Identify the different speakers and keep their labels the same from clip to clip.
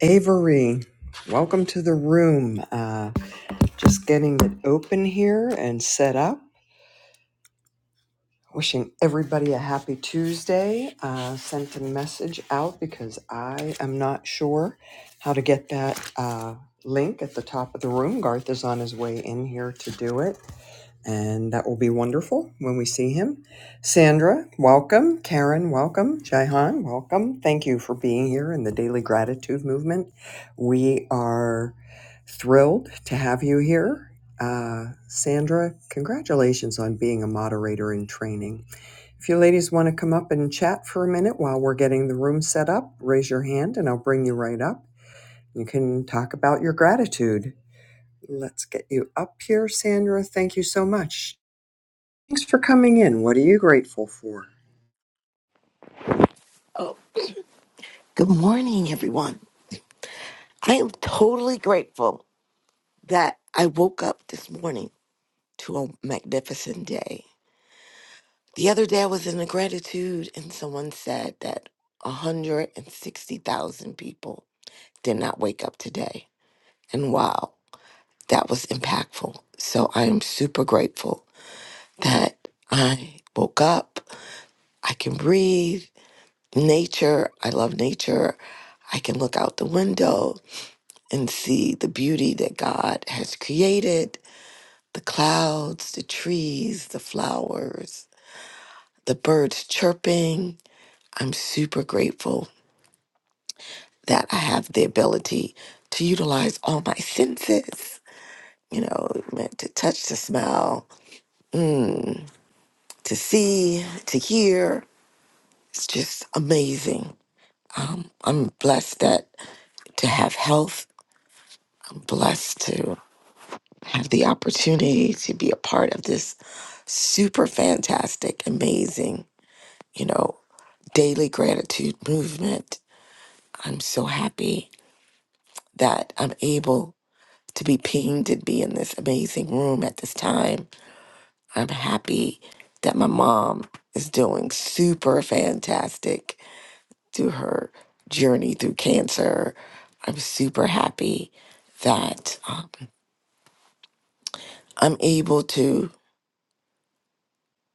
Speaker 1: Avery, welcome to the room. Uh, just getting it open here and set up. Wishing everybody a happy Tuesday. Uh, sent a message out because I am not sure how to get that uh, link at the top of the room. Garth is on his way in here to do it and that will be wonderful when we see him. Sandra, welcome. Karen, welcome. Jaihan, welcome. Thank you for being here in the Daily Gratitude Movement. We are thrilled to have you here. Uh, Sandra, congratulations on being a moderator in training. If you ladies want to come up and chat for a minute while we're getting the room set up, raise your hand and I'll bring you right up. You can talk about your gratitude. Let's get you up here, Sandra. Thank you so much. Thanks for coming in. What are you grateful for?
Speaker 2: Oh, good morning, everyone. I am totally grateful that I woke up this morning to a magnificent day. The other day, I was in a gratitude, and someone said that 160,000 people did not wake up today. And wow, that was impactful. So I am super grateful that I woke up. I can breathe. Nature, I love nature. I can look out the window. and see the beauty that God has created the clouds, the trees, the flowers, the birds chirping. I'm super grateful that I have the ability to utilize all my senses, you know, to touch, to smell, mm, to see, to hear. It's just amazing. I'm blessed that to have health. I'm blessed to have the opportunity to be a part of this super fantastic, amazing, you know, daily gratitude movement. I'm so happy that I'm able to be pinged and be in this amazing room at this time. I'm happy that my mom is doing super fantastic through her journey through cancer. I'm super happy that um, I'm able to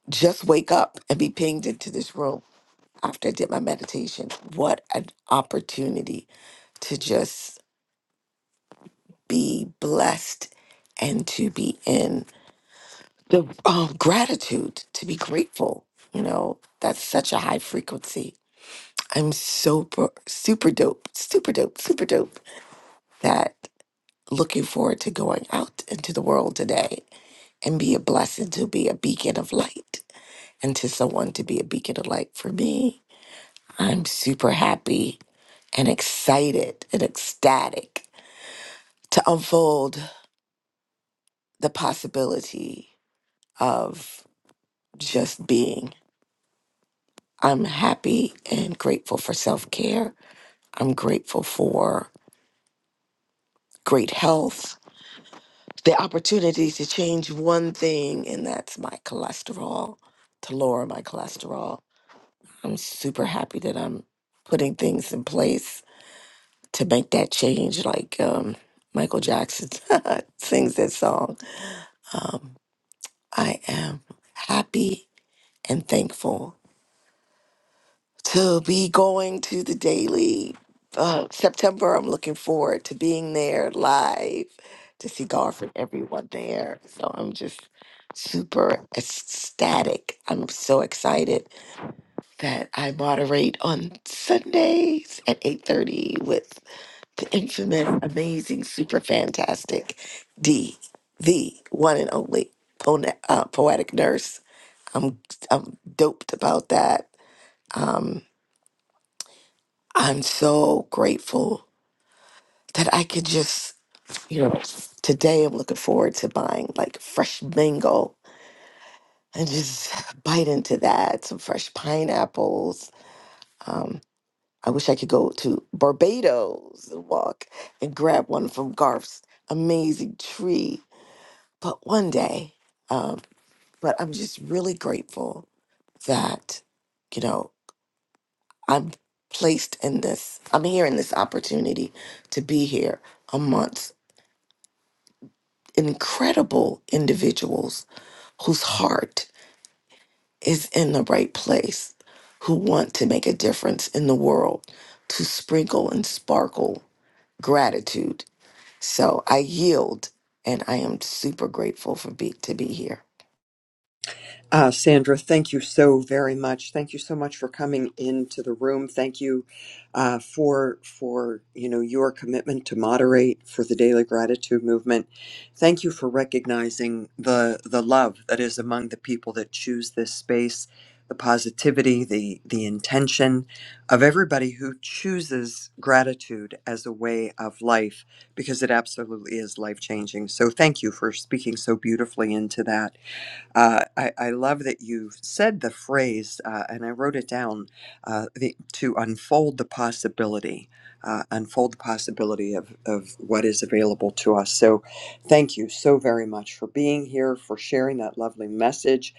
Speaker 2: just wake up and be pinged into this room after I did my meditation. What an opportunity to just be blessed and to be in the um, gratitude, to be grateful. You know, that's such a high frequency. I'm super, super dope, super dope, super dope that looking forward to going out into the world today and be a blessing to be a beacon of light and to someone to be a beacon of light for me. I'm super happy and excited and ecstatic to unfold the possibility of just being. I'm happy and grateful for self care. I'm grateful for great health, the opportunity to change one thing, and that's my cholesterol, to lower my cholesterol. I'm super happy that I'm putting things in place to make that change, like um, Michael Jackson sings that song. Um, I am happy and thankful to be going to the daily uh, September. I'm looking forward to being there live to see Garth and everyone there. So I'm just super ecstatic. I'm so excited that I moderate on Sundays at 8:30 with the infamous, amazing, super fantastic D, the one and only pone- uh, poetic nurse. I'm I'm doped about that. Um, I'm so grateful that I could just, you know, today I'm looking forward to buying like fresh mango and just bite into that, some fresh pineapples. Um, I wish I could go to Barbados and walk and grab one from Garth's amazing tree, but one day. Um, but I'm just really grateful that, you know, I'm placed in this, I'm here in this opportunity to be here a month incredible individuals whose heart is in the right place, who want to make a difference in the world, to sprinkle and sparkle gratitude. So I yield, and I am super grateful for be, to be here.
Speaker 1: Uh, Sandra, thank you so very much. Thank you so much for coming into the room. Thank you uh, for for you know your commitment to moderate for the Daily Gratitude Movement. Thank you for recognizing the the love that is among the people that choose this space, the positivity, the the intention of everybody who chooses gratitude as a way of life because it absolutely is life changing. So thank you for speaking so beautifully into that. Uh, I, I love that you said the phrase, uh, and I wrote it down uh, the, to unfold the possibility, uh, unfold the possibility of, of what is available to us. So, thank you so very much for being here, for sharing that lovely message.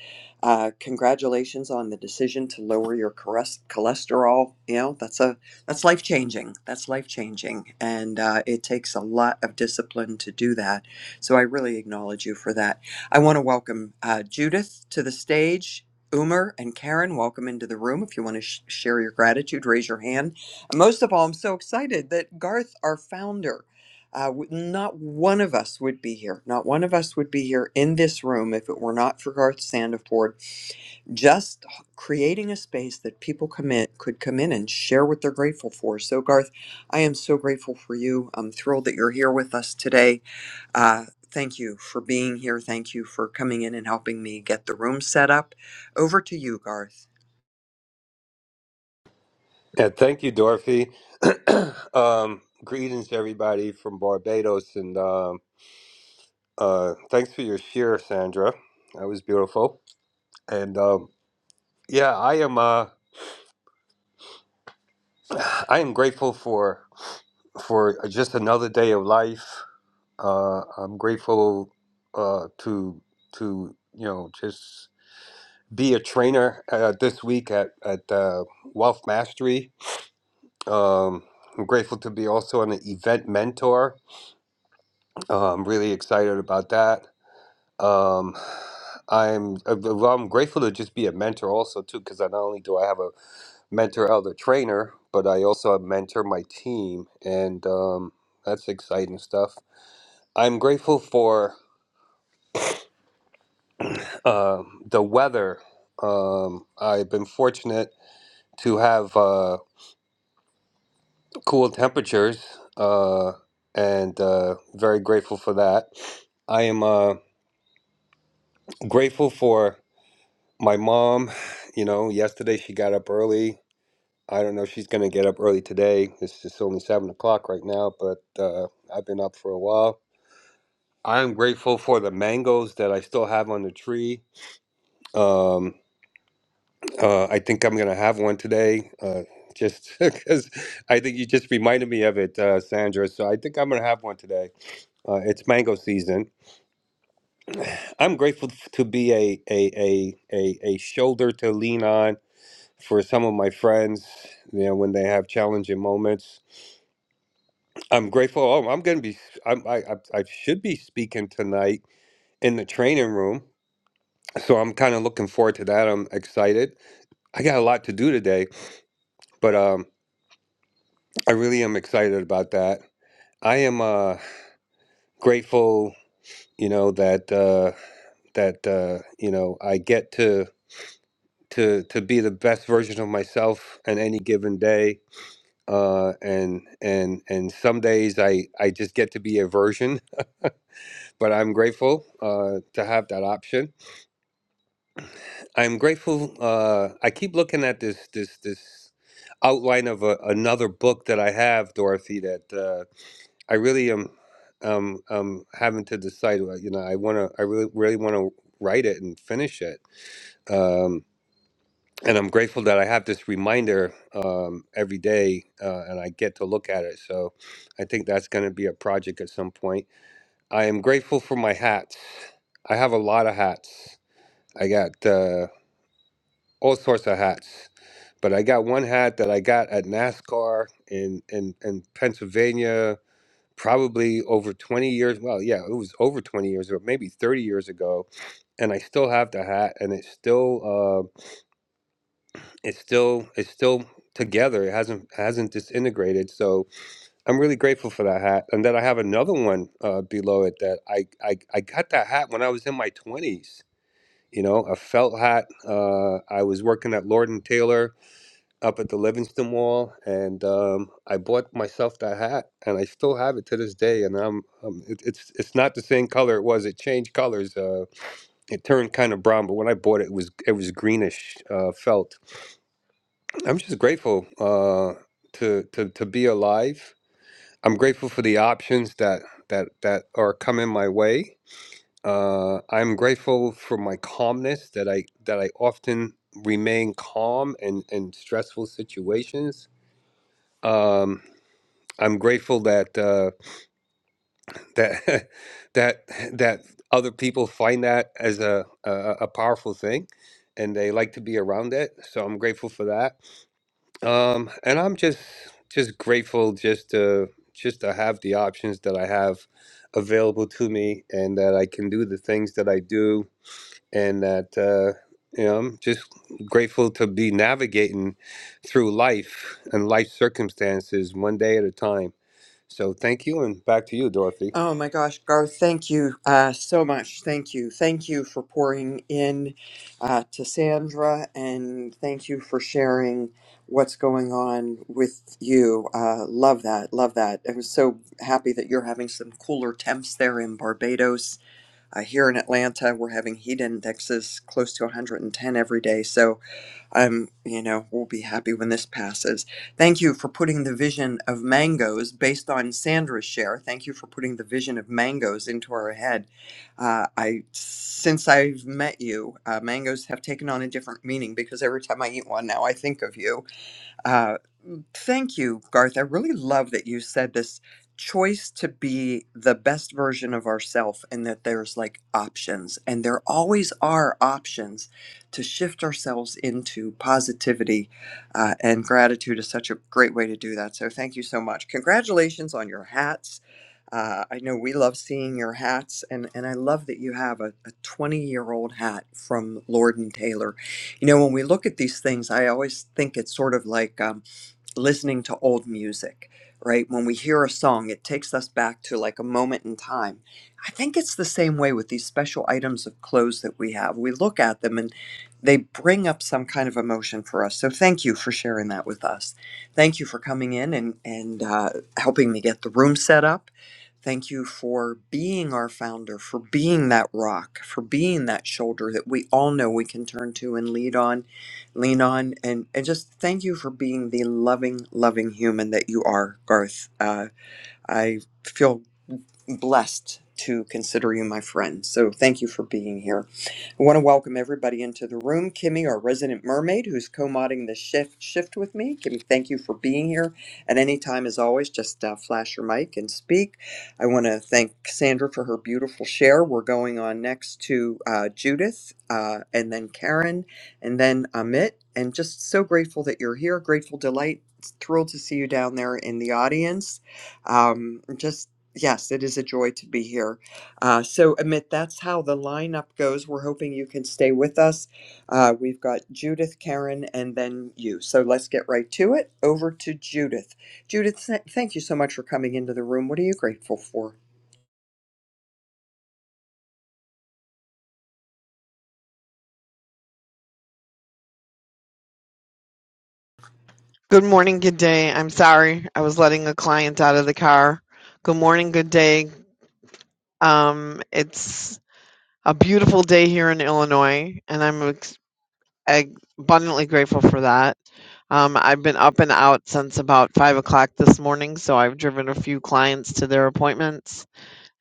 Speaker 1: Uh, congratulations on the decision to lower your chores- cholesterol. You know that's a that's life changing. That's life changing, and uh, it takes a lot of discipline to do that. So I really acknowledge you for that I want to welcome uh, Judith to the stage. Umer and Karen, welcome into the room. If you want to sh- share your gratitude, raise your hand. And most of all, I'm so excited that Garth, our founder, uh, w- not one of us would be here. Not one of us would be here in this room if it were not for Garth Sandiford just creating a space that people come in, could come in and share what they're grateful for. So, Garth, I am so grateful for you. I'm thrilled that you're here with us today. Uh, thank you for being here. Thank you for coming in and helping me get the room set up. Over to you, Garth.
Speaker 3: Yeah, thank you, Dorothy. um, greetings, everybody from Barbados, and um uh, thanks for your share, Sandra. That was beautiful. And um, yeah, I am. Uh, I am grateful for for just another day of life. Uh, I'm grateful uh, to to you know just be a trainer uh, this week at at uh, Wealth Mastery. Um, I'm grateful to be also an event mentor Uh, I'm really excited about that. Um, I'm uh, well, well, I'm grateful to just be a mentor also too, because not only do I have a mentor elder trainer, but I also mentor my team, and um, that's exciting stuff. I'm grateful for um the weather. Um, I've been fortunate to have uh, cool temperatures, uh, and uh, very grateful for that. I am uh, grateful for my mom, you know, yesterday she got up early. I don't know if she's going to get up early today. It's just only seven o'clock right now, but uh, I've been up for a while. I'm grateful for the mangoes that I still have on the tree. Um, uh, I think I'm going to have one today. Uh, just because I think you just reminded me of it, uh, Sandra. So I think I'm going to have one today. Uh, it's mango season. I'm grateful f- to be a a a a, a shoulder to lean on for some of my friends, you know, when they have challenging moments. I'm grateful. Oh, I'm going to be, I'm, I, I, I should be speaking tonight in the training room. So I'm kind of looking forward to that. I'm excited. I got a lot to do today, but um, I really am excited about that. I am uh, grateful, you know, that uh, that uh, you know I get to to to be the best version of myself on any given day uh, and and and some days I I just get to be a version, but I'm grateful uh, to have that option. I'm grateful. Uh, I keep looking at this this this outline of a, another book that I have, Dorothy. That uh, I really am um um having to decide. uh, You know, I want to. I really really want to write it and finish it. Um, and I'm grateful that I have this reminder um, every day, uh, and I get to look at it. So I think that's going to be a project at some point. I am grateful for my hats. I have a lot of hats. I got uh, all sorts of hats, but I got one hat that I got at NASCAR in in, in Pennsylvania. Probably over 20 years. Well, yeah, it was over 20 years ago, maybe 30 years ago. And I still have the hat, and it's still. um, it's still it's still together it hasn't hasn't disintegrated so i'm really grateful for that hat and then i have another one uh, below it that I, I i got that hat when i was in my 20s you know a felt hat uh, i was working at lord and taylor up at the livingston Mall, and um, i bought myself that hat and i still have it to this day and i'm, um it, it's it's not the same color it was it changed colors uh, it turned kind of brown but when i bought it, it was it was greenish uh, felt I'm just grateful uh, to to to be alive. I'm grateful for the options that that that are coming my way. Uh, I'm grateful for my calmness that I that I often remain calm in, in stressful situations. Um, I'm grateful that uh, that that that other people find that as a, a a powerful thing, and they like to be around it. So I'm grateful for that. Um, and I'm just just grateful just to just to have the options that I have available to me, and that I can do the things that I do, and that uh, you know I'm just grateful to be navigating through life and life circumstances one day at a time. So thank you, and back to you, Dorothy.
Speaker 1: Oh my gosh, Garth, thank you uh, so much. Thank you. Thank you for pouring in uh, to Sandra and thank you for sharing what's going on with you. Uh, love that. Love that. I'm so happy that you're having some cooler temps there in Barbados. Uh, here in Atlanta, we're having heat indexes close to 110 every day. So I'm, you know, we'll be happy when this passes. Thank you for putting the vision of mangoes based on Sandra's share. Thank you for putting the vision of mangoes into our head. Uh, I, since I've met you, uh, mangoes have taken on a different meaning because every time I eat one now, I think of you. Um, um, Thank you, Garth. I really love that you said this choice to be the best version of ourself and that there's like options and there always are options to shift ourselves into positivity uh, and gratitude is such a great way to do that so thank you so much congratulations on your hats uh, i know we love seeing your hats and, and i love that you have a 20 year old hat from lord and taylor you know when we look at these things i always think it's sort of like um, listening to old music, right? When we hear a song, it takes us back to like a moment in time. I think it's the same way with these special items of clothes that we have. We look at them and they bring up some kind of emotion for us. So thank you for sharing that with us. Thank you for coming in and, and uh, helping me get the room set up. Thank you for being our founder, for being that rock, for being that shoulder that we all know we can turn to and lead on lean on and and just thank you for being the loving loving human that you are garth uh, i feel blessed to consider you my friend. So thank you for being here. I want to welcome everybody into the room. Kimmy, our resident mermaid, who's co-modding the shift shift with me. Kimmy, thank you for being here. At any time, as always, just uh, flash your mic and speak. I want to thank Sandra for her beautiful share. We're going on next to uh, Judith, uh, and then Karen, and then Amit. And just so grateful that you're here. Grateful delight. Thrilled to see you down there in the audience um, just Yes, it is a joy to be here. Uh, so, Amit, that's how the lineup goes. We're hoping you can stay with us. Uh, we've got Judith, Karen, and then you. So, let's get right to it. Over to Judith. Judith, th- thank you so much for coming into the room. What are you grateful for?
Speaker 4: Good morning, good day. I'm sorry. I was letting a client out of the car. Good morning, good day. Um, it's a beautiful day here in Illinois, and I'm ex- ag- abundantly grateful for that. Um, I've been up and out since about five o'clock this morning, so I've driven a few clients to their appointments,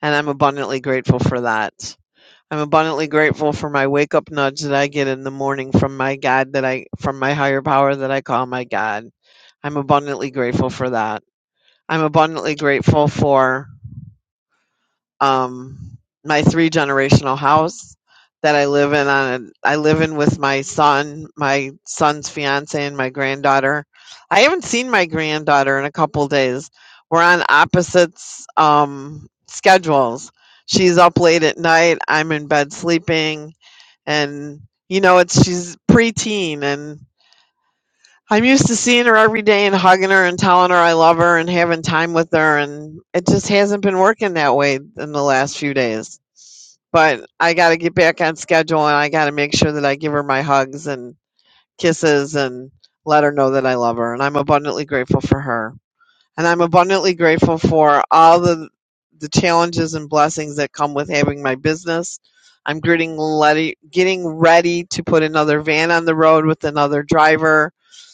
Speaker 4: and I'm abundantly grateful for that. I'm abundantly grateful for my wake up nudge that I get in the morning from my God that I from my higher power that I call my God. I'm abundantly grateful for that. I'm abundantly grateful for um, my three generational house that I live in on a, I live in with my son, my son's fiance and my granddaughter. I haven't seen my granddaughter in a couple days. We're on opposites um, schedules. She's up late at night, I'm in bed sleeping and you know it's she's preteen and. I'm used to seeing her every day and hugging her and telling her I love her and having time with her. And it just hasn't been working that way in the last few days. But I got to get back on schedule and I got to make sure that I give her my hugs and kisses and let her know that I love her. And I'm abundantly grateful for her and I'm abundantly grateful for all the the challenges and blessings that come with having my business. I'm getting ready, getting ready to put another van on the road with another driver.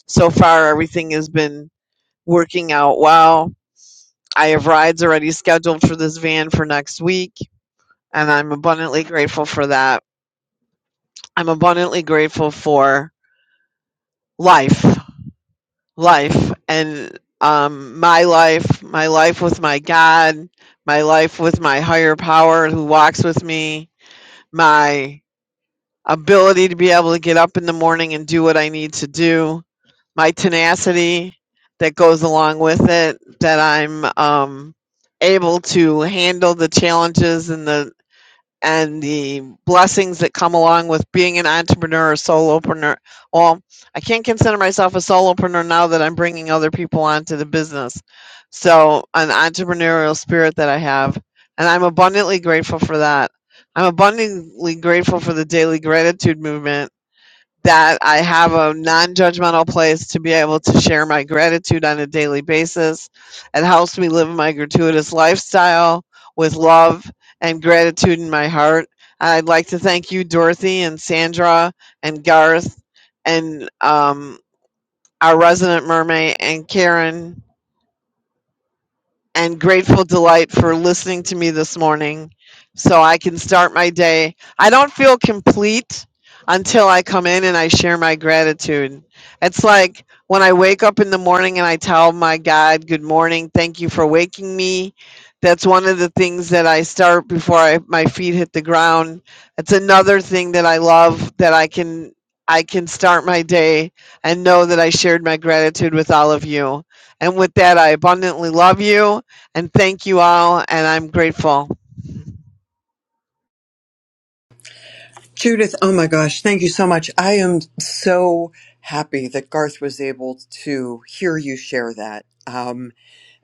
Speaker 4: So far, everything has been working out well. I have rides already scheduled for this van for next week, and I'm abundantly grateful for that. I'm abundantly grateful for life. life and um, my life, my life with my God, my life with my higher power who walks with me, my ability to be able to get up in the morning and do what I need to do, my tenacity that goes along with it, that I'm um, able to handle the challenges and the and the blessings that come along with being an entrepreneur or solopreneur. Well, I can't consider myself a solopreneur now that I'm bringing other people onto the business. So, an entrepreneurial spirit that I have, and I'm abundantly grateful for that. I'm abundantly grateful for the daily gratitude movement that I have a non judgmental place to be able to share my gratitude on a daily basis. It helps me live my gratuitous lifestyle with love and gratitude in my heart. I'd like to thank you, Dorothy and Sandra and Garth and um, our resident mermaid and Karen and grateful delight for listening to me this morning so I can start my day. I don't feel complete until I come in and I share my gratitude. It's like when I wake up in the morning and I tell my God, Good morning, thank you for waking me. That's one of the things that I start before I, my feet hit the ground. It's another thing that I love that I can I can start my day and know that I shared my gratitude with all of you. And with that, I abundantly love you and thank you all and i'm grateful
Speaker 1: Judith, oh my gosh, thank you so much. I am so happy that Garth was able to hear you share that. Um,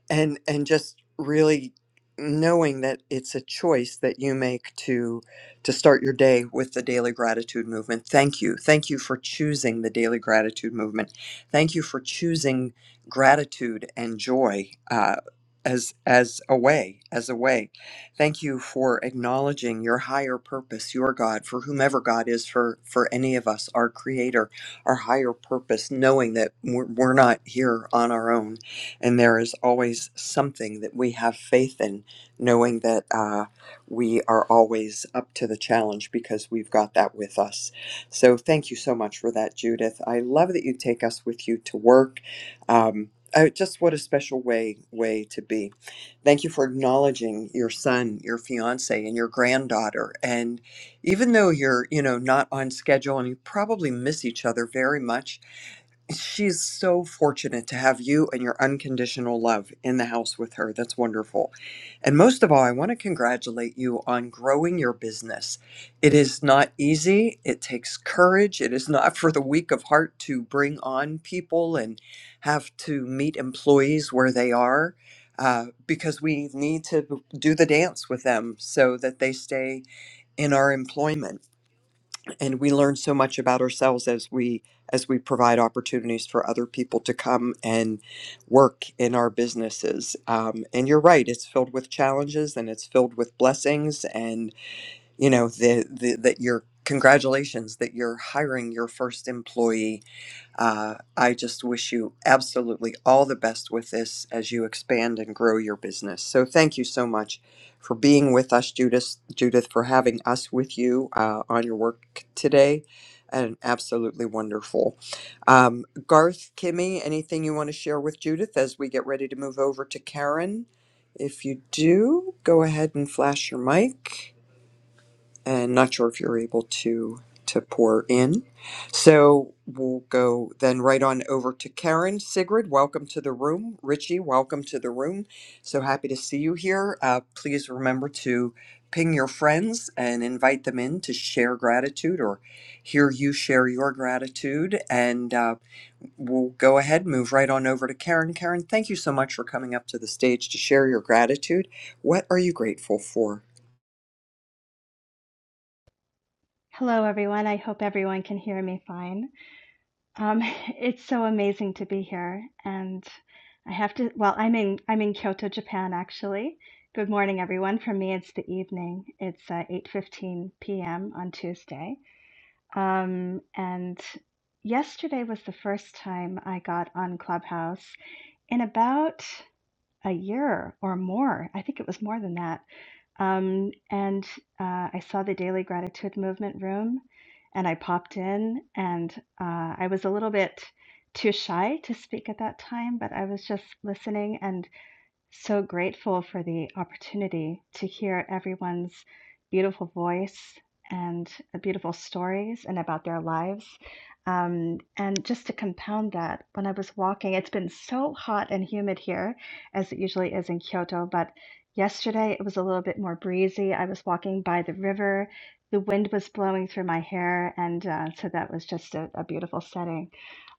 Speaker 1: and and just really knowing that it's a choice that you make to to start your day with the daily gratitude movement thank you thank you for choosing the daily gratitude movement thank you for choosing gratitude and joy uh, as as a way as a way thank you for acknowledging your higher purpose your god for whomever god is for for any of us our creator our higher purpose knowing that we're, we're not here on our own and there is always something that we have faith in, knowing that uh, we are always up to the challenge because we've got that with us. So thank you so much for that, Judith. I love that you take us with you to work. Um, oh, just what a special way way to be. Thank you for acknowledging your son, your fiance, and your granddaughter. And even though you're, you know, not on schedule and you probably miss each other very much, she's so fortunate to have you and your unconditional love in the house with her. That's wonderful. And most of all, I want to congratulate you on growing your business. It is not easy, it takes courage. It is not for the weak of heart to bring on people and have to meet employees where they are. Uh, because we need to do the dance with them so that they stay in our employment and we learn so much about ourselves as we as we provide opportunities for other people to come and work in our businesses um, and you're right it's filled with challenges and it's filled with blessings and you know the, the that you're congratulations that you're hiring your first employee uh, I just wish you absolutely all the best with this as you expand and grow your business. So thank you so much for being with us, Judith. Judith, for having us with you uh, on your work today, and absolutely wonderful. Um, Garth, Kimmy, anything you want to share with Judith as we get ready to move over to Karen? If you do, go ahead and flash your mic and not sure if you're able to to pour in. So we'll go then right on over to Karen Sigrid. Welcome to the room, Richie. Welcome to the room. So happy to see you here. Uh, please remember to ping your friends and invite them in to share gratitude or hear you share your gratitude. And uh, we'll go ahead, move right on over to Karen. Karen, thank you so much for coming up to the stage to share your gratitude. What are you grateful for?
Speaker 5: Hello, everyone. I hope everyone can hear me fine. Um, it's so amazing to be here, and I have to. Well, I'm in I'm in Kyoto, Japan, actually. Good morning, everyone. For me, it's the evening. It's uh, 8:15 p.m. on Tuesday, um, and yesterday was the first time I got on Clubhouse in about a year or more. I think it was more than that. Um, and uh, I saw the Daily Gratitude Movement room and I popped in. And uh, I was a little bit too shy to speak at that time, but I was just listening. and so grateful for the opportunity to hear everyone's beautiful voice and uh, beautiful stories and about their lives. Um, and just to compound that, when I was walking, it's been so hot and humid here, as it usually is in Kyoto, but yesterday it was a little bit more breezy. I was walking by the river, the wind was blowing through my hair, and uh, so that was just a, a beautiful setting.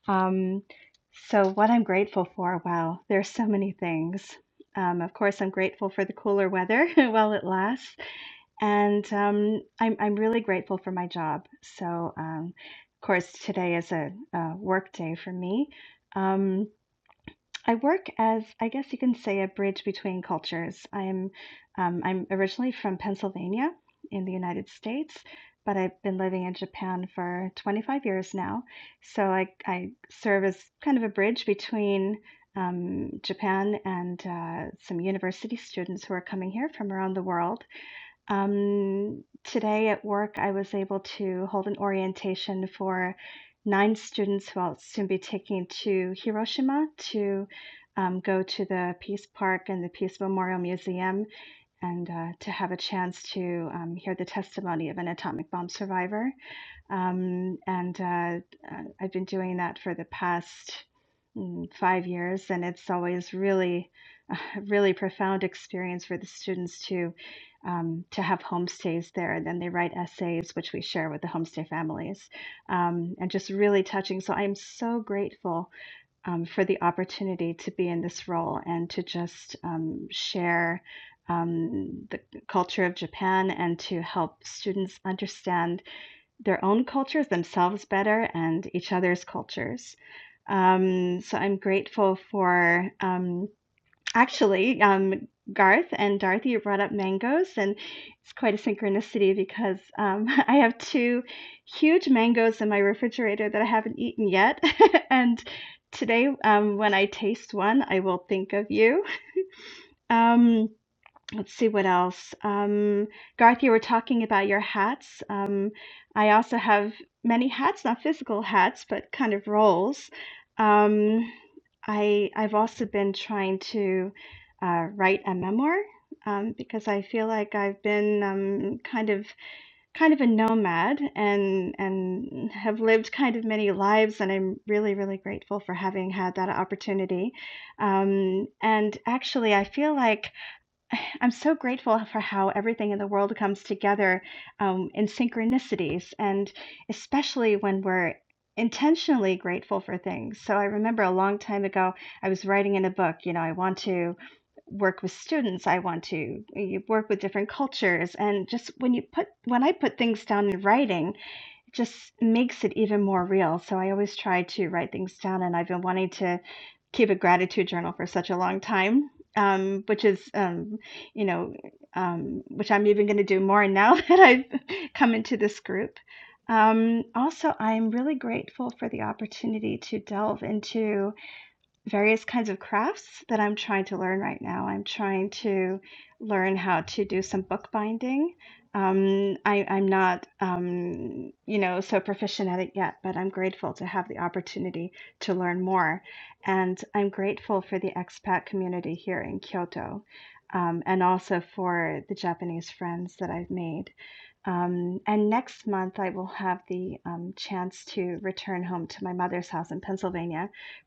Speaker 5: Um, so, what I'm grateful for, wow, there's so many things. Um, of course, I'm grateful for the cooler weather while it lasts, and um, I'm I'm really grateful for my job. So, um, of course, today is a, a work day for me. Um, I work as, I guess you can say, a bridge between cultures. I'm um, I'm originally from Pennsylvania in the United States, but I've been living in Japan for 25 years now. So I, I serve as kind of a bridge between um, Japan and uh, some university students who are coming here from around the world. Um, today at work, I was able to hold an orientation for nine students who will soon be taking to Hiroshima to um, go to the Peace Park and the Peace Memorial Museum and uh, to have a chance to um, hear the testimony of an atomic bomb survivor. Um, and uh, uh, I've been doing that for the past mm, five years, and it's always really a really profound experience for the students to um, to have homestays there. And then they write essays, which we share with the homestay families, um, and just really touching. So I'm so grateful um, for the opportunity to be in this role and to just um, share. Um, the culture of Japan and to help students understand their own cultures themselves better and each other's cultures. Um, so I'm grateful for um, Actually, um, Garth and Dorothy, you brought up mangoes, and it's quite a synchronicity because um, I have two huge mangoes in my refrigerator that I haven't eaten yet. and today, um, when I taste one, I will think of you. Um, Let's see what else. Um, Garth, you were talking about your hats. Um, I also have many hats, not physical hats, but kind of roles. Um, I I've also been trying to uh, write a memoir um, because I feel like I've been um, kind of kind of a nomad and and have lived kind of many lives, and I'm really really grateful for having had that opportunity. Um, and actually, I feel like I'm so grateful for how everything in the world comes together um, in synchronicities, and especially when we're intentionally grateful for things. So, I remember a long time ago, I was writing in a book, you know, I want to work with students, I want to eh, you work with different cultures. And just when you put, when I put things down in writing, it just makes it even more real. So, I always try to write things down, and I've been wanting to keep a gratitude journal for such a long time, um, which is, um, you know, um, which I'm even going to do more now that I've come into this group. Um, also, I'm really grateful for the opportunity to delve into various kinds of crafts that I'm trying to learn right now. I'm trying to learn how to do some bookbinding. Um, I, I'm not, um, you know, so proficient at it yet, but I'm grateful to have the opportunity to learn more. And I'm grateful for the expat community here in Kyoto, um, and also for the Japanese friends that I've made. Um, and next month, I will have the um, chance to return home to my mother's house in Pennsylvania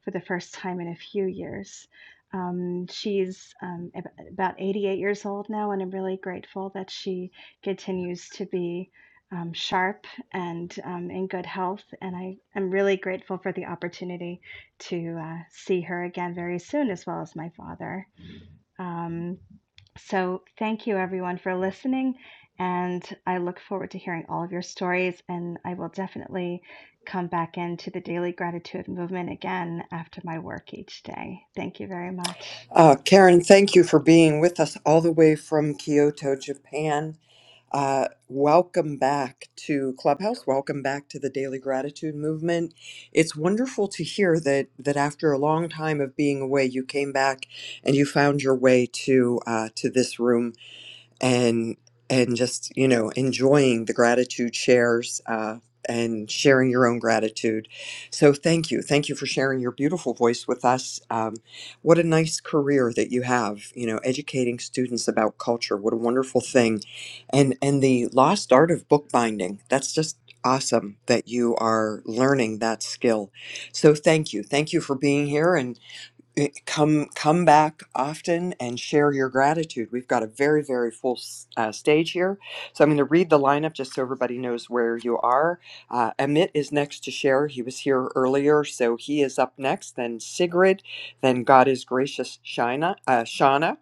Speaker 5: for the first time in a few years. Um, she's um, ab- about 88 years old now, and I'm really grateful that she continues to be um, sharp and um, in good health. And I am really grateful for the opportunity to uh, see her again very soon, as well as my father. Um, so, thank you everyone for listening. And I look forward to hearing all of your stories. And I will definitely come back into the daily gratitude movement again after my work each day. Thank you very much.
Speaker 1: Uh, Karen, thank you for being with us all the way from Kyoto, Japan. Uh, welcome back to Clubhouse. Welcome back to the Daily Gratitude Movement. It's wonderful to hear that that after a long time of being away, you came back and you found your way to uh, to this room and and just you know enjoying the gratitude shares uh, and sharing your own gratitude so thank you thank you for sharing your beautiful voice with us um, what a nice career that you have you know educating students about culture what a wonderful thing and and the lost art of bookbinding that's just awesome that you are learning that skill so thank you thank you for being here and eh, come come back often and share your gratitude. We've got a very very full s- uh, stage here, so I'm going to read the lineup just so everybody knows where you are. Uh, Amit is next to share. He was here earlier, so he is up next. Then Sigrid, then God is gracious Shina, uh, Shauna,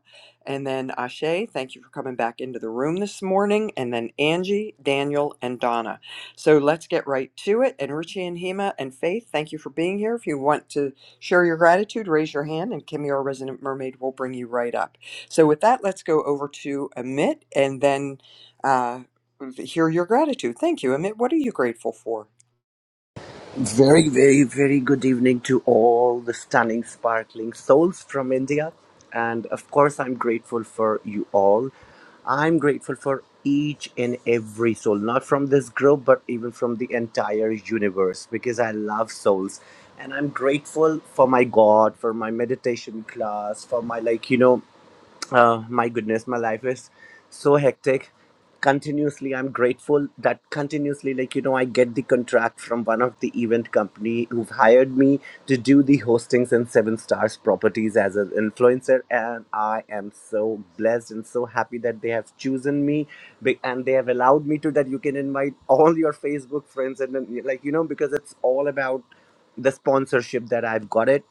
Speaker 1: and then Ashe. Thank you for coming back into the room this morning, and then Angie, Daniel, and Donna. So let's get right to it. And Richie and Hema and Faith, thank you for being here. If you want to Share your gratitude, raise your hand, and Kimmy, our resident mermaid, will bring you right up. So, with that, let's go over to Amit and then uh, hear your gratitude. Thank you, Amit. What are you grateful for?
Speaker 6: Very, very, very good evening to all the stunning, sparkling souls from India. And of course, I'm grateful for you all. I'm grateful for each and every soul, not from this group, but even from the entire universe, because I love souls. And I'm grateful for my God, for my meditation class, for my, like, you know, uh, my goodness, my life is so hectic. Continuously, I'm grateful that continuously, like you know, I get the contract from one of the event company who've hired me to do the hostings in Seven Stars Properties as an influencer, and I am so blessed and so happy that they have chosen me, be- and they have allowed me to that you can invite all your Facebook friends and then, like you know because it's all about the sponsorship that I've got it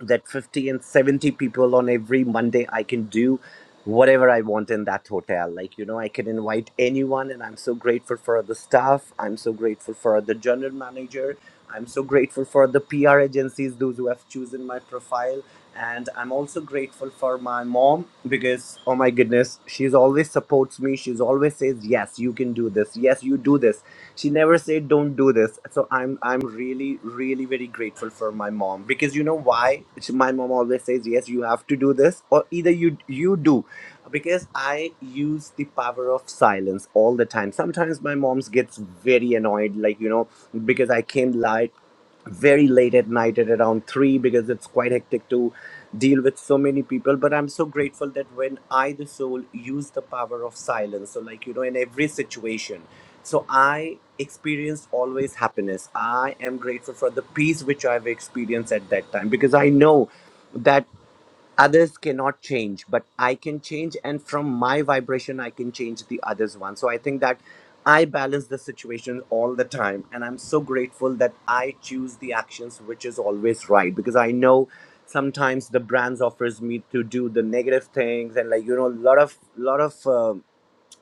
Speaker 6: that 50 and 70 people on every monday i can do whatever i want in that hotel like you know i can invite anyone and i'm so grateful for the staff i'm so grateful for the general manager i'm so grateful for the pr agencies those who have chosen my profile and i'm also grateful for my mom because oh my goodness she's always supports me she's always says yes you can do this yes you do this she never said don't do this so i'm i'm really really very grateful for my mom because you know why She- my mom always says yes you have to do this or either you you do because i use the power of silence all the time sometimes my mom's gets very annoyed like you know because i came late very late at night at around 3 because it's quite hectic to deal with so many people but i'm so grateful that when i the soul use the power of silence so like you know in every situation so I experienced always happiness. I am grateful for the peace which I've experienced at that time because I know that others cannot change, but I can change, and from my vibration, I can change the others one. So I think that I balance the situation all the time, and I'm so grateful that I choose the actions which is always right because I know sometimes the brands offers me to do the negative things and like you know a lot of lot of uh,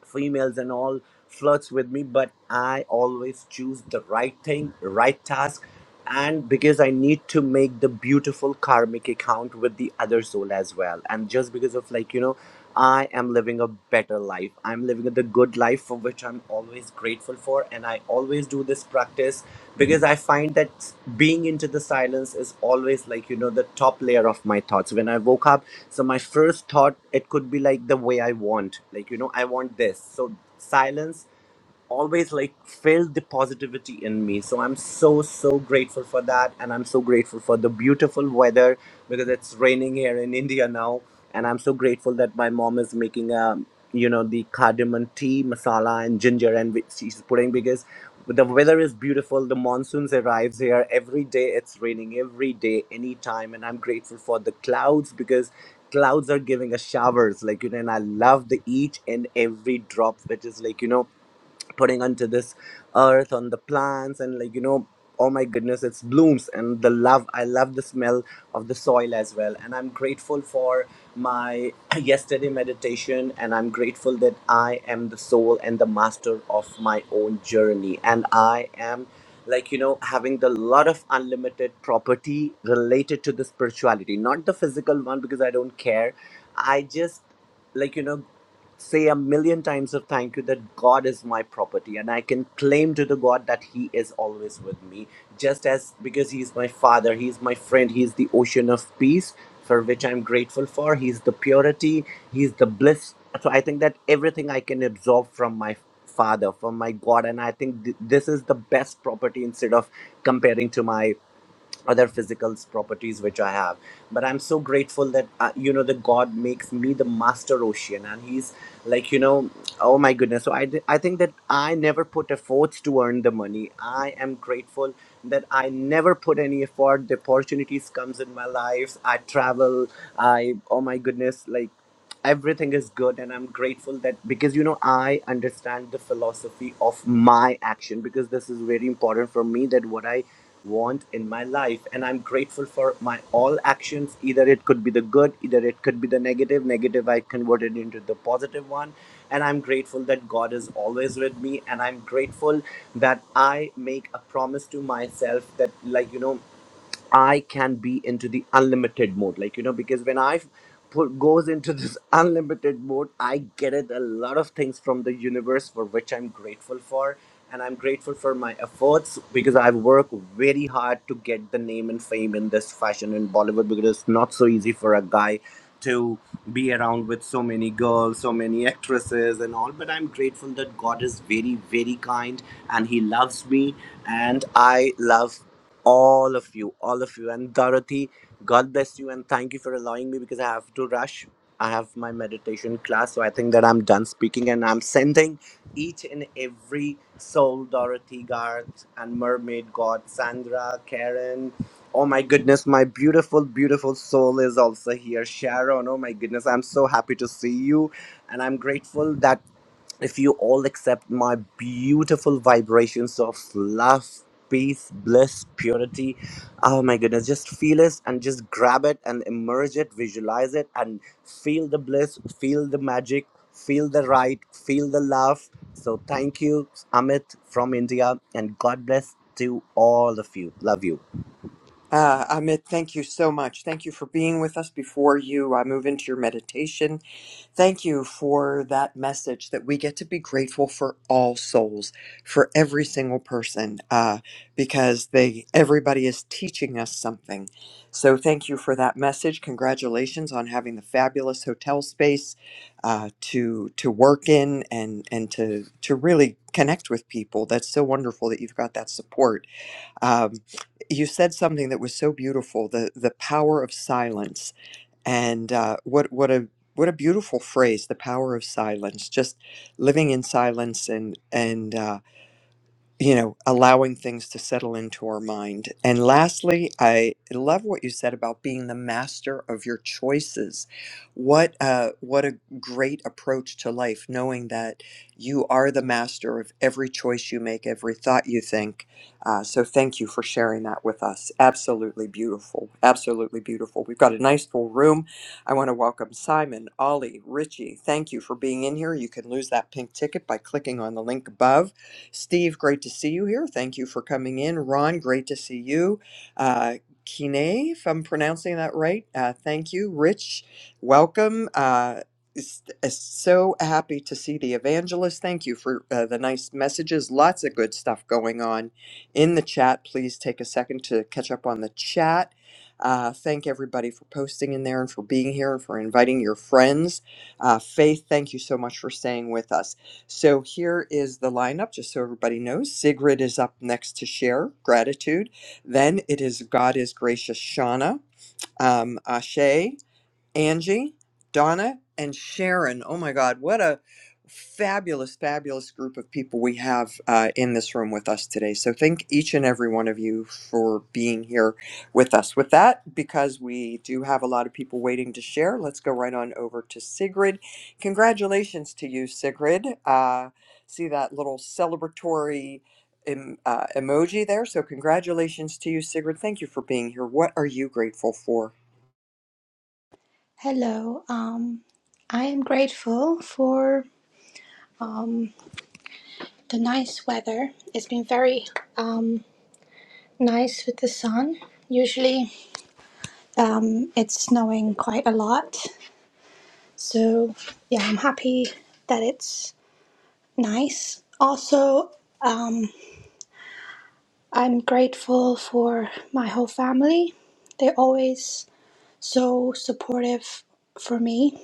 Speaker 6: females and all flirts with me but i always choose the right thing right task and because i need to make the beautiful karmic account with the other soul as well and just because of like you know i am living a better life i'm living the good life for which i'm always grateful for and i always do this practice because i find that being into the silence is always like you know the top layer of my thoughts when i woke up so my first thought it could be like the way i want like you know i want this so silence always like filled the positivity in me so i'm so so grateful for that and i'm so grateful for the beautiful weather because it's raining here in india now and i'm so grateful that my mom is making a you know the cardamom tea masala and ginger and which she's putting because the weather is beautiful the monsoons arrives here every day it's raining every day anytime and i'm grateful for the clouds because clouds are giving us showers like you know and i love the each and every drop which is like you know putting onto this earth on the plants and like you know oh my goodness it's blooms and the love i love the smell of the soil as well and i'm grateful for my yesterday meditation and i'm grateful that i am the soul and the master of my own journey and i am like you know having the lot of unlimited property related to the spirituality not the physical one because i don't care i just like you know say a million times of thank you that God is my property and I can claim to the God that He is always with me, just as because He is my Father, He is my friend, He is the ocean of peace for which I'm grateful for, He is the purity, He is the bliss. So I think that everything I can absorb from my Father, from my God, and I think th- this is the best property instead of comparing to my other physical properties which I have. But I'm so grateful that uh, you know the God makes me the master ocean, and He's like you know, oh my goodness. So I, d- I think that I never put efforts to earn the money. I am grateful that I never put any effort. The opportunities comes in my life. I travel. I oh my goodness, like everything is good and i'm grateful that because you know i understand the philosophy of my action because this is very important for me that what i want in my life and i'm grateful for my all actions either it could be the good either it could be the negative negative i converted into the positive one and i'm grateful that god is always with me and i'm grateful that i make a promise to myself that like you know I can be into the unlimited mode. Like, you know, because when I put goes into this unlimited mode, I get it a lot of things from the universe for which I'm grateful for. And I'm grateful for my efforts because I've worked very hard to get the name and fame in this fashion in Bollywood because it's not so easy for a guy to be around with so many girls, so many actresses, and all. But I'm grateful that God is very, very kind and He loves me and I love all of you, all of you. And Dorothy, God bless you and thank you for allowing me because I have to rush. I have my meditation class, so I think that I'm done speaking and I'm sending each and every soul Dorothy, Garth, and Mermaid God, Sandra, Karen. Oh my goodness, my beautiful, beautiful soul is also here. Sharon, oh my goodness, I'm so happy to see you. And I'm grateful that if you all accept my beautiful vibrations of love peace bliss purity oh my goodness just feel it and just grab it and immerse it visualize it and feel the bliss feel the magic feel the right feel the love so thank you amit from india and god bless to all of you love you
Speaker 1: Uh, Amit, thank you so much. Thank you for being with us before you uh, move into your meditation. Thank you for that message that we get to be grateful for all souls, for every single person, uh, because they everybody is teaching us something. So thank you for that message. Congratulations on having the fabulous hotel space uh, to to work in and and to to really connect with people. That's so wonderful that you've got that support um, you said something that was so beautiful the the power of silence and uh, what what a what a beautiful phrase the power of silence just living in silence and and uh, you know, allowing things to settle into our mind. And lastly, I love what you said about being the master of your choices. What uh, what a great approach to life, knowing that you are the master of every choice you make, every thought you think. Uh, so thank you for sharing that with us. Absolutely beautiful. Absolutely beautiful. We've got a nice full room. I want to welcome Simon, Ollie, Richie. Thank you for being in here. You can lose that pink ticket by clicking on the link above Steve, great to see you here. Thank you for coming in. Ron, great to see you. Uh, Kine, if I'm pronouncing that right, uh, thank you. Rich, welcome. Uh, s- uh, so happy to see the evangelist. Thank you for uh, the nice messages. Lots of good stuff going on in the chat. Please take a second to catch up on the chat. Uh, thank everybody for posting in there and for being here and for inviting your friends. Uh, Faith, thank you so much for staying with us. So here is the lineup, just so everybody knows. Sigrid is up next to share gratitude. Then it is God is Gracious Shauna, um, Ashe. Angie, Donna, and Sharon. Oh my God, what a fabulous, fabulous group of people we have uh, in this room with us today. So, thank each and every one of you for being here with us. With that, because we do have a lot of people waiting to share, let's go right on over to Sigrid. Congratulations to you, Sigrid. Uh, see that little celebratory. em- uh, emoji there. So, congratulations to you, Sigrid. Thank you for being here. What are you grateful for?
Speaker 7: Hello. Um, I am grateful for the nice weather. It's been very um, nice with the sun. Usually, um, it's snowing quite a lot. So, yeah, I'm happy that it's nice. Also, um, I'm grateful for my whole family. They're always so supportive for me.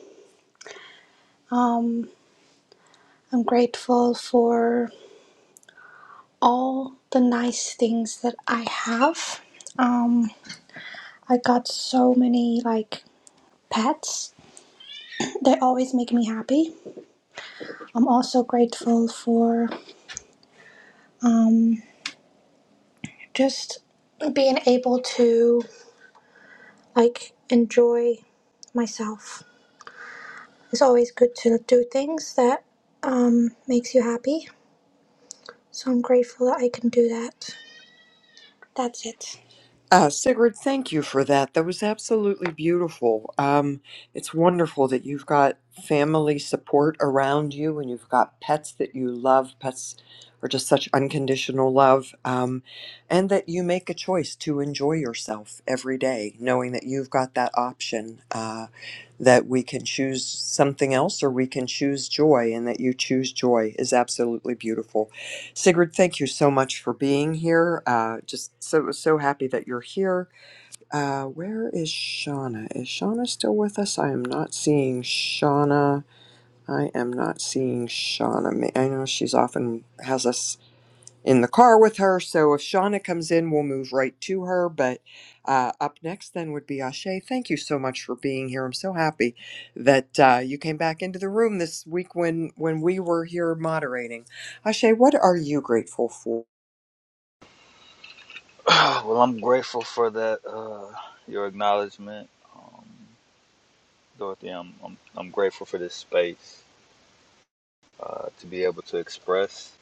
Speaker 7: I'm grateful for all the nice things that I have. Um, I got so many like pets. They always make me happy. I'm also grateful for um, just being able to like enjoy myself. It's always good to do things that um, makes you happy. So I'm grateful that I can do that. That's it.
Speaker 1: Uh, Sigrid, thank you for that. That was absolutely beautiful. Um, it's wonderful that you've got family support around you and you've got pets that you love. Pets are just such unconditional love. Um, and that you make a choice to enjoy yourself every day, knowing that you've got that option uh, that we can choose something else or we can choose joy, and that you choose joy is absolutely beautiful. Sigrid, thank you so much for being here. Uh, just so so happy that you're here. Uh, where is Shauna? Is Shauna still with us? I am not seeing Shauna. I am not seeing Shauna. Ma- I know she's often has us in the car with her, so if Shauna comes in, we'll move right to her. But uh, up next, then would be Ashe. Thank you so much for being here. I'm so happy that uh, you came back into the room this week when when we were here moderating. Ashe, what are you grateful for?
Speaker 8: Well, I'm grateful for that. Uh, your acknowledgement, Dorothy. I'm, I'm I'm grateful for this space uh, to be able to express.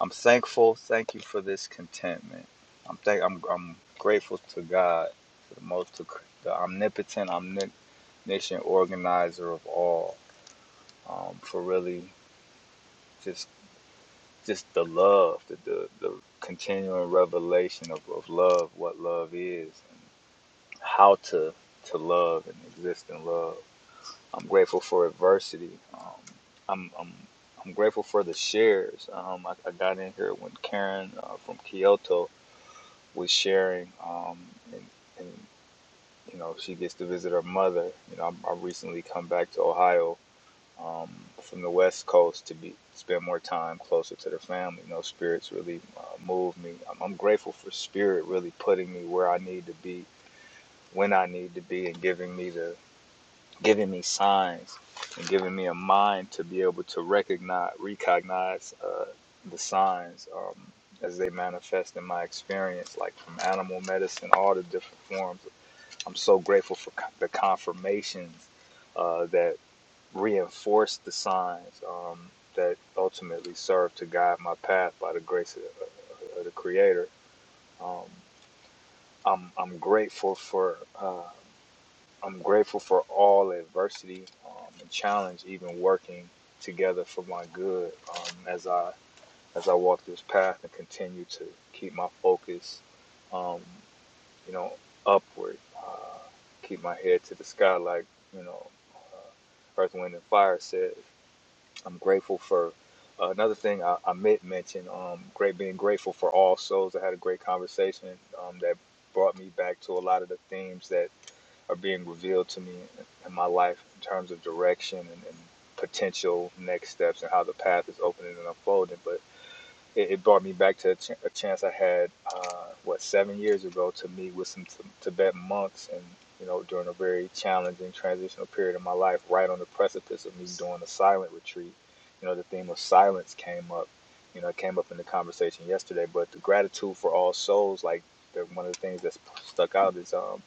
Speaker 8: I'm thankful. Thank you for this contentment. I'm thank. I'm I'm grateful to God, for the most, to, the omnipotent, omniscient organizer of all, um, for really just just the love, the the, the continuing revelation of, of love, what love is, and how to to love and exist in love I'm grateful for adversity. Um, I'm, I'm I'm grateful for the shares. Um, I, I got in here when Karen uh, from Kyoto was sharing, um, and, and you know she gets to visit her mother. You know, I, I recently come back to Ohio um, from the West Coast to be spend more time closer to the family. You know, spirits really uh, move me. I'm, I'm grateful for spirit really putting me where I need to be when I need to be and giving me the giving me signs and giving me a mind to be able to recognize, recognize uh, the signs um, as they manifest in my experience, like from animal medicine, all the different forms. I'm so grateful for co- the confirmations uh, that reinforce the signs um, that ultimately serve to guide my path by the grace of, of the Creator. Um, I'm, I'm grateful for. Uh, I'm grateful for all adversity um, and challenge, even working together for my good um, as I as I walk this path and continue to keep my focus, um, you know, upward. Uh, keep my head to the sky, like you know, Earth, Wind, and Fire said. I'm grateful for uh, another thing I, I meant mention. Um, great being grateful for all souls. I had a great conversation um, that brought me back to a lot of the themes that are being revealed to me in my life in terms of direction and, and potential next steps and how the path is opening and unfolding. But it, it brought me back to a, ch- a chance I had, uh, what, seven years ago to meet with some t- Tibetan monks and, you know, during a very challenging transitional period in my life, right on the precipice of me doing a silent retreat. You know, the theme of silence came up. You know, it came up in the conversation yesterday, but the gratitude for all souls, like the, one of the things that's stuck out is um,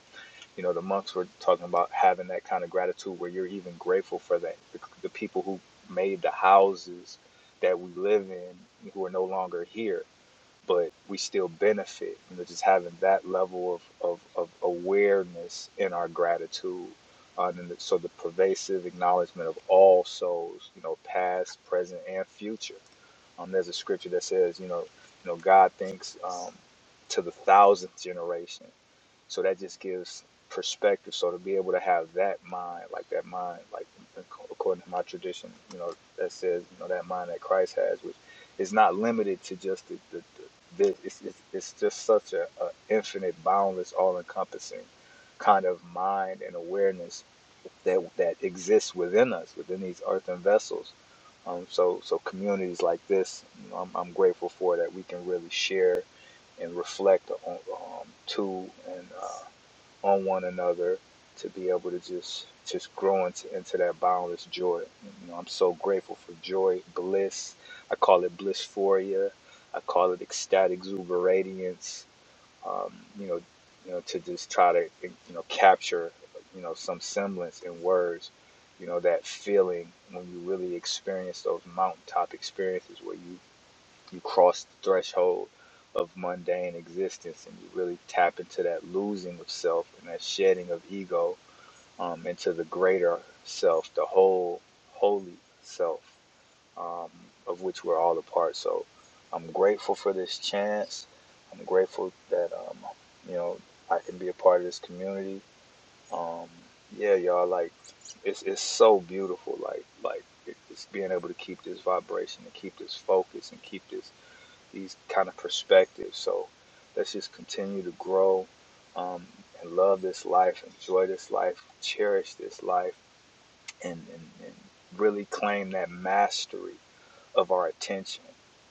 Speaker 8: you know, the monks were talking about having that kind of gratitude where you're even grateful for that. The, the people who made the houses that we live in who are no longer here, but we still benefit. You know, just having that level of, of, of awareness in our gratitude. Uh, and the, so the pervasive acknowledgement of all souls, you know, past, present, and future. Um, there's a scripture that says, you know, you know, God thinks um, to the thousandth generation. So that just gives perspective. So to be able to have that mind, like that mind, like according to my tradition, you know, that says, you know, that mind that Christ has, which is not limited to just the, the, the It's, it's, it's just such a, a infinite, boundless, all-encompassing kind of mind and awareness that that exists within us, within these earthen vessels. Um, so, so communities like this, you know, I'm, I'm grateful for that we can really share and reflect on um, to and uh, on one another to be able to just just grow into, into that boundless joy. You know, I'm so grateful for joy, bliss. I call it blissphoria. I call it ecstatic exuberance. Um, you know, you know, to just try to you know capture you know some semblance in words. You know that feeling when you really experience those mountaintop experiences where you you cross the threshold of mundane existence and you really tap into that losing of self and that shedding of ego um, into the greater self, the whole holy self um, of which we're all a part. So I'm grateful for this chance. I'm grateful that um, you know I can be a part of this community. Um, yeah, y'all, like it's it's so beautiful. Like like it- it's being able to keep this vibration and keep this focus and keep this these kind of perspectives. So let's just continue to grow um, and love this life, enjoy this life, cherish this life, and, and, and really claim that mastery of our attention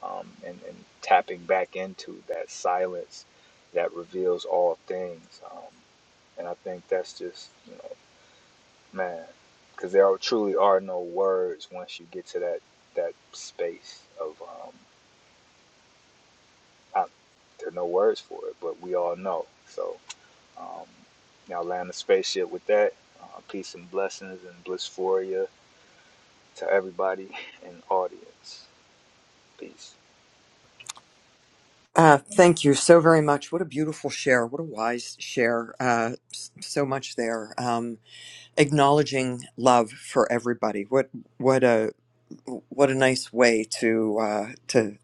Speaker 8: um, and, and tapping back into that silence that reveals all things. Um, and I think that's just, you know, man, because there are, truly are no words once you get to that, that space of. um, I, there no words for it, but we all know. So y'all land the spaceship with that. Uh, peace and blessings and blissphoria to everybody in the audience. Peace.
Speaker 1: Uh, thank you so very much. What a beautiful share. What a wise share. Uh, s- so much there. Um, acknowledging love for everybody. What what a what a nice way to uh, to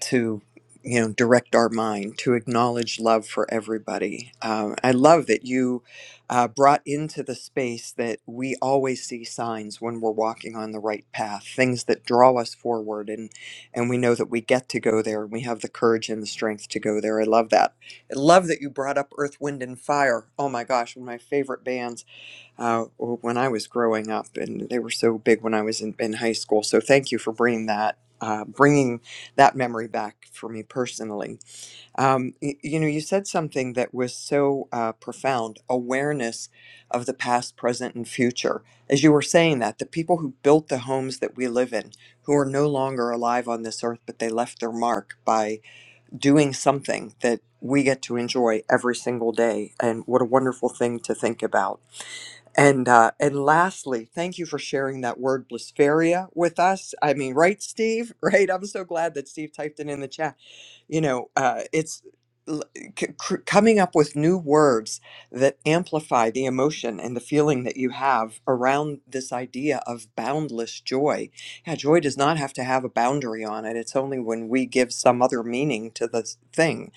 Speaker 1: to you know direct our mind to acknowledge love for everybody um, i love that you uh, brought into the space that we always see signs when we're walking on the right path things that draw us forward and and we know that we get to go there and we have the courage and the strength to go there i love that i love that you brought up earth wind and fire oh my gosh one of my favorite bands uh, when I was growing up, and they were so big when I was in, in high school. So thank you for bringing that, uh, bringing that memory back for me personally. Um, y- you know, you said something that was so uh, profound: awareness of the past, present, and future. As you were saying that, the people who built the homes that we live in, who are no longer alive on this earth, but they left their mark by doing something that we get to enjoy every single day, and what a wonderful thing to think about. And uh, and lastly, thank you for sharing that word blaspheria with us. I mean, right, Steve? Right? I'm so glad that Steve typed it in the chat. You know, uh, it's l- c- cr- coming up with new words that amplify the emotion and the feeling that you have around this idea of boundless joy. Yeah, joy does not have to have a boundary on it. It's only when we give some other meaning to the thing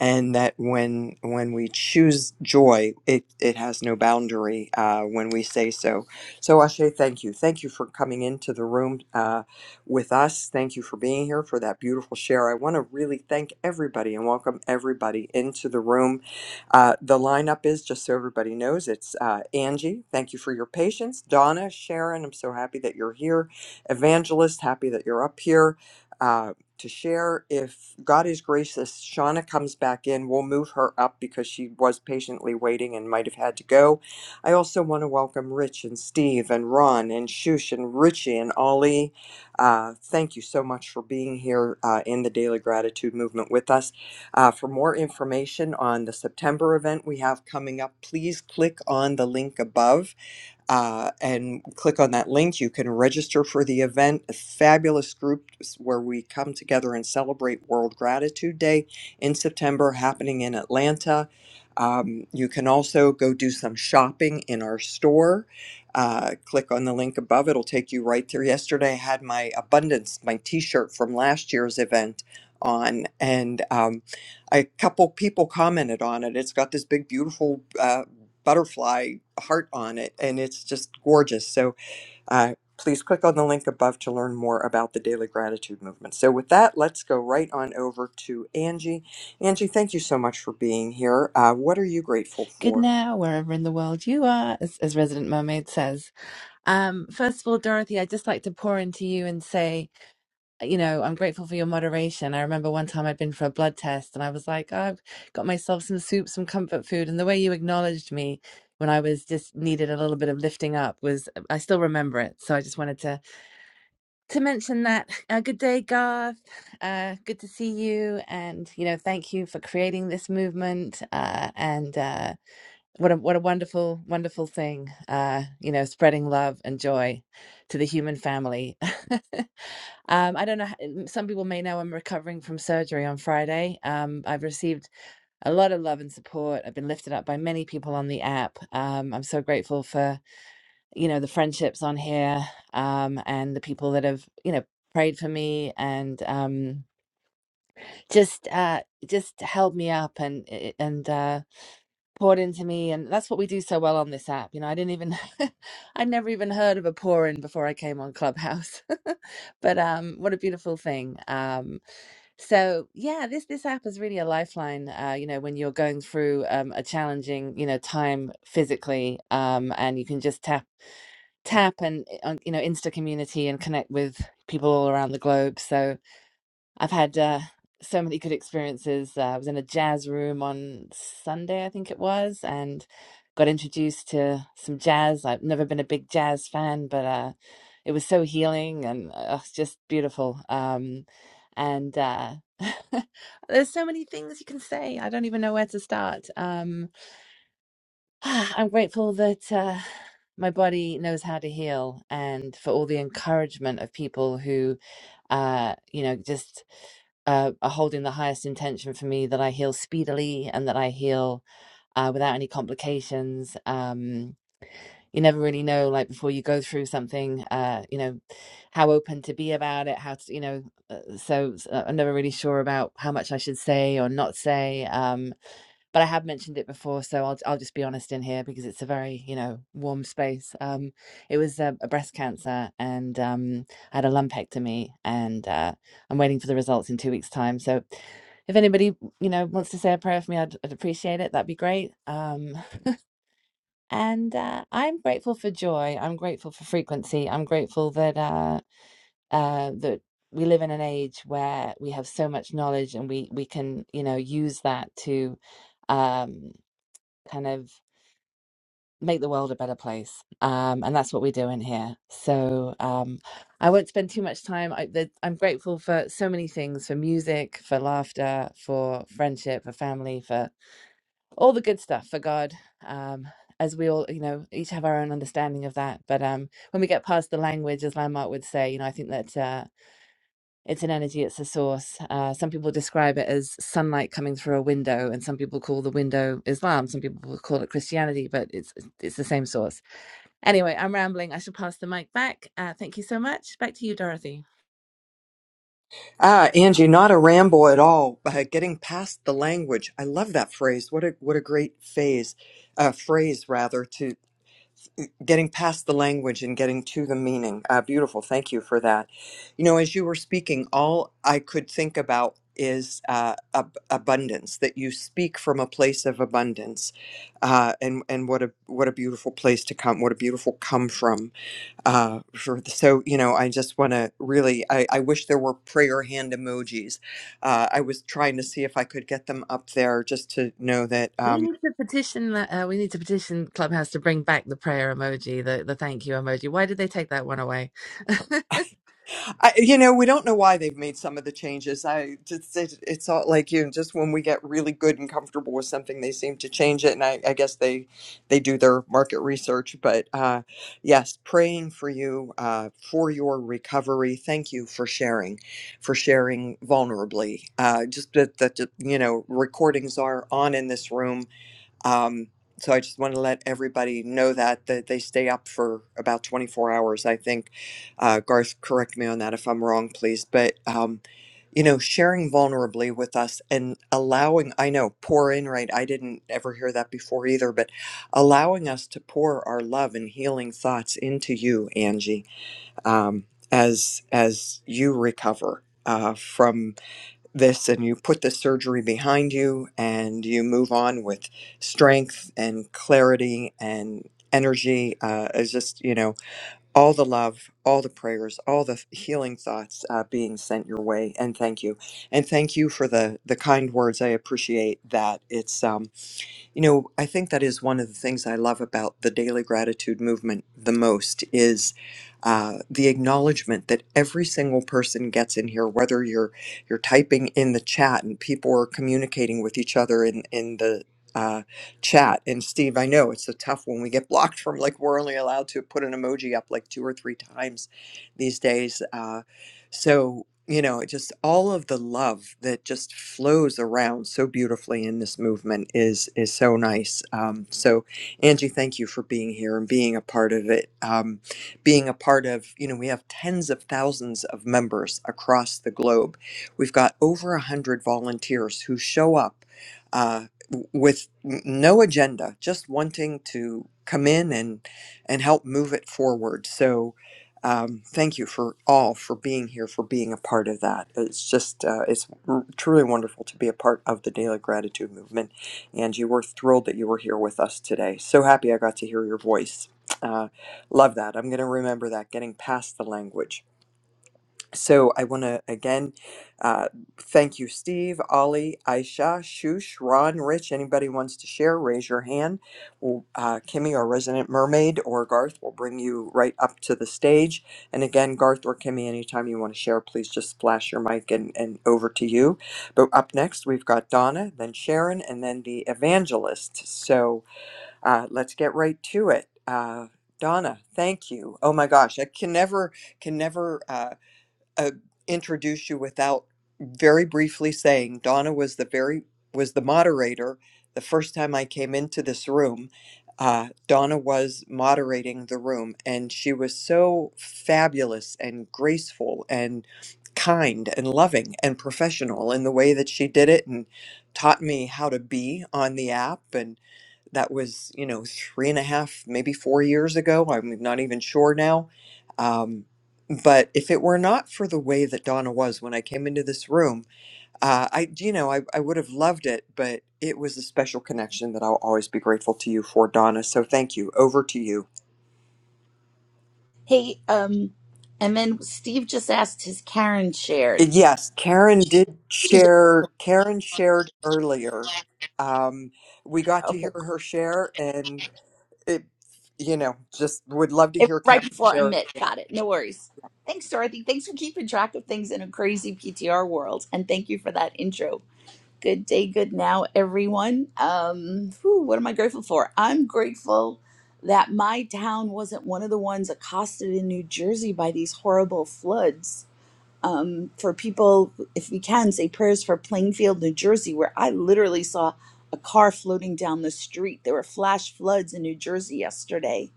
Speaker 1: and that when when we choose joy, it it has no boundary uh, when we say so. So Ashe, thank you, thank you for coming into the room uh, with us. Thank you for being here for that beautiful share. I want to really thank everybody and welcome everybody into the room. Uh, the lineup is just so everybody knows it's uh, Angie. Thank you for your patience, Donna, Sharon. I'm so happy that you're here. Evangelist, happy that you're up here Uh, to share. If God is gracious, Shauna comes back in. We'll move her up because she was patiently waiting and might have had to go. I also want to welcome Rich and Steve and Ron and Shush and Richie and Ollie. Uh, thank you so much for being here uh, in the Daily Gratitude Movement with us. Uh, for more information on the September event we have coming up, please click on the link above uh, and click on that link. You can register for the event. A fabulous group where we come together and celebrate World Gratitude Day in September, happening in Atlanta. Um, you can also go do some shopping in our store. Uh, click on the link above; it'll take you right through. Yesterday, I had my abundance, my T-shirt from last year's event on, and um, a couple people commented on it. It's got this big, beautiful. uh, butterfly heart on it, and it's just gorgeous. So uh, please click on the link above to learn more about the Daily Gratitude Movement. So with that, let's go right on over to Angie. Angie, thank you so much for being here. Uh, what are you grateful
Speaker 9: good
Speaker 1: for?
Speaker 9: now wherever in the world you are as, as resident mermaid says um first of all dorothy i'd just like to pour into you and say you know i'm grateful for your moderation i remember one time i'd been for a blood test and i was like "Oh, i've got myself some soup some comfort food and the way you acknowledged me when i was just needed a little bit of lifting up was i still remember it so i just wanted to to mention that uh, good day garth uh good to see you and you know thank you for creating this movement uh and uh what a what a wonderful wonderful thing uh you know spreading love and joy to the human family um i don't know h- m- some people may know i'm recovering from surgery on friday um i've received a lot of love and support i've been lifted up by many people on the app um i'm so grateful for you know the friendships on here um and the people that have you know prayed for me and um just uh just held me up and i- and uh poured into me and that's what we do so well on this app you know i didn't even i never even heard of a pour in before i came on clubhouse but um what a beautiful thing um so yeah this this app is really a lifeline uh you know when you're going through um a challenging you know time physically um and you can just tap tap and uh, you know insta community and connect with people all around the globe so I've had uh, so many good experiences. Uh, I was in a jazz room on Sunday, I think it was, and got introduced to some jazz. I've never been a big jazz fan, but uh, it was so healing and uh, it's just beautiful. Um, and uh, there's so many things you can say. I don't even know where to start. Um, I'm grateful that uh, my body knows how to heal and for all the encouragement of people who uh, you know, just uh, are holding the highest intention for me that I heal speedily and that I heal uh, without any complications. Um, you never really know, like before you go through something, uh, you know, how open to be about it, how to, you know, uh, so, so I'm never really sure about how much I should say or not say. Um but I have mentioned it before, so I'll I'll just be honest in here because it's a very you know warm space. Um, it was a, a breast cancer, and um, I had a lumpectomy, and uh, I'm waiting for the results in two weeks' time. So, if anybody you know wants to say a prayer for me, I'd, I'd appreciate it. That'd be great. Um, and uh, I'm grateful for joy. I'm grateful for frequency. I'm grateful that uh, uh, that we live in an age where we have so much knowledge, and we we can you know use that to. Um, kind of make the world a better place. Um, and that's what we're doing here. So um, I won't spend too much time. I, the, I'm grateful for so many things for music, for laughter, for friendship, for family, for all the good stuff, for God. Um, as we all, you know, each have our own understanding of that. But um, when we get past the language, as Landmark would say, you know, I think that. Uh, it's an energy, it's a source. Uh, some people describe it as sunlight coming through a window, and some people call the window Islam, some people will call it Christianity, but it's it's the same source. Anyway, I'm rambling. I should pass the mic back. Uh, thank you so much. Back to you, Dorothy.
Speaker 1: Ah, Angie, not a ramble at all. Uh, getting past the language, I love that phrase. What a what a great phase, uh, phrase rather. to. getting past the language and getting to the meaning. Uh, beautiful. Thank you for that. You know, as you were speaking, all I could think about is uh, ab- abundance. That you speak from a place of abundance, uh, and and what a what a beautiful place to come. What a beautiful come from. Uh, for the, so you know, I just want to really. I, I wish there were prayer hand emojis. Uh, I was trying to see if I could get them up there, just to know that.
Speaker 9: We
Speaker 1: um,
Speaker 9: need to petition. Uh, we need to petition Clubhouse to bring back the prayer emoji, the the thank you emoji. Why did they take that one away?
Speaker 1: I, you know, we don't know why they've made some of the changes. I just it, it's all like you. Just when we get really good and comfortable with something, they seem to change it. And I, I guess they they do their market research. But uh, yes, praying for you uh, for your recovery. Thank you for sharing, for sharing vulnerably. Uh, just that that you know recordings are on in this room um, so I just want to let everybody know that that they stay up for about 24 hours. I think uh, Garth, correct me on that if I'm wrong, please. But um, you know, sharing vulnerably with us and allowing, I know, pour in, right? I didn't ever hear that before either, but allowing us to pour our love and healing thoughts into you, Angie, um, as as you recover uh, from this and you put the surgery behind you and you move on with strength and clarity and energy uh, is just you know all the love all the prayers all the healing thoughts uh, being sent your way and thank you and thank you for the the kind words i appreciate that it's um you know, I think that is one of the things I love about the daily gratitude movement the most is uh, the acknowledgement that every single person gets in here, whether you're you're typing in the chat and people are communicating with each other in in the uh, chat. And Steve, I know it's a tough one. We get blocked from like we're only allowed to put an emoji up like two or three times these days. Uh, so, you know, it just all of the love that just flows around so beautifully in this movement is is so nice. Um, so, Angie, thank you for being here and being a part of it. Um, being a part of, you know, we have tens of thousands of members across the globe. We've got over a hundred volunteers who show up uh, w- with n- no agenda, just wanting to come in and and help move it forward. So um, thank you for all for being here for being a part of that it's just uh, it's r- truly wonderful to be a part of the daily gratitude movement and you were thrilled that you were here with us today so happy i got to hear your voice uh, love that i'm going to remember that getting past the language so I want to again uh, thank you, Steve, Ollie, Aisha, Shush, Ron, Rich. Anybody wants to share, raise your hand. We'll, uh, Kimmy, our resident mermaid, or Garth will bring you right up to the stage. And again, Garth or Kimmy, anytime you want to share, please just flash your mic and, and over to you. But up next, we've got Donna, then Sharon, and then the evangelist. So uh, let's get right to it. Uh, Donna, thank you. Oh my gosh, I can never can never. uh, uh, introduce you without very briefly saying Donna was the very was the moderator the first time I came into this room. Uh, Donna was moderating the room, and she was so fabulous and graceful and kind and loving and professional in the way that she did it, and taught me how to be on the app. and that was you know three and a half maybe four years ago i'm not even sure now um, but if it were not for the way that donna was when i came into this room uh, i you know I, I would have loved it but it was a special connection that i'll always be grateful to you for donna so thank you over to you
Speaker 10: Hey, um, and then Steve just asked, "Has Karen shared?"
Speaker 1: Uh, yes karen did
Speaker 10: She did.
Speaker 1: share karen shared earlier um, we got to
Speaker 10: Okay,
Speaker 1: hear
Speaker 10: cool.
Speaker 1: her share and it you know just would love to
Speaker 10: it was
Speaker 1: hear
Speaker 10: right
Speaker 1: karen
Speaker 10: before
Speaker 1: share
Speaker 10: Amit.
Speaker 1: again
Speaker 10: Got it. No worries.
Speaker 1: Right.
Speaker 10: Thanks, Dorothy. Thanks for keeping track of things in a crazy PTR world, and thank you for that intro. Good day, good now, everyone. Um, whew, what am I grateful for? I'm grateful that my town wasn't one of the ones accosted in New Jersey by these horrible floods um, for people, if we can, say prayers for Plainfield, New Jersey, where I literally saw a car floating down the street. There were flash floods in New Jersey yesterday.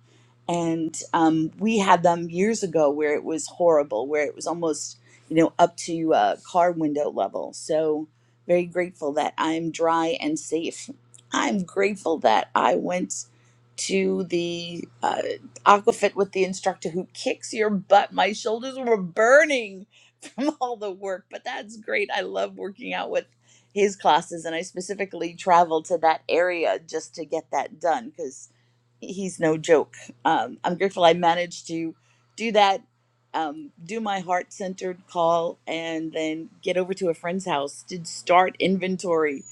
Speaker 10: And um, we had them years ago where it was horrible, where it was almost, you know, up to uh, car window level. So very grateful that I'm dry and safe. I'm grateful that I went to the uh, aquafit with the instructor who kicks your butt. My shoulders were burning from all the work, but that's great. I love working out with his classes, and I specifically traveled to that area just to get that done because he's no joke. Um, I'm grateful I managed to do that, um, do my heart centered call, and then get over to a friend's house to start inventory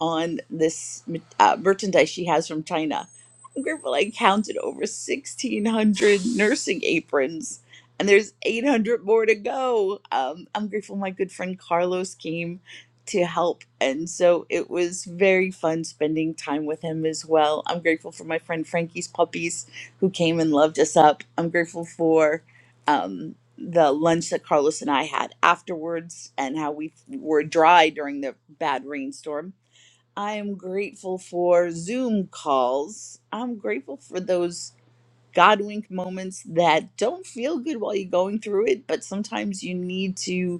Speaker 10: on this uh, merchandise she has from China. I'm grateful I counted over 1,600 nursing aprons. And there's 800 more to go. Um, I'm grateful my good friend Carlos came to help. And so it was very fun spending time with him as well. I'm grateful for my friend Frankie's puppies who came and loved us up. I'm grateful for um, the lunch that Carlos and I had afterwards and how we were dry during the bad rainstorm. I am grateful for Zoom calls. I'm grateful for those God wink moments that don't feel good while you're going through it, but sometimes you need to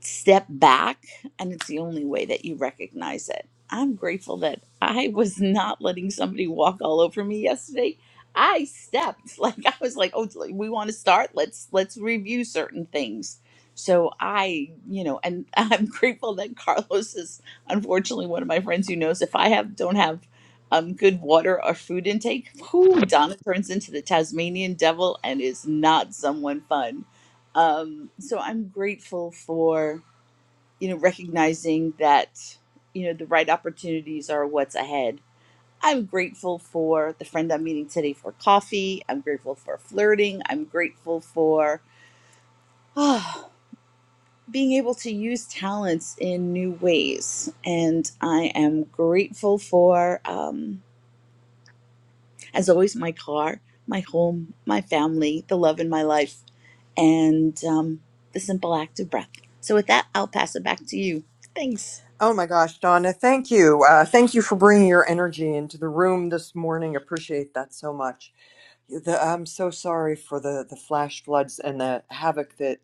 Speaker 10: step back and it's the only way that you recognize it i'm grateful that i was not letting somebody walk all over me yesterday i stepped like i was like oh we want to start let's let's review certain things so i you know and i'm grateful that carlos is unfortunately one of my friends who knows if i have don't have um, good water or food intake who donna turns into the tasmanian devil and is not someone fun um, so i'm grateful for you know, recognizing that, you know, the right opportunities are what's ahead. I'm grateful for the friend I'm meeting today for coffee. I'm grateful for flirting. I'm grateful for ah, being able to use talents in new ways. And I am grateful for, um, as always, my car, my home, my family, the love in my life, and um, the simple act of breath. So, with that, I'll pass it back to you. Thanks.
Speaker 1: Oh my gosh, Donna, thank you. Uh, thank you for bringing your energy into the room this morning. Appreciate that so much. The, I'm so sorry for the, the flash floods and the havoc that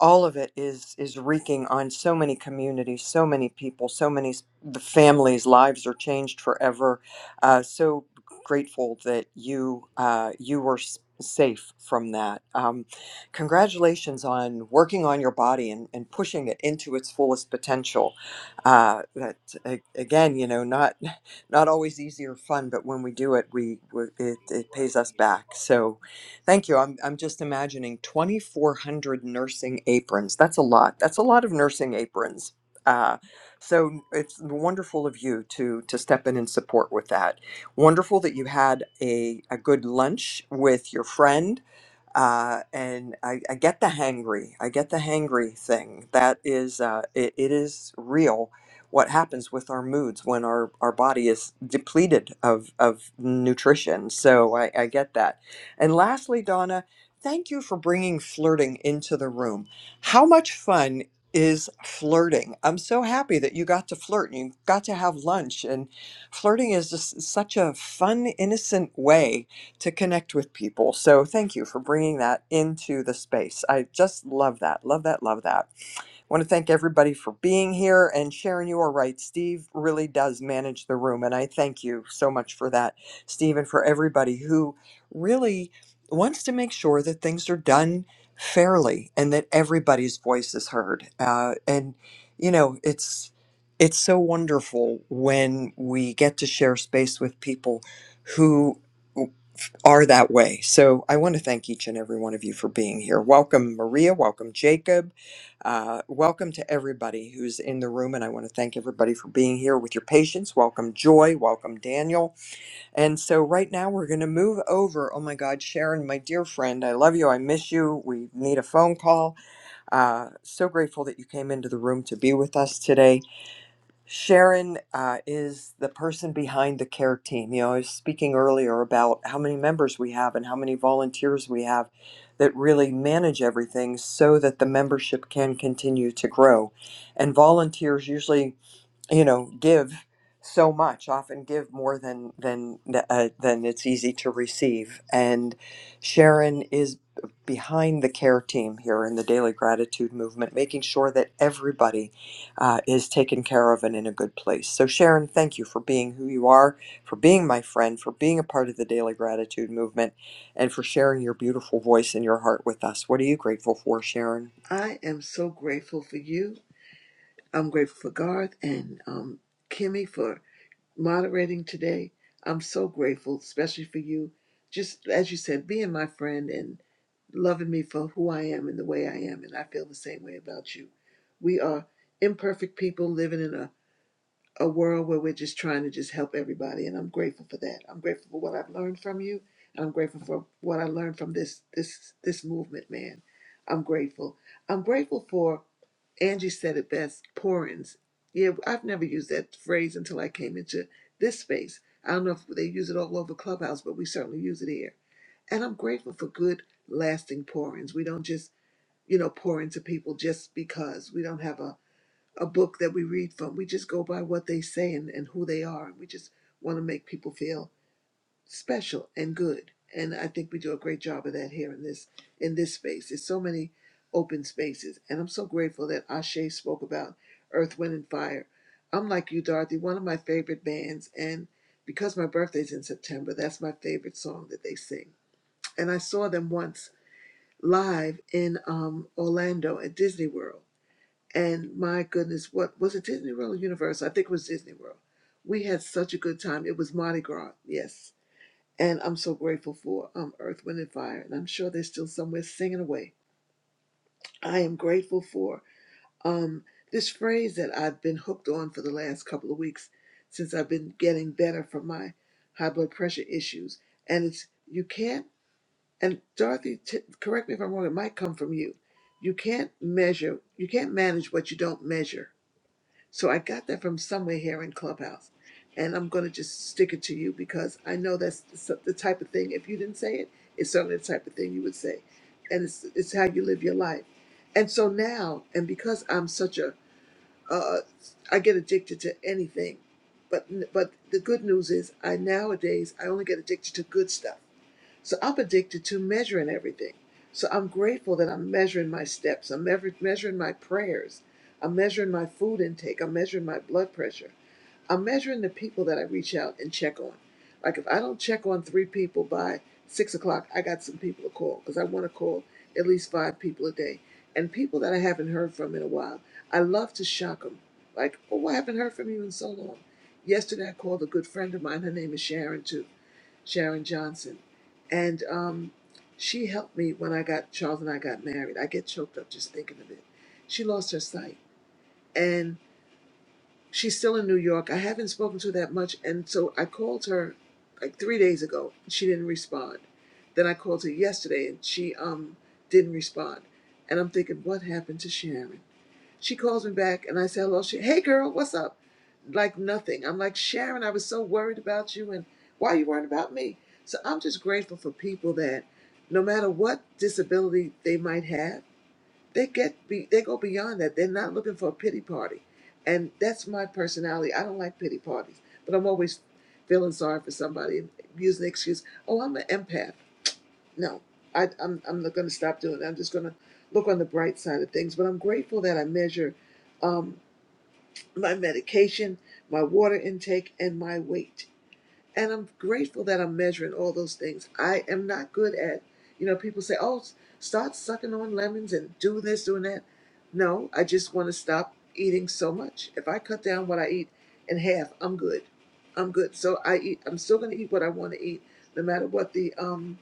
Speaker 1: all of it is is wreaking on so many communities so many people so many s- the families lives are changed forever uh, so grateful that you uh, you were s- safe from that um, congratulations on working on your body and, and pushing it into its fullest potential uh, that a- again you know not not always easy or fun but when we do it we we- it, it pays us back so Thank you. I'm I'm just imagining 2,400 nursing aprons. That's a lot. That's a lot of nursing aprons. Uh, so it's wonderful of you to to step in and support with that. Wonderful that you had a a good lunch with your friend uh, and I, I get the hangry. I get the hangry thing. That is, uh, it, it is real. What happens with our moods when our, our body is depleted of, of nutrition? So I, I get that. And lastly, Donna, thank you for bringing flirting into the room. How much fun is flirting? I'm so happy that you got to flirt and you got to have lunch. And flirting is just such a fun, innocent way to connect with people. So thank you for bringing that into the space. I just love that. Love that. Love that. I want to thank everybody for being here and Sharon, you are right. Steve really does manage the room. And I thank you so much for that, Steve, and for everybody who really wants to make sure that things are done fairly and that everybody's voice is heard. Uh, and, you know, it's. It's so wonderful when we get to share space with people who are that way. So I want to thank each and every one of you for being here. Welcome, Maria. Welcome, Jacob. Uh, welcome to everybody who's in the room. And I want to thank everybody for being here with your patience. Welcome, Joy. Welcome, Daniel. And so right now we're going to move over. Oh my God, Sharon, my dear friend, I love you. I miss you. We need a phone call. Uh, so grateful that you came into the room to be with us today. Sharon uh, is the person behind the care team. You know, I was speaking earlier about how many members we have and how many volunteers we have that really manage everything so that the membership can continue to grow. And volunteers usually you know give so much often give more than than uh, than it's easy to receive and sharon is behind the care team here in the daily gratitude movement making sure that everybody uh, is taken care of and in a good place so sharon thank you for being who you are for being my friend for being a part of the daily gratitude movement and for sharing your beautiful voice and your heart with us what are you grateful for sharon
Speaker 11: I am so grateful for you. I'm grateful for Garth and um, Kimmy for moderating today. I'm so grateful, especially for you. Just as you said, being my friend and loving me for who I am and the way I am. And I feel the same way about you. We are imperfect people living in a a world where we're just trying to just help everybody and i'm grateful for that i'm grateful for what i've learned from you and i'm grateful for what i learned from this this this movement man i'm grateful i'm grateful for angie said it best pourings yeah i've never used that phrase until i came into this space i don't know if they use it all over clubhouse but we certainly use it here and i'm grateful for good lasting pourings we don't just you know pour into people just because we don't have a a book that we read from. We just go by what they say and, and who they are. We just want to make people feel special and good. And I think we do a great job of that here in this in this space. There's so many open spaces. And I'm so grateful that Ashe spoke about Earth, Wind and Fire. I'm like you, Dorothy, one of my favorite bands and because my birthday's in September, that's my favorite song that they sing. And I saw them once live in um, Orlando at Disney World and my goodness, what was it Disney World or Universal? I think it was Disney World. We had such a good time. It was Mardi Gras, yes. And I'm so grateful for um, Earth, Wind, and Fire. And I'm sure they're still somewhere singing away. I am grateful for um, this phrase that I've been hooked on for the last couple of weeks since I've been getting better from my high blood pressure issues. And it's, you can't, and Dorothy, t- correct me if I'm wrong, it might come from you. You can't measure, you can't manage what you don't measure so I got that from somewhere here in Clubhouse. And I'm going to just stick it to you because I know that's the s- the type of thing, if you didn't say it, it's certainly the type of thing you would say. And it's, it's how you live your life. And so now, and because I'm such a, uh, I get addicted to anything. But, but the good news is I nowadays, I only get addicted to good stuff so I'm addicted to measuring everything. So I'm grateful that I'm measuring my steps. I'm measur- measuring my prayers. I'm measuring my food intake. I'm measuring my blood pressure. I'm measuring the people that I reach out and check on. Like if I don't check on three people by six o'clock, I got some people to call because I want to call at least five people a day and people that I haven't heard from in a while. I love to shock them. Like, oh, I haven't heard from you in so long. Yesterday, I called a good friend of mine. Her name is Sharon, too Sharon Johnson, and um, she helped me when I got Charles and I got married. I get choked up just thinking of it. She lost her sight, and she's still in New York. I haven't spoken to her that much, and so I called her like three days ago. She didn't respond. Then I called her yesterday, and she um didn't respond. And I'm thinking, what happened to Sharon? She calls me back and I say hello. She, hey girl, what's up? Like nothing. I'm like, Sharon, I was so worried about you and why you worried about me? So I'm just grateful for people that no matter what disability they might have, they get be, they go beyond that. They're not looking for a pity party. And that's my personality. I don't like pity parties, but I'm always feeling sorry for somebody and using the excuse, oh, I'm an empath no, I, I'm I'm not going to stop doing. It. I'm just going to look on the bright side of things. But I'm grateful that I measure um, my medication, my water intake, and my weight. And I'm grateful that I'm measuring all those things. I am not good at, you know, people say, "Oh, s- start sucking on lemons and do this, doing that." No, I just want to stop eating so much. If I cut down what I eat in half, I'm good. I'm good. So I eat. I'm still going to eat what I want to eat, no matter what the um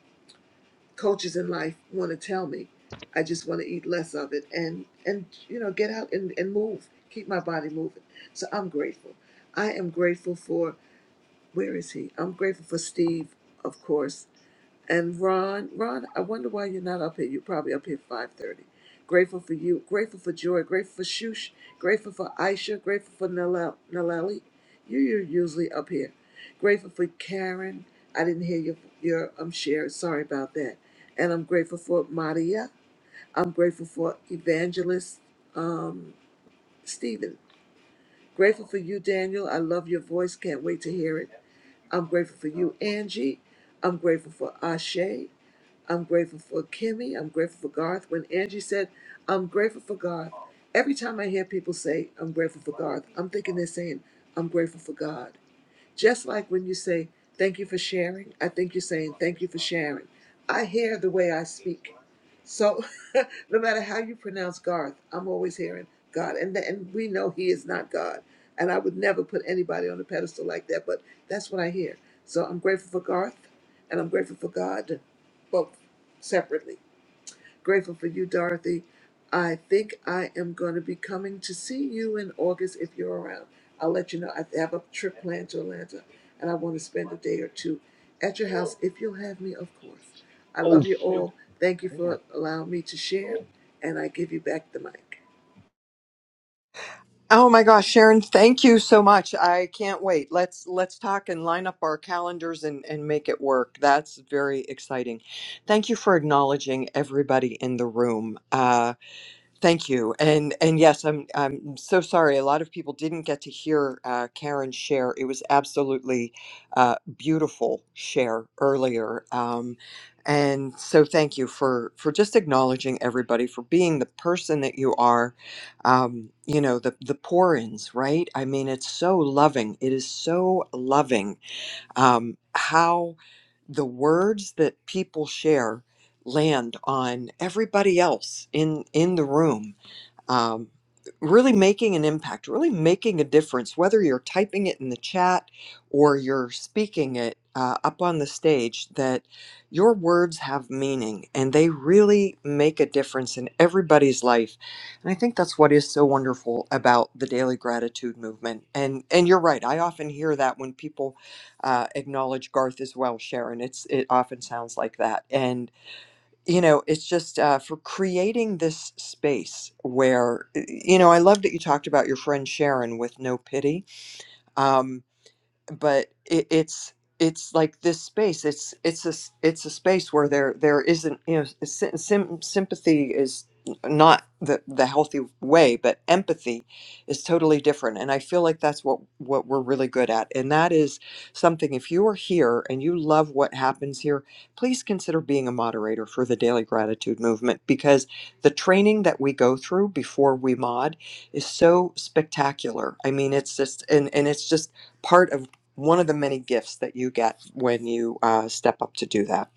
Speaker 11: coaches in life want to tell me. I just want to eat less of it and and you know get out and, and move, keep my body moving. So I'm grateful. I am grateful for where is he? I'm grateful for Steve, of course. And Ron, Ron, I wonder why you're not up here. You're probably up here five thirty. Grateful for you. Grateful for Joy. Grateful for Shush. Grateful for Aisha. Grateful for Nalel- Naleli. You, you're usually up here. Grateful for Karen. I didn't hear your your um share. Sorry about that. And I'm grateful for Maria. I'm grateful for Evangelist um Stephen. Grateful for you, Daniel. I love your voice. Can't wait to hear it. I'm grateful for you, Angie. I'm grateful for Ashe. I'm grateful for Kimmy. I'm grateful for Garth. When Angie said, I'm grateful for Garth, every time I hear people say, I'm grateful for Garth, I'm thinking they're saying, I'm grateful for God. Just like when you say, Thank you for sharing, I think you're saying, Thank you for sharing. I hear the way I speak. So no matter how you pronounce Garth, I'm always hearing God. And, th- and we know He is not God. And I would never put anybody on a pedestal like that, but that's what I hear. So I'm grateful for Garth and I'm grateful for God, both separately. Grateful for you, Dorothy. I think I am going to be coming to see you in August if you're around. I'll let you know. I have a trip planned to Atlanta and I want to spend a day or two at your house if you'll have me, of course. I
Speaker 12: Oh,
Speaker 11: love you all. Thank you for allowing me to share, and I give you back the mic.
Speaker 1: Oh my gosh, Sharon, thank you so much. I can't wait. Let's let's talk and line up our calendars and and make it work. That's very exciting. Thank you for acknowledging everybody in the room. Uh, Thank you. And and yes, I'm I'm so sorry. A lot of people didn't get to hear uh, Karen's share. It was absolutely uh, beautiful share earlier. Um, and so thank you for for just acknowledging everybody for being the person that you are. Um, you know the the pour-ins, right? I mean, it's so loving. It is so loving um, how the words that people share land on everybody else in in the room um, really making an impact, really making a difference, whether you're typing it in the chat or you're speaking it uh, up on the stage, that your words have meaning and they really make a difference in everybody's life. And I think that's what is so wonderful about the daily gratitude movement. And and you're right. I often hear that when people uh, acknowledge Garth as well, Sharon. It's it often sounds like that. And you know it's just uh, for creating this space where you know i love that you talked about your friend sharon with no pity um, but it, it's it's like this space it's it's a s- it's a space where there there isn't you know s- sym- sympathy is not the the healthy way but empathy is totally different and i feel like that's what what we're really good at and that is something if you are here and you love what happens here please consider being a moderator for the daily gratitude movement because the training that we go through before we mod is so spectacular i mean it's just and and it's just part of one of the many gifts that you get when you uh, step up to do that.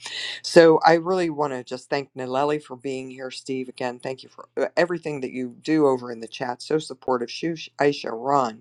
Speaker 1: So I really want to just thank Naleli for being here. Steve, again, thank you for uh, everything that you do over in the chat. So supportive. Shu- Aisha, Ron,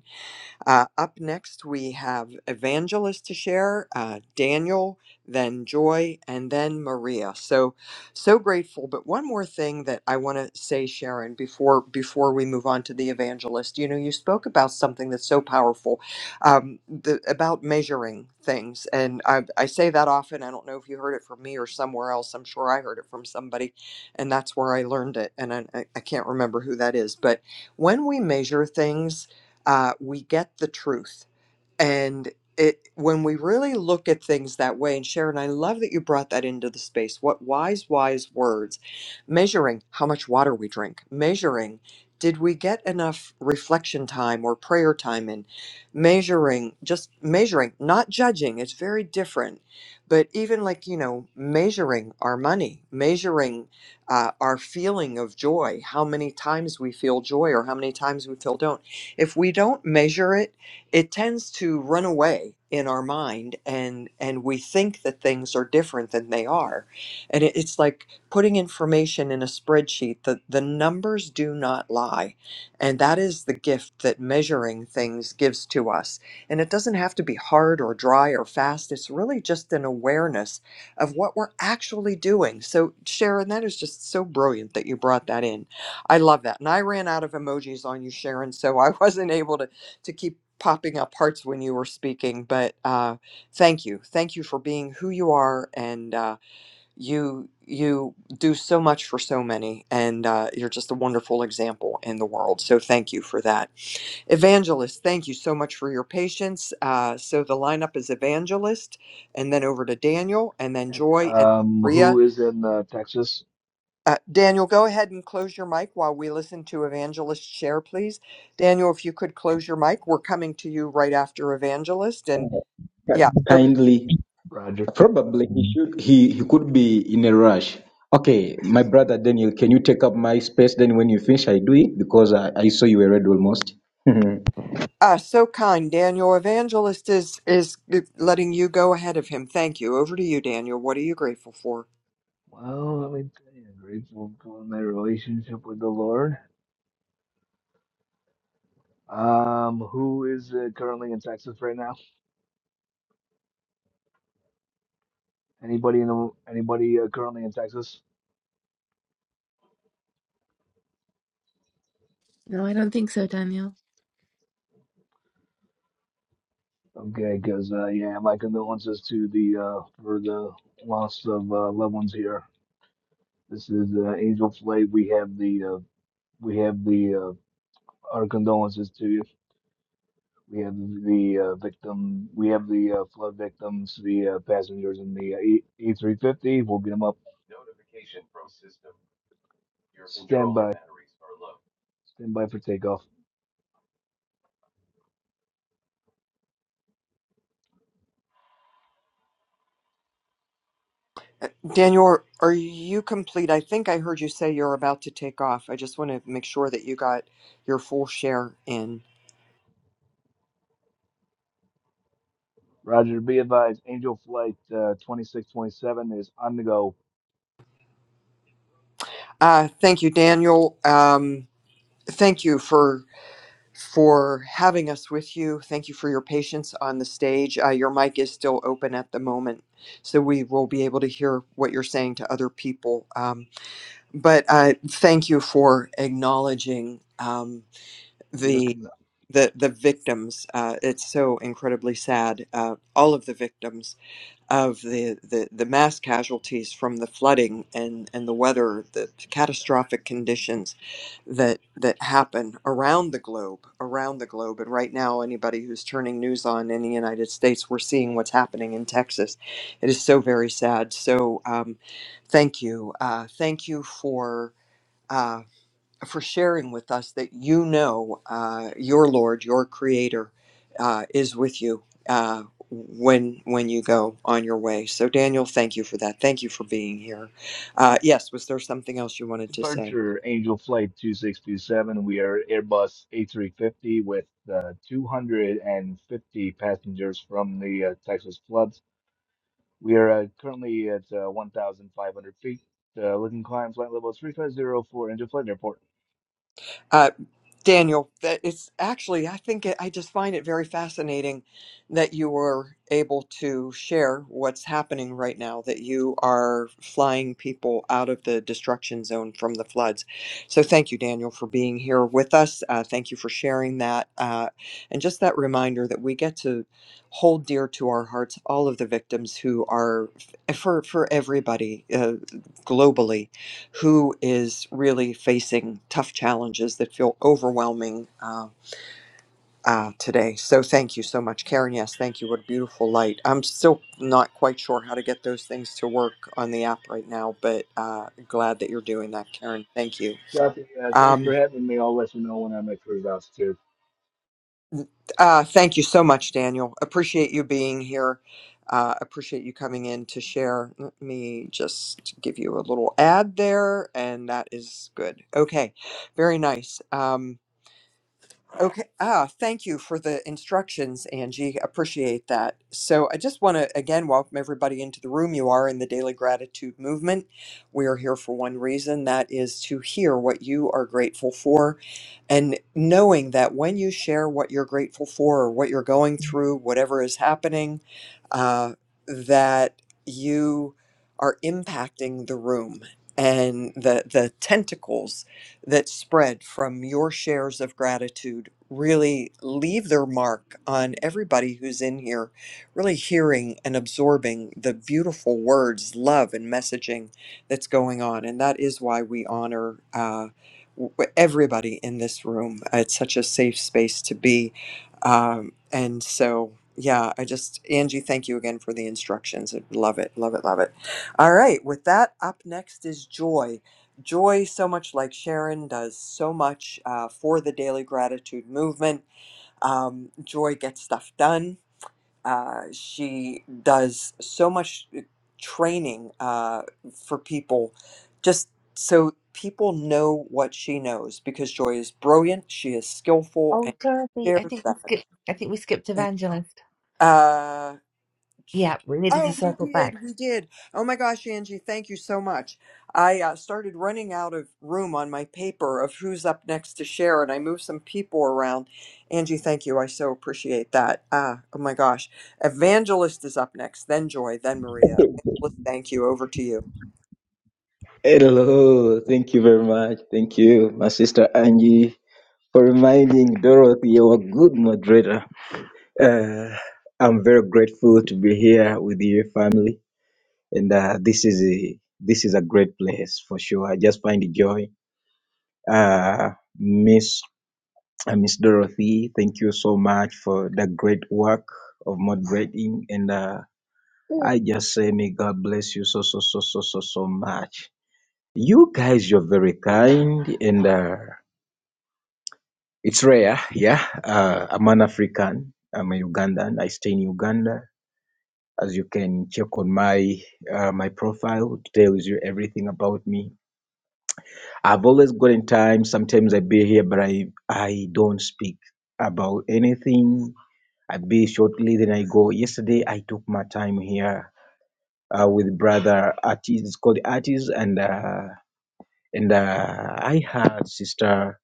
Speaker 1: uh, up next, we have Evangelist to share, uh, Daniel, then Joy, and then Maria. So, so grateful. But one more thing that I want to say, Sharon, before before we move on to the evangelist, you know, you spoke about something that's so powerful, um, the, about measuring things, and I, I say that often. I don't know if you heard it from me or somewhere else. I'm sure I heard it from somebody, and that's where I learned it. And I, I I can't remember who that is, but when we measure things uh, we get the truth and it when we really look at things that way and sharon i love that you brought that into the space what wise wise words measuring how much water we drink measuring did we get enough reflection time or prayer time in measuring just measuring not judging it's very different but even like you know measuring our money measuring uh, our feeling of joy how many times we feel joy or how many times we feel don't if we don't measure it it tends to run away in our mind and and we think that things are different than they are and it, it's like putting information in a spreadsheet the, the numbers do not lie and that is the gift that measuring things gives to us and it doesn't have to be hard or dry or fast it's really just an awareness of what we're actually doing so sharon that is just so brilliant that you brought that in i love that and i ran out of emojis on you sharon so i wasn't able to to keep popping up parts when you were speaking, but uh, thank you, thank you for being who you are, and uh, you you do so much for so many, and uh, you're just a wonderful example in the world. So thank you for that, Evangelist. Thank you so much for your patience. Uh, so the lineup is Evangelist, and then over to Daniel, and then Joy and
Speaker 12: um,
Speaker 1: Maria.
Speaker 12: who is in uh, Texas?
Speaker 1: Uh, Daniel, go ahead and close your mic while we listen to Evangelist share, please. Daniel, if you could close your mic, we're coming to you right after Evangelist, and
Speaker 13: But
Speaker 1: yeah, so
Speaker 13: kindly
Speaker 12: Roger.
Speaker 13: probably he should he he could be in a rush okay my brother daniel can you take up my space then when you finish i do it because i, I saw you were read almost
Speaker 1: uh, so kind, Daniel. Evangelist is is letting you go ahead of him. Thank you. Over to you, Daniel. What are you grateful for?
Speaker 12: Well, let me tell you, grateful for my relationship with the Lord. Um, who is uh, currently in Texas right now? Anybody in the, anybody uh, currently in Texas?
Speaker 9: no, I don't think so, Daniel.
Speaker 12: Okay, because uh, yeah, my condolences to the uh, for the loss of uh, loved ones here. This is uh, Angel Flay. We have the uh, we have the uh, our condolences to you. We have the uh, victim. We have the uh, flood victims, the uh, passengers in the uh, E- E350. We'll get them up. Your control Stand by. batteries are low. Stand by for takeoff.
Speaker 1: Daniel, are you complete? I think I heard you say you're about to take off. I just want to make sure that you got your full share in.
Speaker 12: Roger, be advised. Angel Flight uh, 2627 is on the go.
Speaker 1: Uh, thank you, Daniel. Um, thank you for for having us with you. Thank you for your patience on the stage. Uh, your mic is still open at the moment, so we will be able to hear what you're saying to other people. Um, but uh, thank you for acknowledging um,
Speaker 12: Here
Speaker 1: the
Speaker 12: comes
Speaker 1: the the victims. Uh, it's so incredibly sad. Uh, all of the victims of the, the, the mass casualties from the flooding and, and the weather, the catastrophic conditions that that happen around the globe, around the globe. And right now, anybody who's turning news on in the United States, we're seeing what's happening in Texas. It is so very sad. So um, thank you, uh, thank you for. Uh, for sharing with us that you know uh, your Lord, your Creator, uh, is with you uh, when when you go on your way. So, Daniel, thank you for that. Thank you for being here. Uh, yes, was there something else you wanted to say?
Speaker 12: departure. Angel Flight 2627. We are Airbus A350 with uh, 250 passengers from the uh, Texas floods. We are uh, currently at uh, 1,500 feet. Uh, looking climb flight level 3504 into flight airport.
Speaker 1: Uh, Daniel, that it's actually, I think it, I just find it very fascinating that you were able to share what's happening right now, that you are flying people out of the destruction zone from the floods. So, thank you, Daniel, for being here with us. Uh, thank you for sharing that. Uh, and just that reminder that we get to hold dear to our hearts all of the victims who are, for, for everybody uh, globally who is really facing tough challenges that feel overwhelming uh, uh, today. So thank you so much, Karen. Yes, thank you. What a beautiful light. I'm still not quite sure how to get those things to work on the app right now, but uh, glad that you're doing that, Karen. Thank you.
Speaker 12: Copy. Uh, thanks
Speaker 1: Um,
Speaker 12: for having me. I'll let you know when I'm at cruise altitude.
Speaker 1: uh, thank you so much, Daniel. Appreciate you being here. Uh, appreciate you coming in to share. Let me just give you a little ad there, and that is good. Okay, very nice. Um, Okay. Ah, thank you for the instructions, Angie. Appreciate that. So, I just want to again welcome everybody into the room. You are in the Daily Gratitude Movement. We are here for one reason that is to hear what you are grateful for. And knowing that when you share what you're grateful for or what you're going through, whatever is happening, uh, that you are impacting the room and the, the tentacles that spread from your shares of gratitude really leave their mark on everybody who's in here, really hearing and absorbing the beautiful words, love, and messaging that's going on. And that is why we honor uh, w- everybody in this room. It's such a safe space to be. Um, and so, yeah, I just, Angie, thank you again for the instructions. I love it, love it, love it. All right, with that, up next is Joy. Joy, so much like Sharon, does so much uh, for the daily gratitude movement. Um, Joy gets stuff done. Uh, she does so much uh, training uh, for people just so people know what she knows because Joy is brilliant, she is skillful,
Speaker 9: Oh,
Speaker 1: and
Speaker 9: Dorothy, I
Speaker 1: shares
Speaker 9: think we
Speaker 1: that.
Speaker 9: skipped. I think we skipped Evangelist.
Speaker 1: Uh,
Speaker 9: Yeah, we needed to
Speaker 1: Oh, we
Speaker 9: circle
Speaker 1: did.
Speaker 9: back.
Speaker 1: We did. Oh my gosh, Angie, thank you so much. I uh, started running out of room on my paper of who's up next to share, and I moved some people around. Angie, thank you. I so appreciate that. Ah, oh my gosh. Evangelist is up next, then Joy, then Maria. Evangelist, thank you. Over to you.
Speaker 13: hello thank you very much thank you my sister angie for reminding dorothy you're a good moderator uh, i'm very grateful to be here with your family and uh, this is a this is a great place for sure i just find the joy uh miss Uh, Miss Dorothy, thank you so much for the great work of moderating. And uh, I just say, may God bless you so, so, so, so, so, so much. You guys, you're very kind. And uh, it's rare, yeah. Uh, I'm an African, I'm a Ugandan. I stay in Uganda. As you can check on my uh, my profile, it tells you everything about me. I've always gotten time. Sometimes I be here, but I I don't speak about anything I'll be shortly. Then I go. Yesterday I took my time here uh, with brother artist. It's called artist, and uh, and uh, I had sister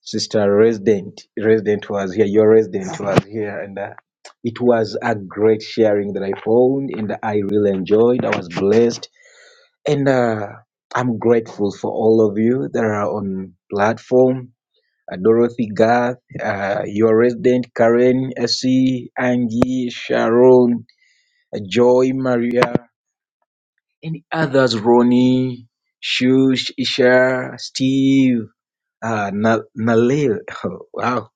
Speaker 13: sister resident resident was here. Your resident was here, and uh, it was a great sharing that I found, and I really enjoyed. I was blessed, and uh, I'm grateful for all of you that are on platform. Uh, Dorothy Garth, uh, your resident Karen, SC, Angie, Sharon, Joy Maria, and others, Ronnie, Shush, Isha, Steve, uh, Na- Nalil. Oh, wow.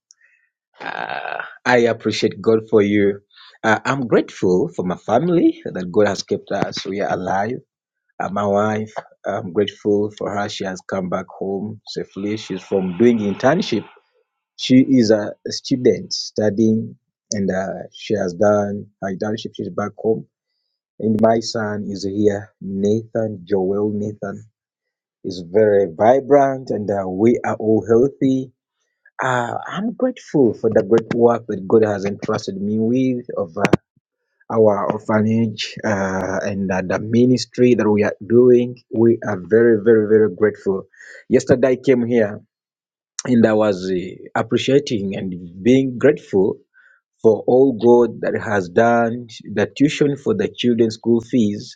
Speaker 13: Ah, I appreciate God for you. Uh, I'm grateful for my family that God has kept us. We are alive. Uh, my wife, I'm grateful for her. She has come back home safely. She's from doing internship. She is a student studying and uh, she has done her internship. She's back home And my son is here, Nathan, Joel Nathan, is very vibrant and uh, we are all healthy. Uh, I'm grateful for the great work that God has entrusted me with of uh, our orphanage uh, and uh, the ministry that we are doing. We are very, very, very grateful. Yesterday I came here and I was uh, appreciating and being grateful for all God that has done, the tuition for the children's school fees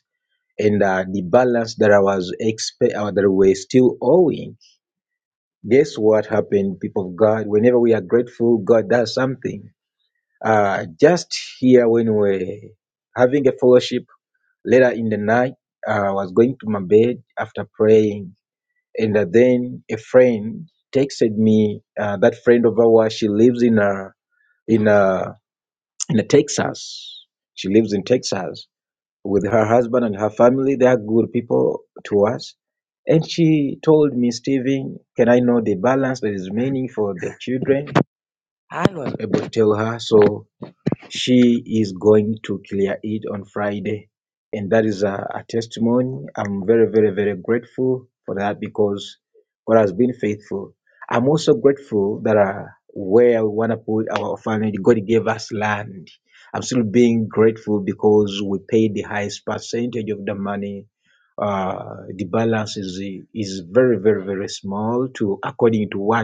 Speaker 13: and uh, the balance that I was expect uh, that we're still owing. Guess what happened, people of God? Whenever we are grateful, God does something. Uh, just here when we're having a fellowship later in the night, uh, I was going to my bed after praying, and uh, then a friend texted me. Uh, that friend of ours, she lives in a in a in a Texas. She lives in Texas with her husband and her family. They are good people to us. And she told me, Stephen, can I know the balance that is remaining for the children? I was able to tell her. So she is going to clear it on Friday. And that is a, a testimony. I'm very, very, very grateful for that because God has been faithful. I'm also grateful that uh, where we want to put our orphanage, God gave us land. I'm still being grateful because we paid the highest percentage of the money. Uh, the balance is is very, very, very small to according to what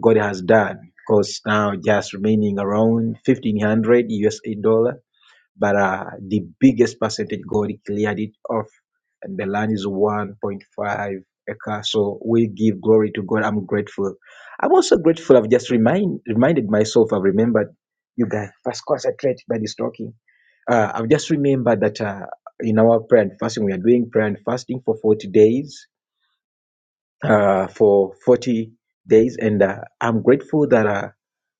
Speaker 13: God has done. Because now just remaining around 1500 USA dollar, but uh, the biggest percentage God cleared it off, and the land is 1.5 acre. So we give glory to God. I'm grateful. I'm also grateful. I've just remind reminded myself. I've remembered you guys. First, concentrate by this talking. Uh, I've just remembered that uh, in our prayer and fasting, we are doing prayer and fasting for 40 days. Uh, for 40 days, and uh, I'm grateful that. Uh,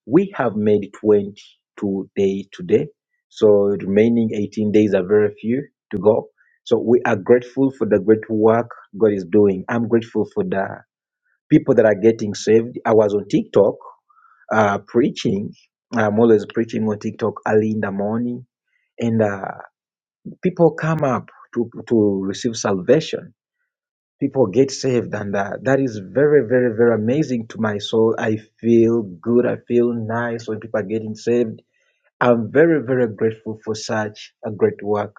Speaker 13: we have made 22 days today, so remaining 18 days are very few to go. So we are grateful for the great work God is doing. I'm grateful for the people that are getting saved. I was on TikTok uh, preaching. I'm always preaching on TikTok early in the morning, and uh, people come up to to receive salvation. People get saved, and uh, that is very, very, very amazing to my soul. I feel good. I feel nice when people are getting saved I'm very, very grateful for such a great work.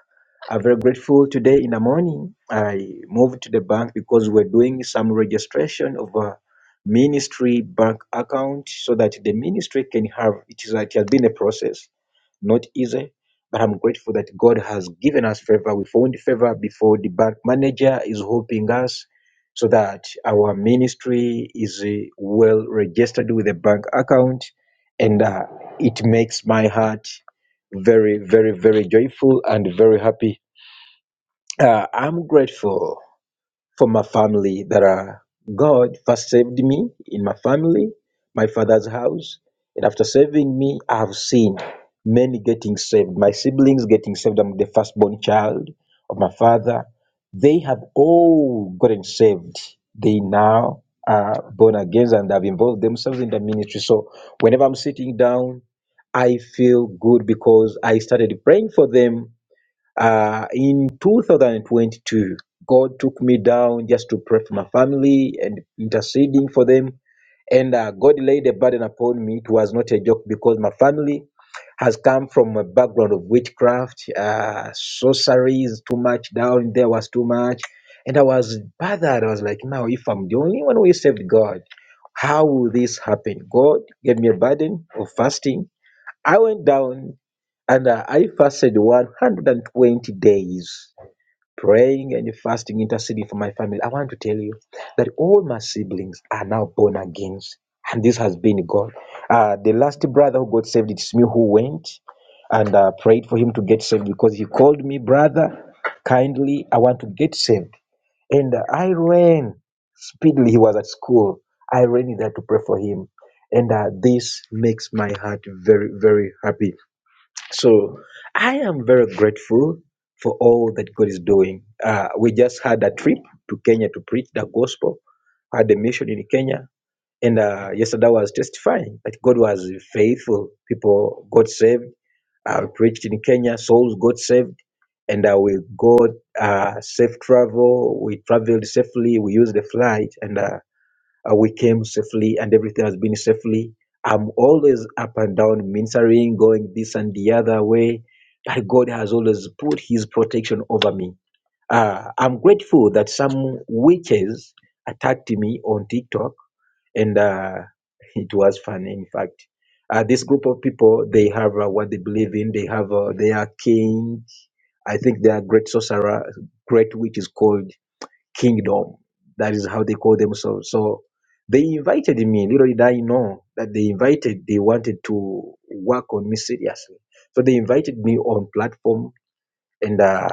Speaker 13: I'm very grateful today in the morning. I moved to the bank because we're doing some registration of a ministry bank account so that the ministry can have it is like, it has been a process not easy, but I'm grateful that God has given us favor. We found favor before the bank manager is helping us so that our ministry is uh, well registered with a bank account. And uh, it makes my heart very, very, very joyful and very happy. Uh, I'm grateful for my family that are God first saved me in my family, my father's house, and after saving me, I have seen many getting saved. My siblings getting saved. I'm the firstborn child of my father. They have all gotten saved. They now are born again and have involved themselves in the ministry. So whenever I'm sitting down, I feel good because I started praying for them uh, in 2022, God took me down just to pray for my family and interceding for them. And uh, God laid a burden upon me. It was not a joke because my family has come from a background of witchcraft, uh, sorcery is too much down there was too much. And I was bothered. I was like, now, if I'm the only one who saved God, how will this happen? God gave me a burden of fasting. I went down and uh, I fasted 120 days, praying and fasting, interceding for my family. I want to tell you that all my siblings are now born again. And this has been God. Uh, the last brother who got saved, it's me who went and uh, prayed for him to get saved because he called me, brother, kindly, I want to get saved. And uh, I ran speedily. He was at school. I ran in there to pray for him. And uh, this makes my heart very, very happy so I am very grateful for all that God is doing. Uh, we just had a trip to Kenya to preach the gospel, had a mission in Kenya. And uh, yesterday I was testifying that God was faithful. People got saved. I preached in Kenya, souls got saved. And uh, we got uh, safe travel. We traveled safely. We used the flight. And uh, uh, we came safely and everything has been safely. I'm always up and down, ministering, going this and the other way. But God has always put his protection over me. Uh, I'm grateful that some witches attacked me on TikTok and uh, it was funny, in fact. Uh, this group of people, they have uh, what they believe in. They have, uh, they are kings. I think they are great sorcerer, great witch is called kingdom. That is how they call themselves. So they invited me. Little did I know that they invited, they wanted to work on me seriously. So they invited me on platform, and uh,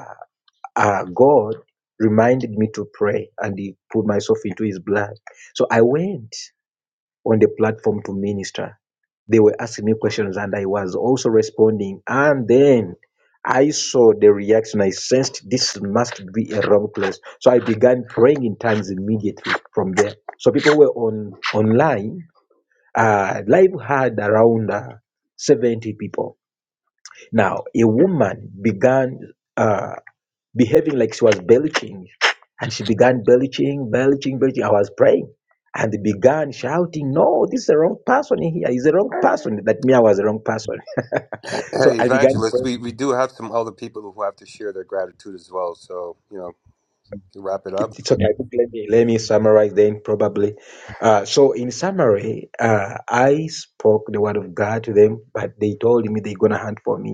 Speaker 13: uh, God reminded me to pray, and He put myself into His blood. So I went on the platform to minister they were asking me questions and I was also responding. And then I saw the reaction. I sensed this must be a wrong place. So I began praying in tongues immediately from there. So people were on online. Uh, live had around uh, 70 people. Now, a woman began. uh, behaving like she was belching. And she began belching, belching, belching. I was praying and they began shouting, No, this is the wrong person in here. He's the wrong person. That me, I was the wrong person. so
Speaker 3: Hey,
Speaker 13: I began
Speaker 3: Evangelist, we,
Speaker 13: praying.
Speaker 3: we do have some other people who have to share their gratitude as well. So you know, to wrap it up.
Speaker 13: It- It's okay. Yeah. Let me, let me summarize then, probably. Uh, so, in summary, uh, I spoke the word of God to them, but they told me they're going to hunt for me,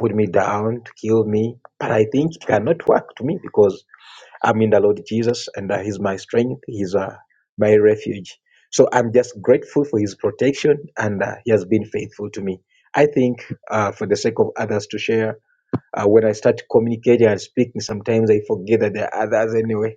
Speaker 13: put me down, to kill me. But I think it cannot work to me because I'm in the Lord Jesus, and uh, He's my strength. He's uh, my refuge. So I'm just grateful for His protection, and uh, He has been faithful to me. I think, uh, for the sake of others to share, uh, when I start communicating and speaking, sometimes I forget that there are others anyway.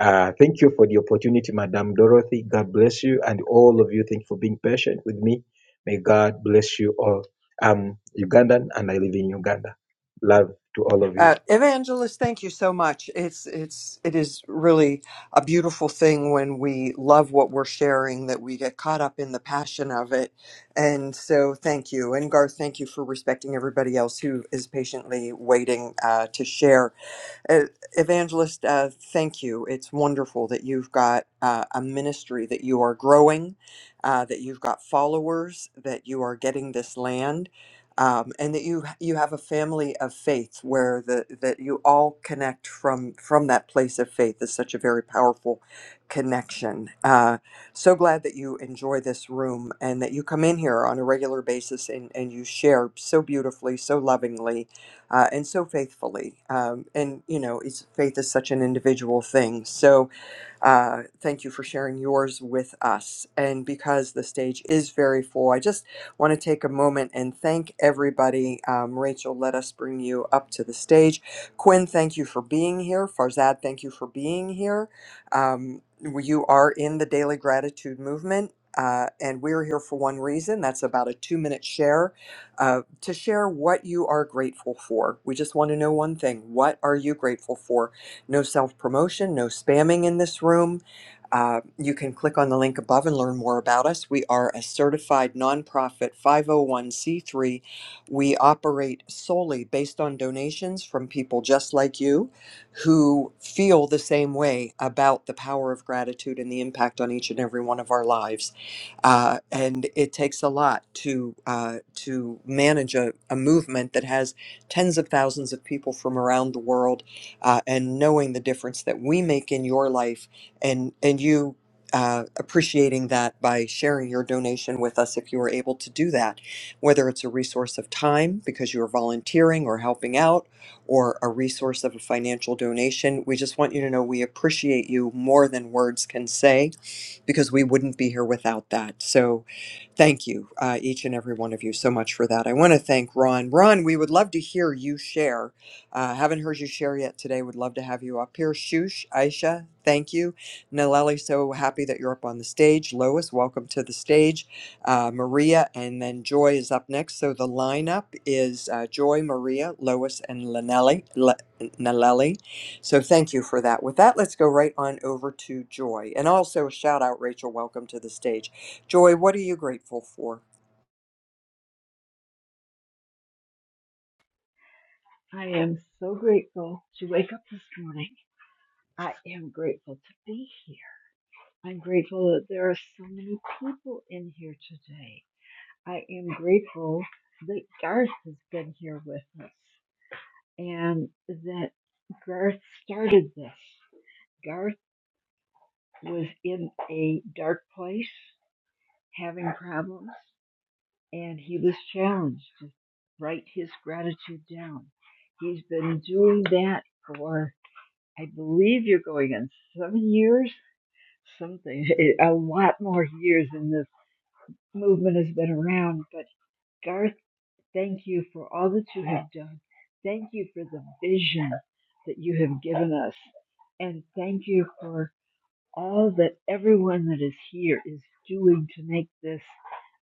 Speaker 13: Uh, thank you for the opportunity, Madam Dorothy. God bless you, and all of you. Thank you for being patient with me. May God bless you all. I'm Ugandan, and I live in Uganda. Love to all of you.
Speaker 1: Uh, Evangelist, thank you so much. It's it's it is really a beautiful thing when we love what we're sharing that we get caught up in the passion of it. And so, thank you, and Garth, thank you for respecting everybody else who is patiently waiting uh, to share. Uh, Evangelist, uh, thank you. It's wonderful that you've got uh, a ministry that you are growing, uh, that you've got followers, that you are getting this land, um, and that you you have a family of faith where the that you all connect from from that place of faith is such a very powerful connection. Uh, so glad that you enjoy this room and that you come in here on a regular basis and, and you share so beautifully, so lovingly uh, and so faithfully. Um, and you know, it's faith is such an individual thing. So uh, thank you for sharing yours with us. And because the stage is very full, I just want to take a moment and thank everybody. Um, Rachel, let us bring you up to the stage. Quinn, thank you for being here. Farzad, thank you for being here. Um, you are in the Daily Gratitude Movement. Uh, and we're here for one reason. That's about a two minute share uh, to share what you are grateful for. We just want to know one thing. What are you grateful for? No self promotion, no spamming in this room. Uh, you can click on the link above and learn more about us. We are a certified nonprofit 501c3. We operate solely based on donations from people just like you who feel the same way about the power of gratitude and the impact on each and every one of our lives. Uh, and it takes a lot to, uh, to manage a, a movement that has tens of thousands of people from around the world uh, and knowing the difference that we make in your life and and you uh, appreciating that by sharing your donation with us if you are able to do that whether it's a resource of time because you are volunteering or helping out or a resource of a financial donation we just want you to know we appreciate you more than words can say because we wouldn't be here without that. So thank you, uh, each and every one of you, so much for that. I want to thank Ron. Ron, we would love to hear you share. Uh, haven't heard you share yet today. Would love to have you up here. Shush, Aisha, thank you. Naleli, so happy that you're up on the stage. Lois, welcome to the stage. Uh, Maria, and then Joy is up next. So the lineup is uh, Joy, Maria, Lois, and Lanelli, L- Naleli. So thank you for that. With that, let's go right on over to Joy. And also a shout out, Rachel. Welcome to the stage. Joy, what are you grateful for?
Speaker 14: I am so grateful to wake up this morning. I am grateful to be here. I'm grateful that there are so many people in here today. I am grateful that Garth has been here with us and that Garth started this. Garth was in a dark place having problems and he was challenged to write his gratitude down. He's been doing that for I believe you're going on some years, something, eh, a lot more years than this movement has been around. But Garth, thank you for all that you have done. Thank you for the vision that you have given us. And thank you for all that everyone that is here is doing to make this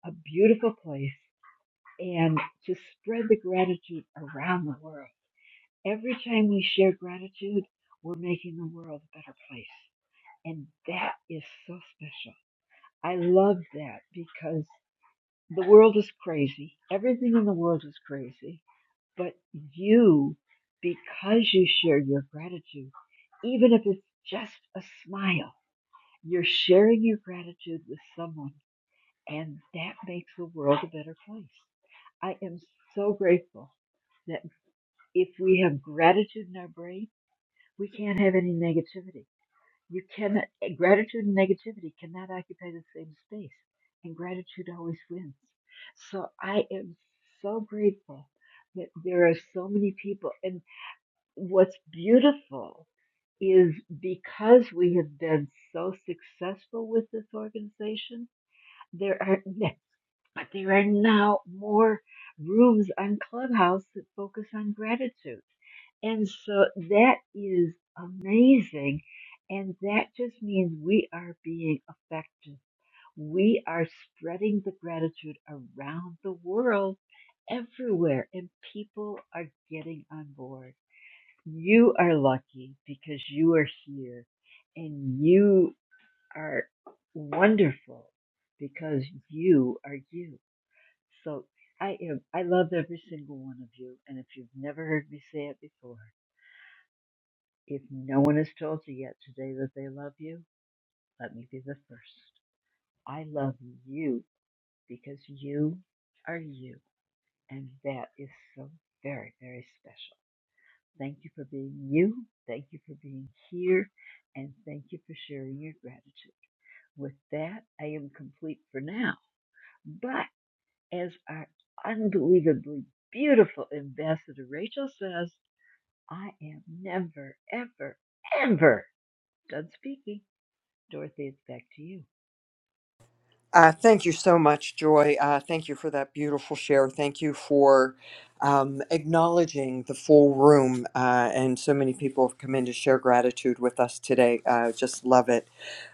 Speaker 14: a beautiful place and to spread the gratitude around the world. Every time we share gratitude, we're making the world a better place. And that is so special. I love that because the world is crazy. Everything in the world is crazy. But you, because you share your gratitude, even if it's just a smile, you're sharing your gratitude with someone, and that makes the world a better place. I am so grateful that if we have gratitude in our brain, we can't have any negativity You cannot, gratitude and negativity cannot occupy the same space, and gratitude always wins. So I am so grateful that there are so many people. And what's beautiful is because we have been so successful with this organization, there are ne- but there are now more rooms on Clubhouse that focus on gratitude. And so that is amazing. And that just means we are being effective. We are spreading the gratitude around the world everywhere, and people are getting on board. You are lucky because you are here, and you are wonderful because you are you. So I am, I love every single one of you. And if you've never heard me say it before, if no one has told you yet today that they love you, let me be the first. I love you because you are you, and that is so very, very special. Thank you for being you. Thank you for being here, and thank you for sharing your gratitude. With that, I am complete for now. But as our unbelievably beautiful ambassador Rachel says, I am never, ever, ever done speaking. Dorothy, it's back to you.
Speaker 1: Uh, thank you so much, Joy. Uh, thank you for that beautiful share. Thank you for um, acknowledging the full room. Uh, and so many people have come in to share gratitude with us today. Uh, just love it.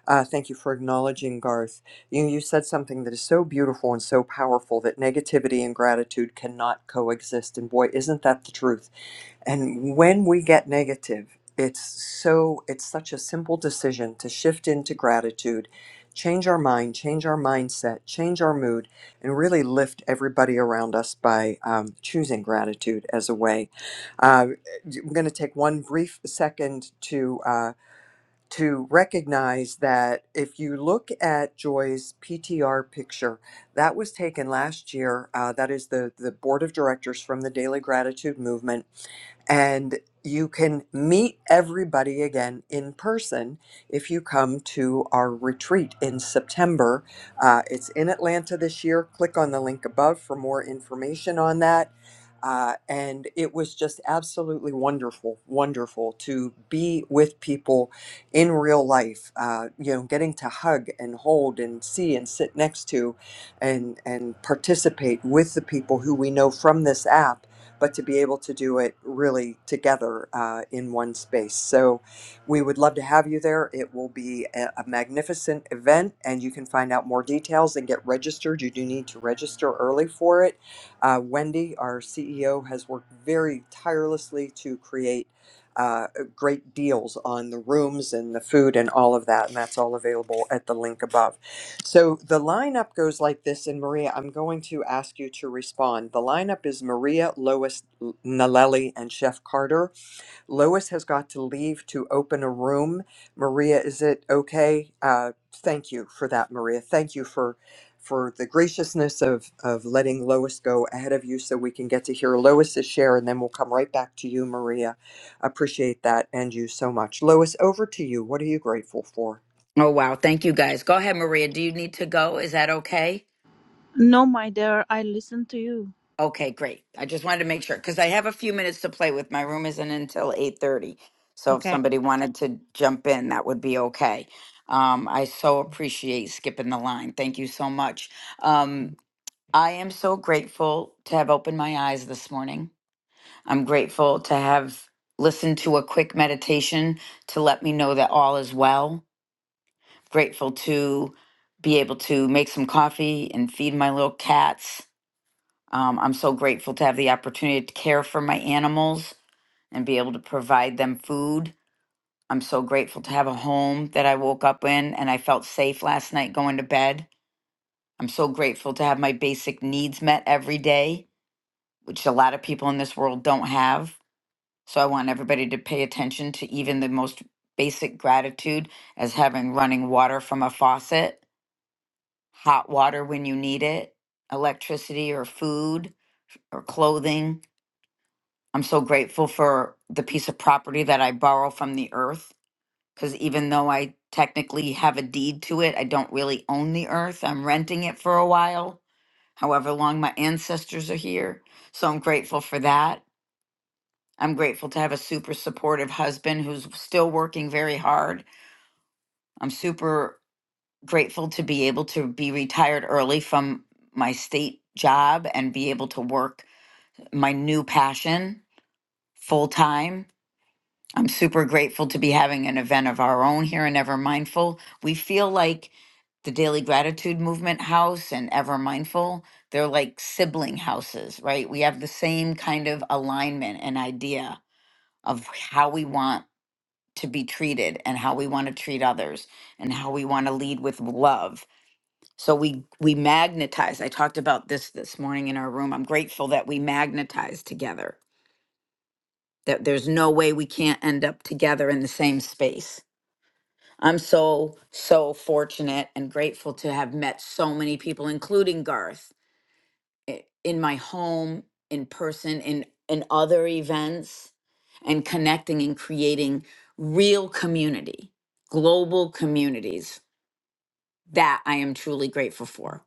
Speaker 1: Uh, thank you for acknowledging Garth. You, you said something that is so beautiful and so powerful that negativity and gratitude cannot coexist. And boy, isn't that the truth? And when we get negative, it's so it's such a simple decision to shift into gratitude, change our mind, change our mindset, change our mood, and really lift everybody around us by um, choosing gratitude as a way. Uh, I'm going to take one brief second to. uh, to recognize that if you look at Joy's PTR picture, that was taken last year. Uh, that is the, the board of directors from the Daily Gratitude Movement. And you can meet everybody again in person if you come to our retreat in September. Uh, it's in Atlanta this year. Click on the link above for more information on that. Uh, and it was just absolutely wonderful, wonderful to be with people in real life uh, you know getting to hug and hold and see and sit next to and and participate with the people who we know from this app but to be able to do it really together uh, in one space so we would love to have you there it will be a, a magnificent event and you can find out more details and get registered you do need to register early for it uh, wendy our ceo has worked very tirelessly to create Uh, great deals on the rooms and the food and all of that. And that's all available at the link above. So the lineup goes like this. And Maria, I'm going to ask you to respond. The lineup is Maria, Lois, Nalelli, and Chef Carter. Lois has got to leave to open a room. Maria, is it okay? Uh, thank you for that, Maria. Thank you for for the graciousness of of letting Lois go ahead of you, so we can get to hear Lois's share, and then we'll come right back to you, Maria. Appreciate that and you so much, Lois. Over to you. What are you grateful for?
Speaker 15: Oh, wow. Thank you guys. Go ahead, Maria. Do you need to go? Is that okay?
Speaker 16: No, my dear, I listen to you.
Speaker 15: Okay, great. I just wanted to make sure because I have a few minutes to play with. My room isn't until 8:30. So if
Speaker 16: Okay.
Speaker 15: somebody wanted to jump in, that would be okay. Um, I so appreciate skipping the line. Thank you so much. Um, I am so grateful to have opened my eyes this morning. I'm grateful to have listened to a quick meditation to let me know that all is well. grateful to be able to make some coffee and feed my little cats. Um, I'm so grateful to have the opportunity to care for my animals and be able to provide them food. I'm so grateful to have a home that I woke up in and I felt safe last night going to bed. I'm so grateful to have my basic needs met every day, which a lot of people in this world don't have. So I want everybody to pay attention to even the most basic gratitude as having running water from a faucet hot water when you need it, electricity or food or clothing. I'm so grateful for the piece of property that I borrow from the earth because even though I technically have a deed to it, I don't really own the earth. I'm renting it for a while, however long my ancestors are here. So I'm grateful for that. I'm grateful to have a super supportive husband who's still working very hard. I'm super grateful to be able to be retired early from my state job and be able to work my new passion full time. I'm super grateful to be having an event of our own here in Ever Mindful. We feel like the Daily Gratitude Movement House and Ever Mindful, they're like sibling houses, right? We have the same kind of alignment and idea of how we want to be treated and how we want to treat others and how we want to lead with love so we we magnetize. I talked about this this morning in our room. I'm grateful that we magnetize together. That there's no way we can't end up together in the same space. I'm so so fortunate and grateful to have met so many people including Garth i- in my home, in person, in in other events and connecting and creating real community, global communities. That I am truly grateful for.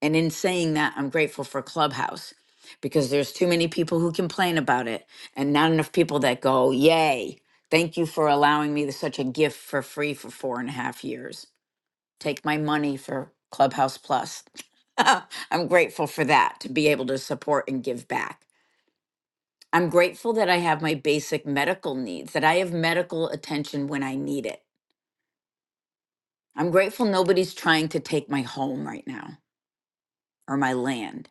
Speaker 15: And in saying that, I'm grateful for Clubhouse because there's too many people who complain about it and not enough people that go, Yay, thank you for allowing me such a gift for free for four and a half years. Take my money for Clubhouse Plus. I'm grateful for that to be able to support and give back. I'm grateful that I have my basic medical needs, that I have medical attention when I need it. I'm grateful nobody's trying to take my home right now or my land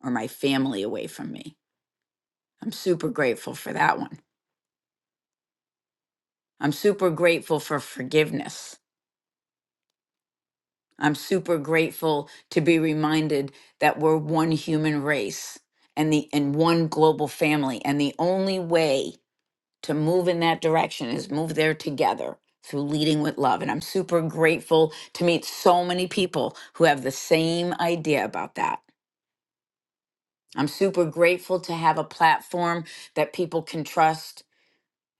Speaker 15: or my family away from me. I'm super grateful for that one. I'm super grateful for forgiveness. I'm super grateful to be reminded that we're one human race and the and one global family and the only way to move in that direction is move there together through leading with love and I'm super grateful to meet so many people who have the same idea about that. I'm super grateful to have a platform that people can trust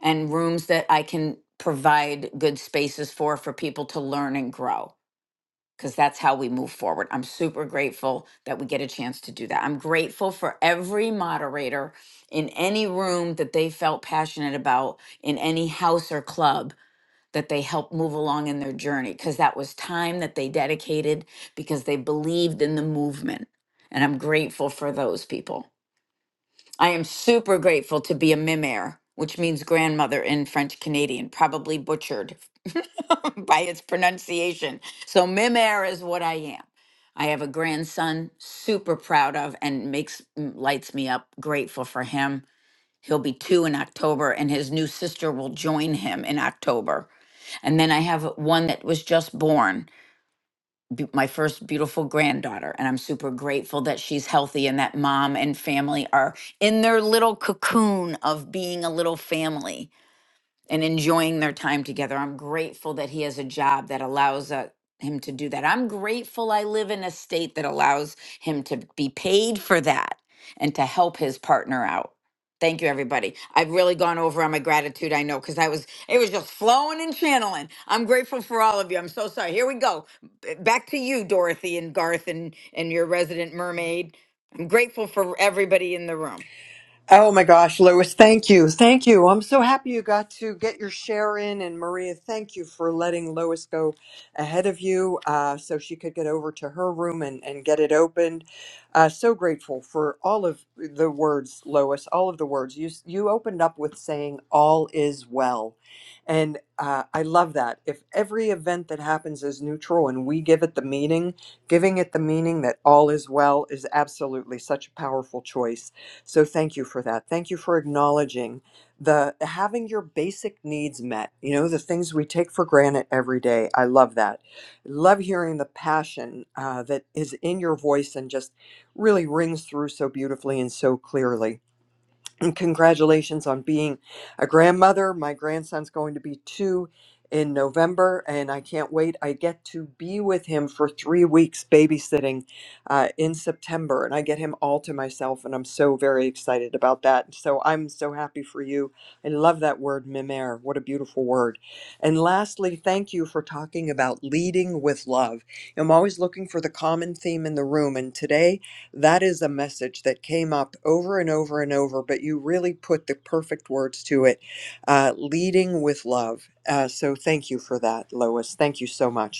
Speaker 15: and rooms that I can provide good spaces for for people to learn and grow because that's how we move forward. I'm super grateful that we get a chance to do that. I'm grateful for every moderator in any room that they felt passionate about in any house or club that they helped move along in their journey because that was time that they dedicated because they believed in the movement. And I'm grateful for those people. I am super grateful to be a mimere, which means grandmother in French Canadian, probably butchered by its pronunciation. So, mimere is what I am. I have a grandson, super proud of, and makes m- lights me up. Grateful for him. He'll be two in October, and his new sister will join him in October. And then I have one that was just born be- my first beautiful granddaughter and i'm super grateful that she's healthy and that mom and family are in their little cocoon of being a little family and enjoying their time together. I'm grateful that he has a job that allows uh, him to do that. I'm grateful I live in a state that allows him to be paid for that and to help his partner out. Thank you, everybody. I've really gone over on my gratitude, I know, because I was, it was just flowing and channeling. I'm grateful for all of you. I'm so sorry. Here we go. B- Back to you, Dorothy and Garth and, and your resident mermaid. I'm grateful for everybody in the room.
Speaker 1: Oh my gosh, Lois! thank you. Thank you. I'm so happy you got to get your share in. And Maria, thank you for letting Lois go ahead of you uh, so she could get over to her room and, and get it opened. Uh, so grateful for all of the words, Lois, all of the words. You, s- you opened up with saying, All is well. And uh, I love that. If every event that happens is neutral and we give it the meaning, giving it the meaning that all is well is absolutely such a powerful choice. So thank you for that. Thank you for acknowledging the having your basic needs met, you know, the things we take for granted every day. I love that. Love hearing the passion uh, that is in your voice and just really rings through so beautifully and so clearly. And congratulations on being a grandmother. My grandson's going to be two in November, and I can't wait. I get to be with him for three weeks babysitting uh, in September, and I get him all to myself, and I'm so very excited about that. So I'm so happy for you. I love that word, mimer. What a beautiful word. And lastly, thank you for talking about leading with love. I'm always looking for the common theme in the room, and today, that is a message that came up over and over and over, but you really put the perfect words to it uh, leading with love. Uh, so thank you for that, Lois. Thank you so much.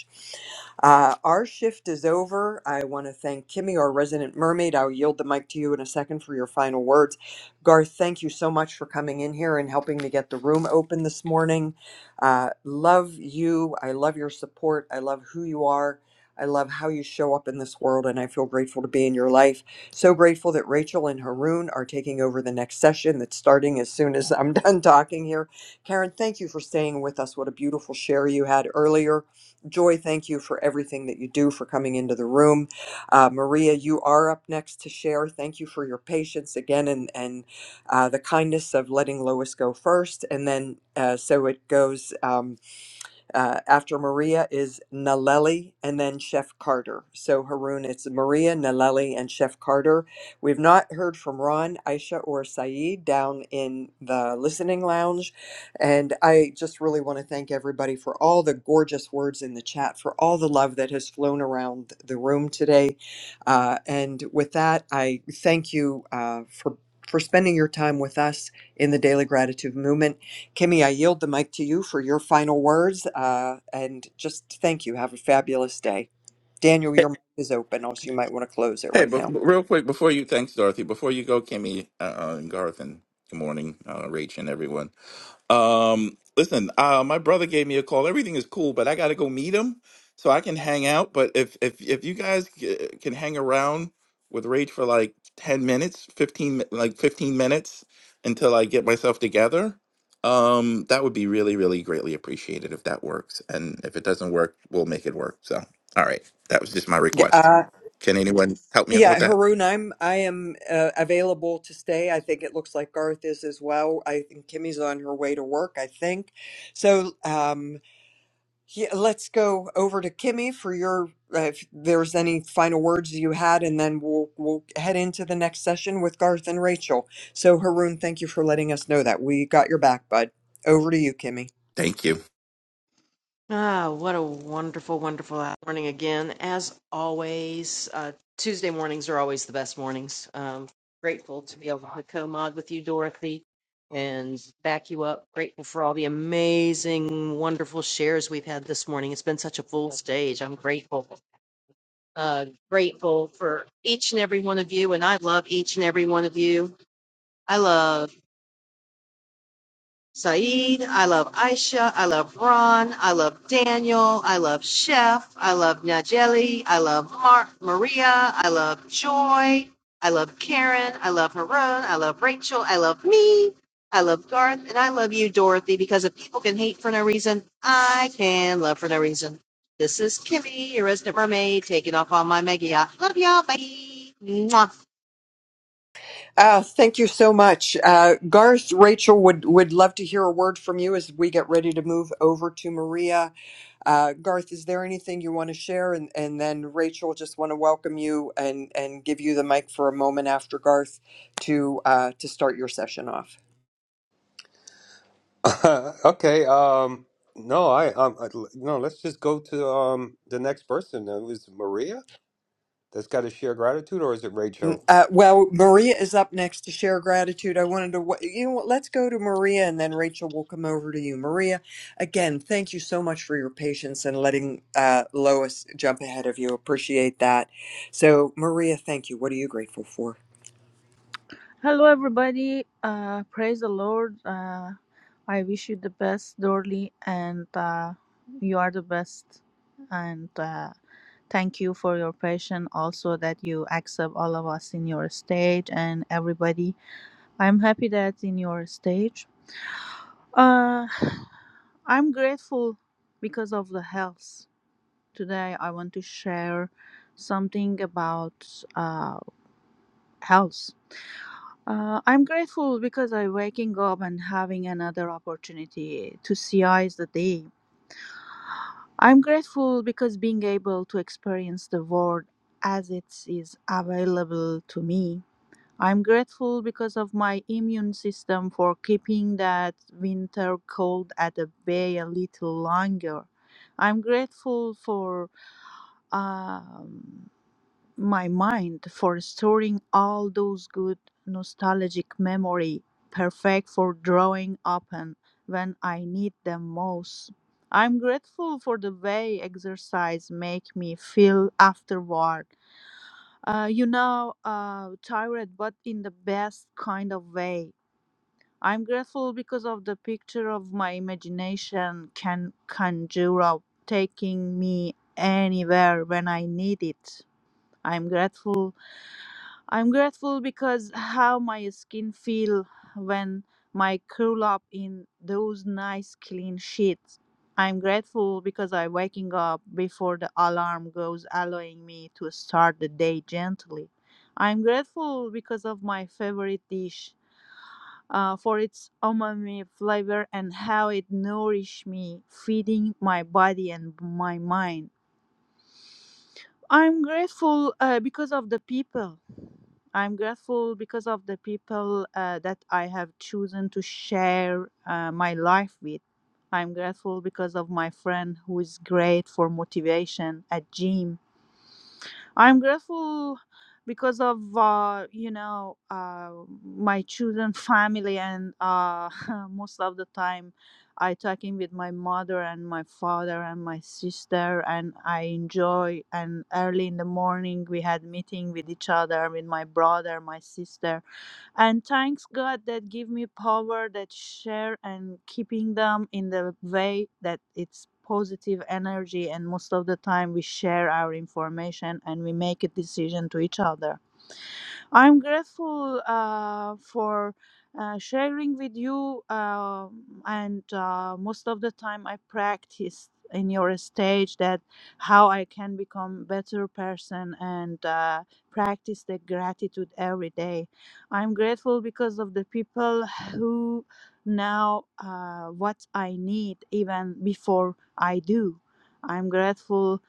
Speaker 1: Uh, our shift is over. I want to thank Kimmy, our resident mermaid. I'll yield the mic to you in a second for your final words. Garth, thank you so much for coming in here and helping me get the room open this morning. Uh, love you. I love your support. I love who you are. I love how you show up in this world, and I feel grateful to be in your life. So grateful that Rachel and Haroon are taking over the next session that's starting as soon as I'm done talking here. Karen, thank you for staying with us. What a beautiful share you had earlier. Joy, thank you for everything that you do for coming into the room. Uh, Maria, you are up next to share. Thank you for your patience again and, and uh, the kindness of letting Lois go first. And then, uh, so it goes. Um, uh, after Maria is Naleli and then Chef Carter. So Haroon, it's Maria, Naleli, and Chef Carter. We've not heard from Ron, Aisha, or Saeed down in the listening lounge. And I just really want to thank everybody for all the gorgeous words in the chat, for all the love that has flown around the room today. Uh, and with that, I thank you uh, for for spending your time with us in the Daily Gratitude Movement. Kimmy, I yield the mic to you for your final words. Uh, and just thank you. Have a fabulous day. Daniel,
Speaker 17: Hey,
Speaker 1: your mic is open, also you might want to close it
Speaker 17: hey,
Speaker 1: right
Speaker 17: but
Speaker 1: now.
Speaker 17: but real quick before you, thanks, Dorothy. Before you go, Kimmy uh, uh, and Garth, and good morning, uh, Rach, and everyone. Um, listen, uh, my brother gave me a call. Everything is cool, but I got to go meet him so I can hang out. But if if if you guys c- can hang around with Rach for like ten minutes, fifteen mi- like fifteen minutes until I get myself together, um, that would be really really greatly appreciated if that works. And if it doesn't work, we'll make it work. So, all right, that was just my
Speaker 1: Yeah,
Speaker 17: request.
Speaker 1: uh,
Speaker 17: Can anyone help me out
Speaker 1: yeah,
Speaker 17: with that?
Speaker 1: Haroon, I'm I am uh, available to stay. I think it looks like Garth is as well. I think Kimmy's on her way to work. I think so. Um, Yeah, let's go over to Kimmy for your uh, if there's any final words you had, and then we'll we'll head into the next session with Garth and Rachel. So Haroon, thank you for letting us know that we got your back, bud. Over to you, Kimmy.
Speaker 17: Thank you.
Speaker 18: Ah, what a wonderful, wonderful morning again. As always, uh, Tuesday mornings are always the best mornings. Um, grateful to be able to co mod with you, Dorothy, and back you up. Grateful for all the amazing, wonderful shares we've had this morning. It's been such a full stage. I'm grateful. Uh, grateful for each and every one of you, and I love each and every one of you. I love. Saeed. I love Aisha. I love Ron. I love Daniel. I love Chef. I love Najeli. I love Mar- Maria. I love Joy. I love Karen. I love Harun. I love Rachel. I love me. I love Garth. And I love you, Dorothy, because if people can hate for no reason, I can love for no reason. This is Kimmy, your resident mermaid, taking off on my mega yacht. Love y'all. Bye. Mwah.
Speaker 1: Uh, thank you so much, uh, Garth. Rachel would would love to hear a word from you as we get ready to move over to Maria. Uh, Garth, is there anything you want to share? And and then Rachel, just want to welcome you and and give you the mic for a moment after Garth to uh, to start your session off.
Speaker 3: okay. Um, no, I, um, I, no. Let's just go to um the next person. It was Maria that's got to share gratitude, or is it
Speaker 1: Mm,
Speaker 3: Rachel?
Speaker 1: Uh, well, Maria is up next to share gratitude. I wanted to, wa- you know what, let's go to Maria and then Rachel will come over to you. Maria, again, thank you so much for your patience and letting uh, Lois jump ahead of you. Appreciate that. So, Maria, thank you. What are you grateful for?
Speaker 16: Hello, everybody. Uh, praise the Lord. Uh, I wish you the best, Dorley, and uh, you are the best. And uh, thank you for your patience, also that you accept all of us in your stage and everybody. I'm happy that in your stage. Uh, I'm grateful because of the health. Today, I want to share something about uh, health. Uh, I'm grateful because I'm waking up and having another opportunity to see eyes the day. I'm grateful because being able to experience the world as it is available to me. I'm grateful because of my immune system for keeping that winter cold at the bay a little longer. I'm grateful for. Um, my mind for storing all those good nostalgic memory perfect for drawing upon when i need them most i'm grateful for the way exercise make me feel afterward uh, you know uh, tired but in the best kind of way i'm grateful because of the picture of my imagination can conjure up taking me anywhere when i need it i'm grateful I'm grateful because how my skin feel when my curl up in those nice clean sheets. I'm grateful because I waking up before the alarm goes allowing me to start the day gently. I'm grateful because of my favorite dish uh, for its umami flavor and how it nourish me, feeding my body and my mind. I'm grateful uh, because of the people. I'm grateful because of the people uh, that I have chosen to share uh, my life with. I'm grateful because of my friend who is great for motivation at gym. I'm grateful because of uh, you know uh, my children, family, and uh, most of the time I talking with my mother and my father and my sister, and I enjoy. And early in the morning we had meeting with each other, with my brother, my sister and thanks god that give me power that share and keeping them in the way that it's positive energy and most of the time we share our information and we make a decision to each other I'm grateful uh, for uh, sharing with you, um, and uh, most of the time I practice in your stage that how I can become better person and uh, practice the gratitude every day. I'm grateful because of the people who know uh, what I need even before I do. I'm grateful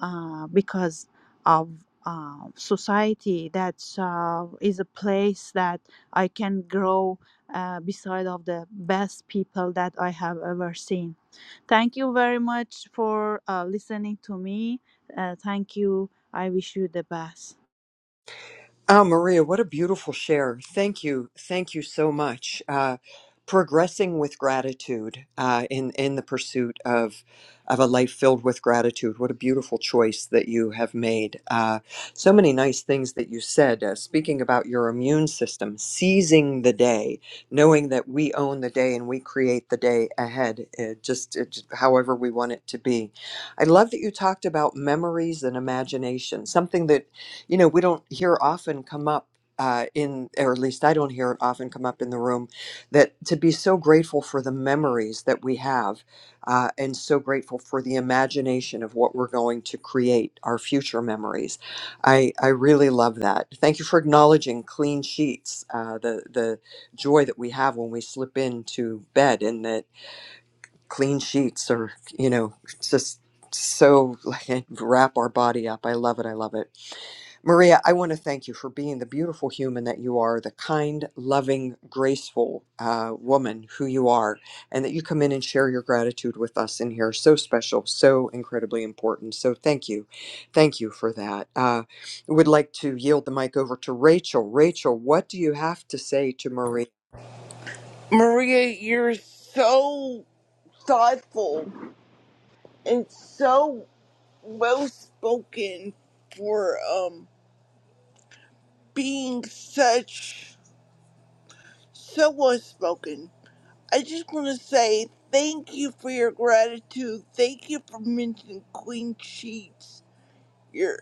Speaker 16: uh, because. of uh, society that uh, is a place that I can grow uh, beside of the best people that I have ever seen. Thank you very much for uh, listening to me. Uh, thank you. I wish you the best.
Speaker 1: Oh, Maria, what a beautiful share. Thank you. Thank you so much. Uh, progressing with gratitude uh, in, in the pursuit of, of a life filled with gratitude. What a beautiful choice that you have made. Uh, so many nice things that you said. Uh, speaking about your immune system, seizing the day, knowing that we own the day and we create the day ahead, uh, just, it, just however we want it to be. I love that you talked about memories and imagination, something that you know, we don't hear often come up uh, in, or at least I don't hear it often come up in the room, that to be so grateful for the memories that we have uh, and so grateful for the imagination of what we're going to create, our future memories. I, I really love that. Thank you for acknowledging clean sheets, uh, the, the joy that we have when we slip into bed and that clean sheets are, you know, just so like wrap our body up. I love it. I love it. Maria, I want to thank you for being the beautiful human that you are, the kind, loving, graceful uh, woman who you are, and that you come in and share your gratitude with us in here. So special, so incredibly important. So thank you. Thank you for that. Uh, I would like to yield the mic over to Rachel. Rachel, what do you have to say to Maria?
Speaker 19: Maria, you're so thoughtful and so well spoken for um being such so well spoken. I just want to say thank you for your gratitude. Thank you for mentioning Queen Sheets. Your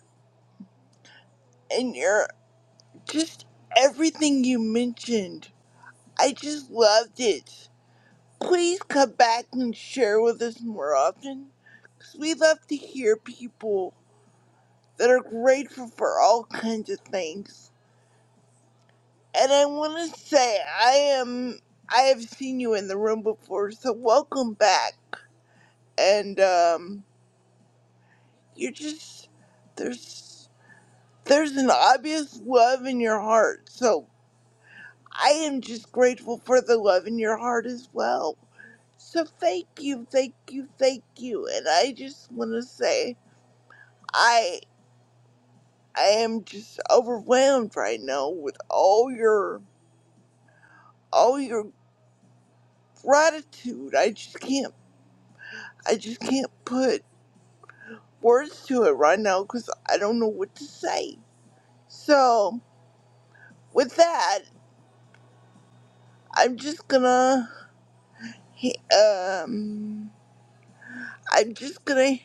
Speaker 19: and your just everything you mentioned. I just loved it. Please come back and share with us more often. 'cause we love to hear people that are grateful for all kinds of things. And I want to say I am I have seen you in the room before, so welcome back. And um, you're just there's there's an obvious love in your heart, so I am just grateful for the love in your heart as well. So thank you, thank you, thank you. And I just want to say I I am just overwhelmed right now with all your all your gratitude. I just can't. I just can't put words to it right now because I don't know what to say. So with that, I'm just gonna. Um, I'm just gonna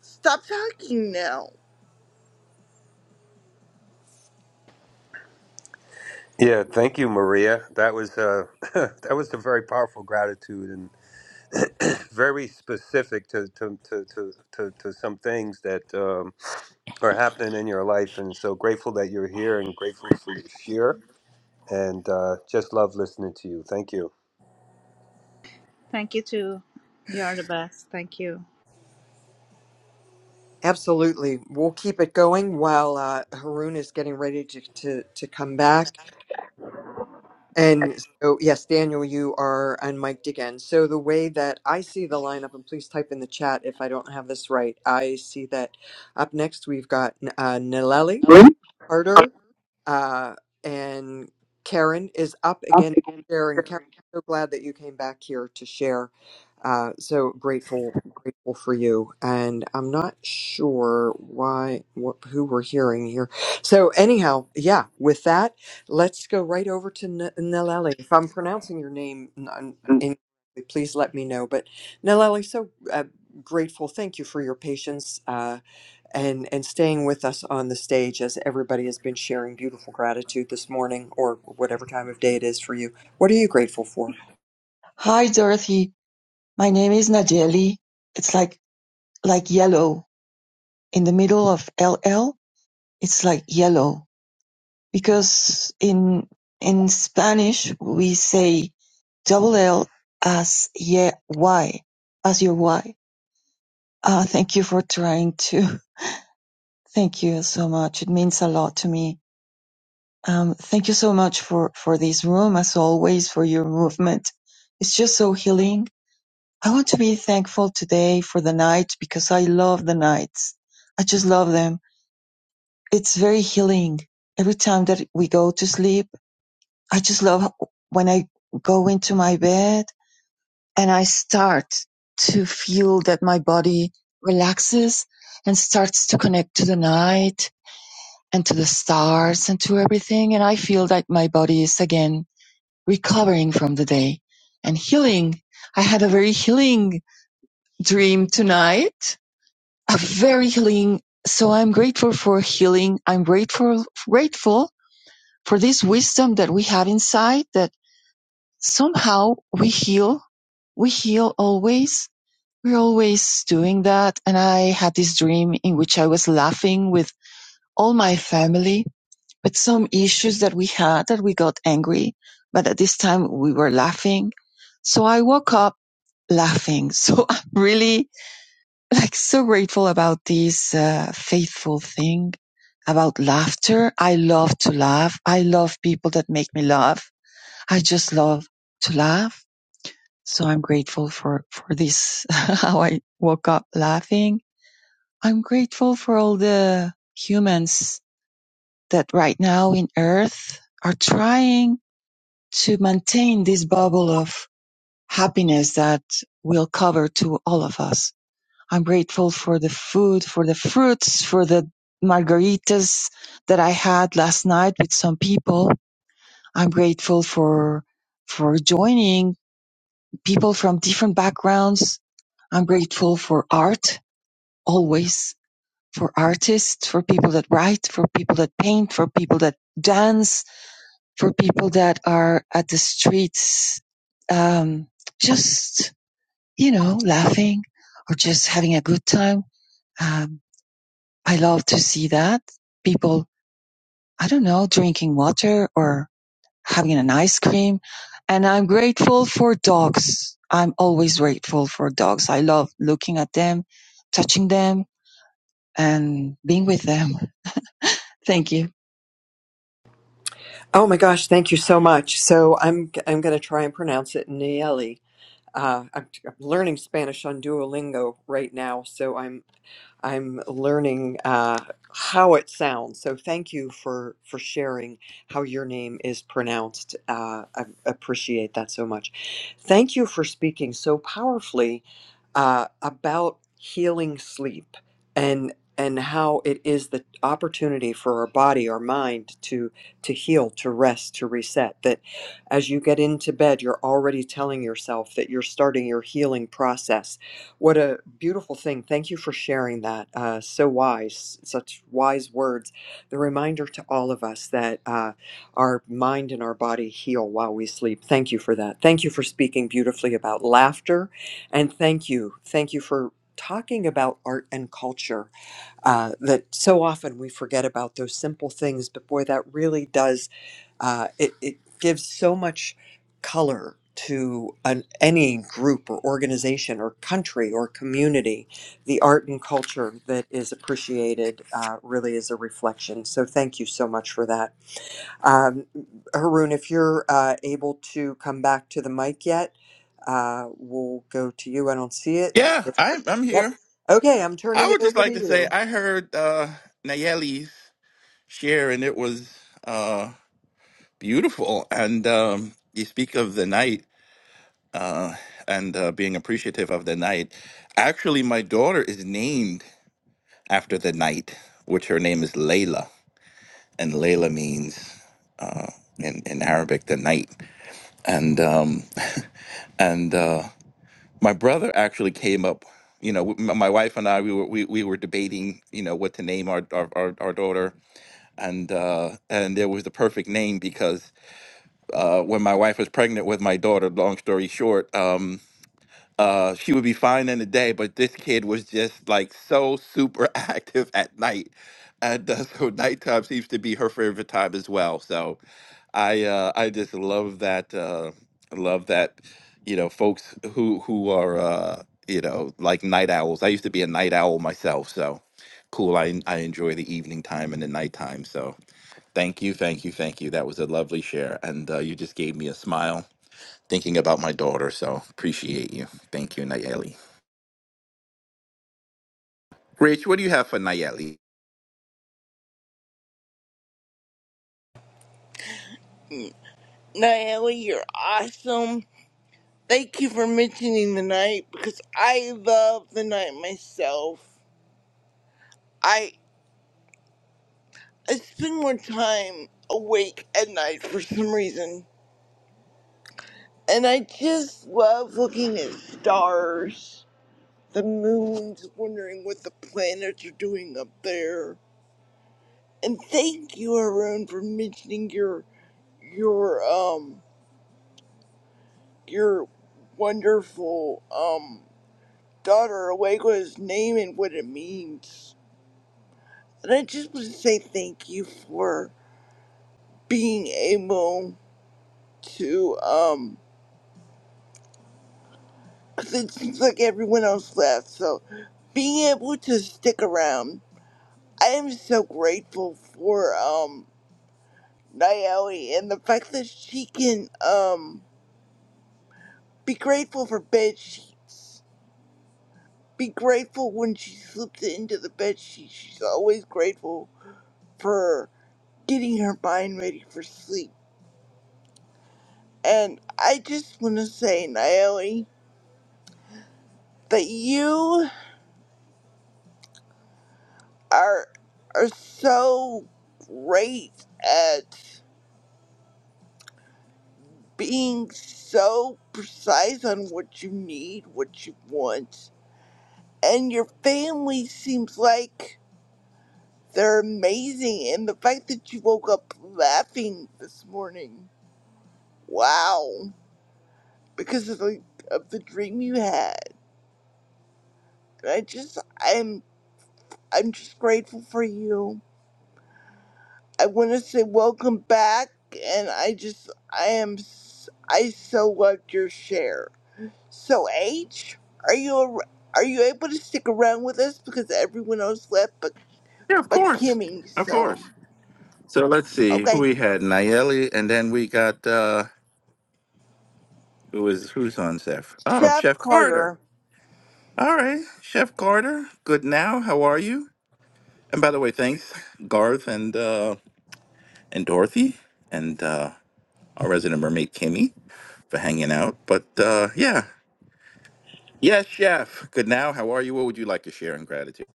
Speaker 19: stop talking now.
Speaker 3: Yeah, thank you, Maria. That was uh, that was a very powerful gratitude and very specific to to, to, to, to to some things that um, are happening in your life. And so grateful that you're here and grateful for your share. And uh, just love listening to you. Thank you.
Speaker 16: Thank you too. You are the best. Thank you.
Speaker 1: Absolutely. We'll keep it going while uh, Haroon is getting ready to, to, to come back. And so, yes, Daniel, you are unmiked again. So, the way that I see the lineup, and please type in the chat if I don't have this right, I see that up next we've got uh, Nileli Carter, uh, and Karen is up again. Sharon, Karen, so glad that you came back here to share. Uh, so grateful, grateful for you. And I'm not sure why, what, who we're hearing here. So, anyhow, yeah, with that. Let's go right over to N- Nelleli. If I'm pronouncing your name n- incorrectly, please let me know. But Nelleli, so uh, grateful. Thank you for your patience uh, and and staying with us on the stage as everybody has been sharing beautiful gratitude this morning or whatever time of day it is for you. What are you grateful for?
Speaker 20: Hi Dorothy, my name is Najeli. It's like like yellow in the middle of LL. It's like yellow because in in Spanish we say double L as ye Y as your Y. Uh, thank you for trying to. Thank you so much. It means a lot to me. Um, thank you so much for for this room as always for your movement. It's just so healing I want to be thankful today for the night because I love the nights. I just love them. It's very healing. Every time that we go to sleep, I just love when I go into my bed and I start to feel that my body relaxes and starts to connect to the night and to the stars and to everything. And I feel like my body is again recovering from the day and healing. I had a very healing dream tonight A very healing. So I'm grateful for healing. I'm grateful, grateful for this wisdom that we have inside that somehow we heal. We heal always. We're always doing that. And I had this dream in which I was laughing with all my family, but some issues that we had that we got angry. But at this time we were laughing. So I woke up laughing. So I'm really like so grateful about this uh, faithful thing about laughter. I love to laugh. I love people that make me laugh. I just love to laugh. So I'm grateful for, for this, how I woke up laughing. I'm grateful for all the humans that right now in earth are trying to maintain this bubble of happiness that will cover to all of us. I'm grateful for the food, for the fruits, for the margaritas that I had last night with some people. I'm grateful for for joining people from different backgrounds. I'm grateful for art always, for artists, for people that write, for people that paint, for people that dance, for people that are at the streets um just you know laughing or just having a good time Um, I love to see that people, I don't know, drinking water or having an ice cream. And I'm grateful for dogs. I'm always grateful for dogs. I love looking at them, touching them and being with them. Thank you.
Speaker 1: Oh my gosh, thank you so much. So I'm I'm going to try and pronounce it Nelleli. Uh, I'm, I'm learning Spanish on Duolingo right now, so I'm I'm learning uh, how it sounds. So thank you for for sharing how your name is pronounced. Uh, I appreciate that so much. Thank you for speaking so powerfully uh, about healing sleep and and how it is the opportunity for our body, our mind to to heal, to rest, to reset. That as you get into bed, you're already telling yourself that you're starting your healing process what a beautiful thing. Thank you for sharing that. Uh, so wise, such wise words. The reminder to all of us that uh, our mind and our body heal while we sleep. Thank you for that. Thank you for speaking beautifully about laughter. And thank you. Thank you for talking about art and culture uh, that so often we forget about those simple things, but boy, that really does uh, it, it gives so much color to an, any group or organization or country or community. The art and culture that is appreciated uh, really is a reflection. So thank you so much for that. Um, Haroon, if you're uh, able to come back to the mic yet, uh, we'll go to you. I don't see it.
Speaker 17: Yeah, I, I'm
Speaker 1: Yep.
Speaker 17: here.
Speaker 1: Okay, I'm
Speaker 17: I
Speaker 1: turning it
Speaker 17: would just
Speaker 1: over
Speaker 17: like
Speaker 1: to
Speaker 17: to say
Speaker 1: you.
Speaker 17: I heard uh, Nayeli's. share, and it was uh, beautiful. And um, you speak of the night uh, and uh, being appreciative of the night. Actually, my daughter is named after the night, which her name is Layla, and Layla means in, in Arabic the night. And um, and uh, my brother actually came up. You know, m- my wife and I, we were we, we were debating, you know, what to name our our, our, our daughter, and uh, and there was the perfect name because uh, when my wife was pregnant with my daughter, long story short, um, uh, she would be fine in the day, but this kid was just like so super active at night. And uh, so nighttime seems to be her favorite time as well. So I uh, I just love that uh, love that you know folks who who are uh, you know like night owls. I used to be a night owl myself, so cool. I I enjoy the evening time and the nighttime. So Thank you, thank you, thank you. That was a lovely share, and uh, you just gave me a smile thinking about my daughter. So appreciate you. Thank you, Nayeli. Rich, what do you have for Nayeli?
Speaker 19: Nayeli, you're awesome. Thank you for mentioning the night because I love the night myself. I I spend more time awake at night for some reason. And I just love looking at stars, the moons, wondering what the planets are doing up there. And thank you, Arun, for mentioning your your um your wonderful um daughter Awego's name and what it means. And I just want to say thank you for being able to um 'cause it seems like everyone else left, so being able to stick around I am so grateful for um Naomi and the fact that she can um be grateful for bed sheets. Be grateful when she slips into the bed sheet. She's always grateful for getting her mind ready for sleep. And I just want to say, Naomi, that you are are so great at being so precise on what you need, what you want and your family seems like they're amazing and the fact that you woke up laughing this morning wow because of the of the dream you had and i just i'm i'm just grateful for you i want to say welcome back and i just i am s- i so loved your share so h are you ar- are you able to stick around with us because everyone else left but
Speaker 17: Yeah, of
Speaker 19: but
Speaker 17: course,
Speaker 19: kimmy
Speaker 17: of
Speaker 19: so
Speaker 17: course. So let's see who
Speaker 19: okay
Speaker 17: we had Nayeli, and then we got uh, who was who's on Chef? Oh,
Speaker 19: Chef
Speaker 17: Chef Carter.
Speaker 19: Carter,
Speaker 17: All right, Chef Carter. Good now. How are you? And by the way, thanks Garth and uh, and Dorothy and uh, our resident mermaid Kimmy for hanging out. But uh, yeah, Yes, Chef. Good now. How are you? What would you like to share in gratitude?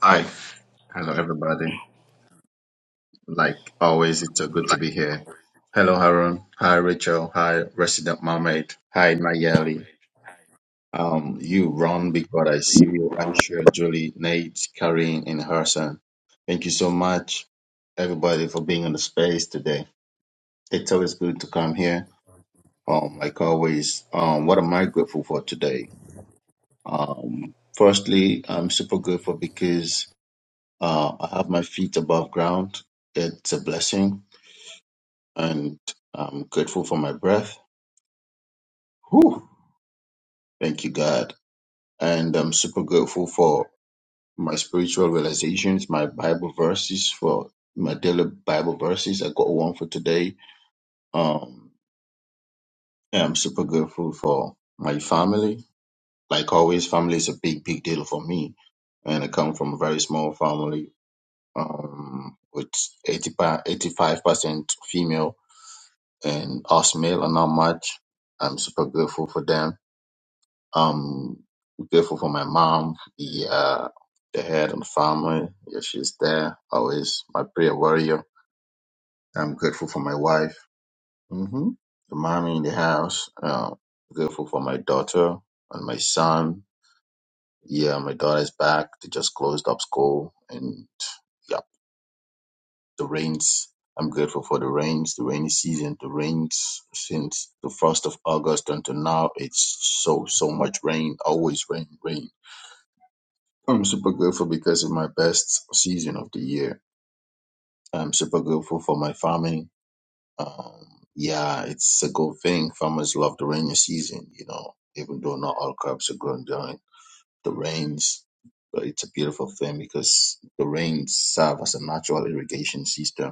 Speaker 21: Hi, hello everybody. Like always, it's so good to
Speaker 19: Like,
Speaker 21: be here. Hello, Haroon. Hi, Rachel. Hi, Resident Mermaid. Hi,
Speaker 19: Carmen,
Speaker 21: Nayeli. Um, you run because I see
Speaker 19: you
Speaker 21: you.
Speaker 19: wrong.
Speaker 21: Aisha, Julie, Nate, Karine, and Harrison. Thank you so much, everybody, for being in the space today. It's always good to come here. Um, like always, um, what am I grateful for today? Um, firstly, I'm super grateful because Uh, I have my feet above ground. It's a blessing, and I'm grateful for my breath. Whew. Thank you, God. And I'm super grateful for my spiritual realizations, my Bible verses, for my daily Bible verses. I got one for today. Um, and I'm super grateful for my family. Like always, family is a big, big deal for me. And I come from a very small family um, with 85, 85% female and Osmail and not much. I'm super grateful for them. Um grateful for my mom, the uh the head of the family. Yeah, she's there. Always my prayer warrior. I'm grateful for my wife. hmm The mommy in the house. Uh, grateful for my daughter and my son. Yeah, my daughter's back. They just closed up school and the rains. I'm grateful for the rains, the rainy season, the rains since the first of August until now. It's so so much rain, always rain, rain. I'm super grateful because it's my best season of the year. I'm super grateful for my farming. Um, yeah, it's a good thing. Farmers love the rainy season, you know, even though not all crops are grown during the rains. But it's a beautiful thing because the rains serve as a natural irrigation system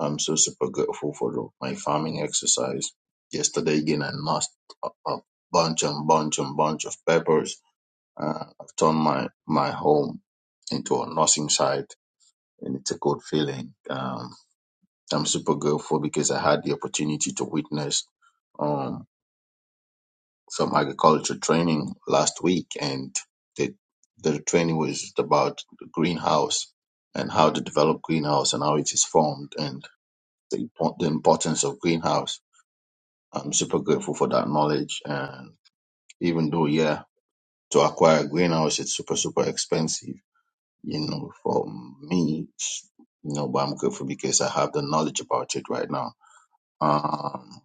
Speaker 21: I'm so super grateful for the, my farming exercise. Yesterday again, I lost a, a bunch and bunch and bunch of peppers. Uh, I've turned my, my home into a nursing site and it's a good feeling. Um, I'm super grateful because I had the opportunity to witness, um, some agriculture training last week and the, the training was about the greenhouse and how to develop greenhouse and how it is formed and the, impo- the importance of greenhouse I'm super grateful for that knowledge. And even though, yeah, to acquire a greenhouse, it's super, super expensive, you know, for me, you know, but I'm grateful because I have the knowledge about it right now. Um,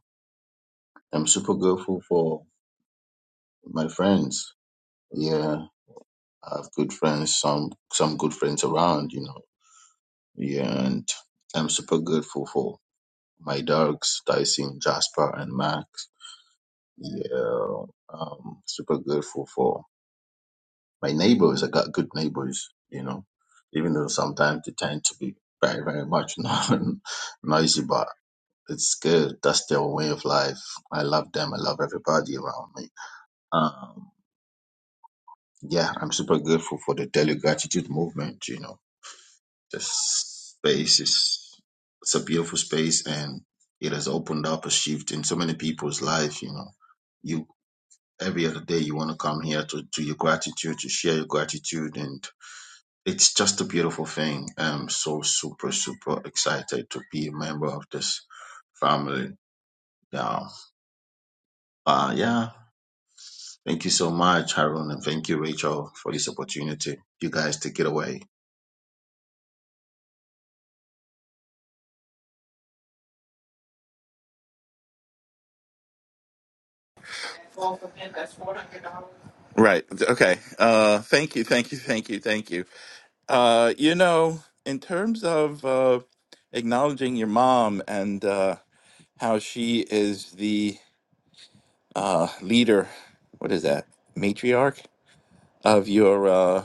Speaker 21: I'm super grateful for my friends. Yeah, I have good friends, some, some good friends around, you know, yeah, and I'm super grateful for my dogs, Tyson, Jasper, and Max. Yeah, um, super grateful for my neighbors, I got good neighbors, you know, even though sometimes they tend to be very, very much not noisy, but it's good. That's their way of life. I love them. I love everybody around me. Um, yeah, I'm super grateful for the daily gratitude movement. You know, this space is, it's a beautiful space and it has opened up a shift in so many people's life. You know, you, every other day you want to come here to do your gratitude, to share your gratitude and it's just a beautiful thing. I'm so super, super excited to be a member of this family now. Uh, yeah. Thank you so much, Harun, and thank you, Rachel, for this opportunity. You guys take it away.
Speaker 17: Right. Okay. Uh, thank you. Thank you. Thank you. Thank you. Uh, you know, in terms of uh, acknowledging your mom and uh, how she is the uh, leader, what is that, matriarch of your uh,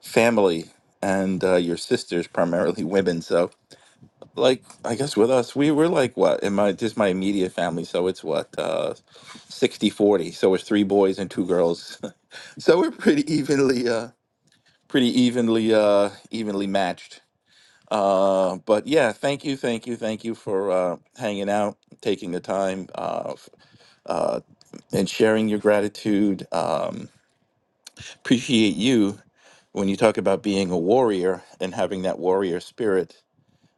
Speaker 17: family and uh, your sisters, primarily women. So like I guess with us, we were like what in my just my immediate family. So it's what uh 60 40. So it's three boys and two girls. so we're pretty evenly uh pretty evenly uh evenly matched. Uh but yeah, thank you, thank you, thank you for uh hanging out, taking the time uh f- uh and sharing your gratitude. Um appreciate you when you talk about being a warrior and having that warrior spirit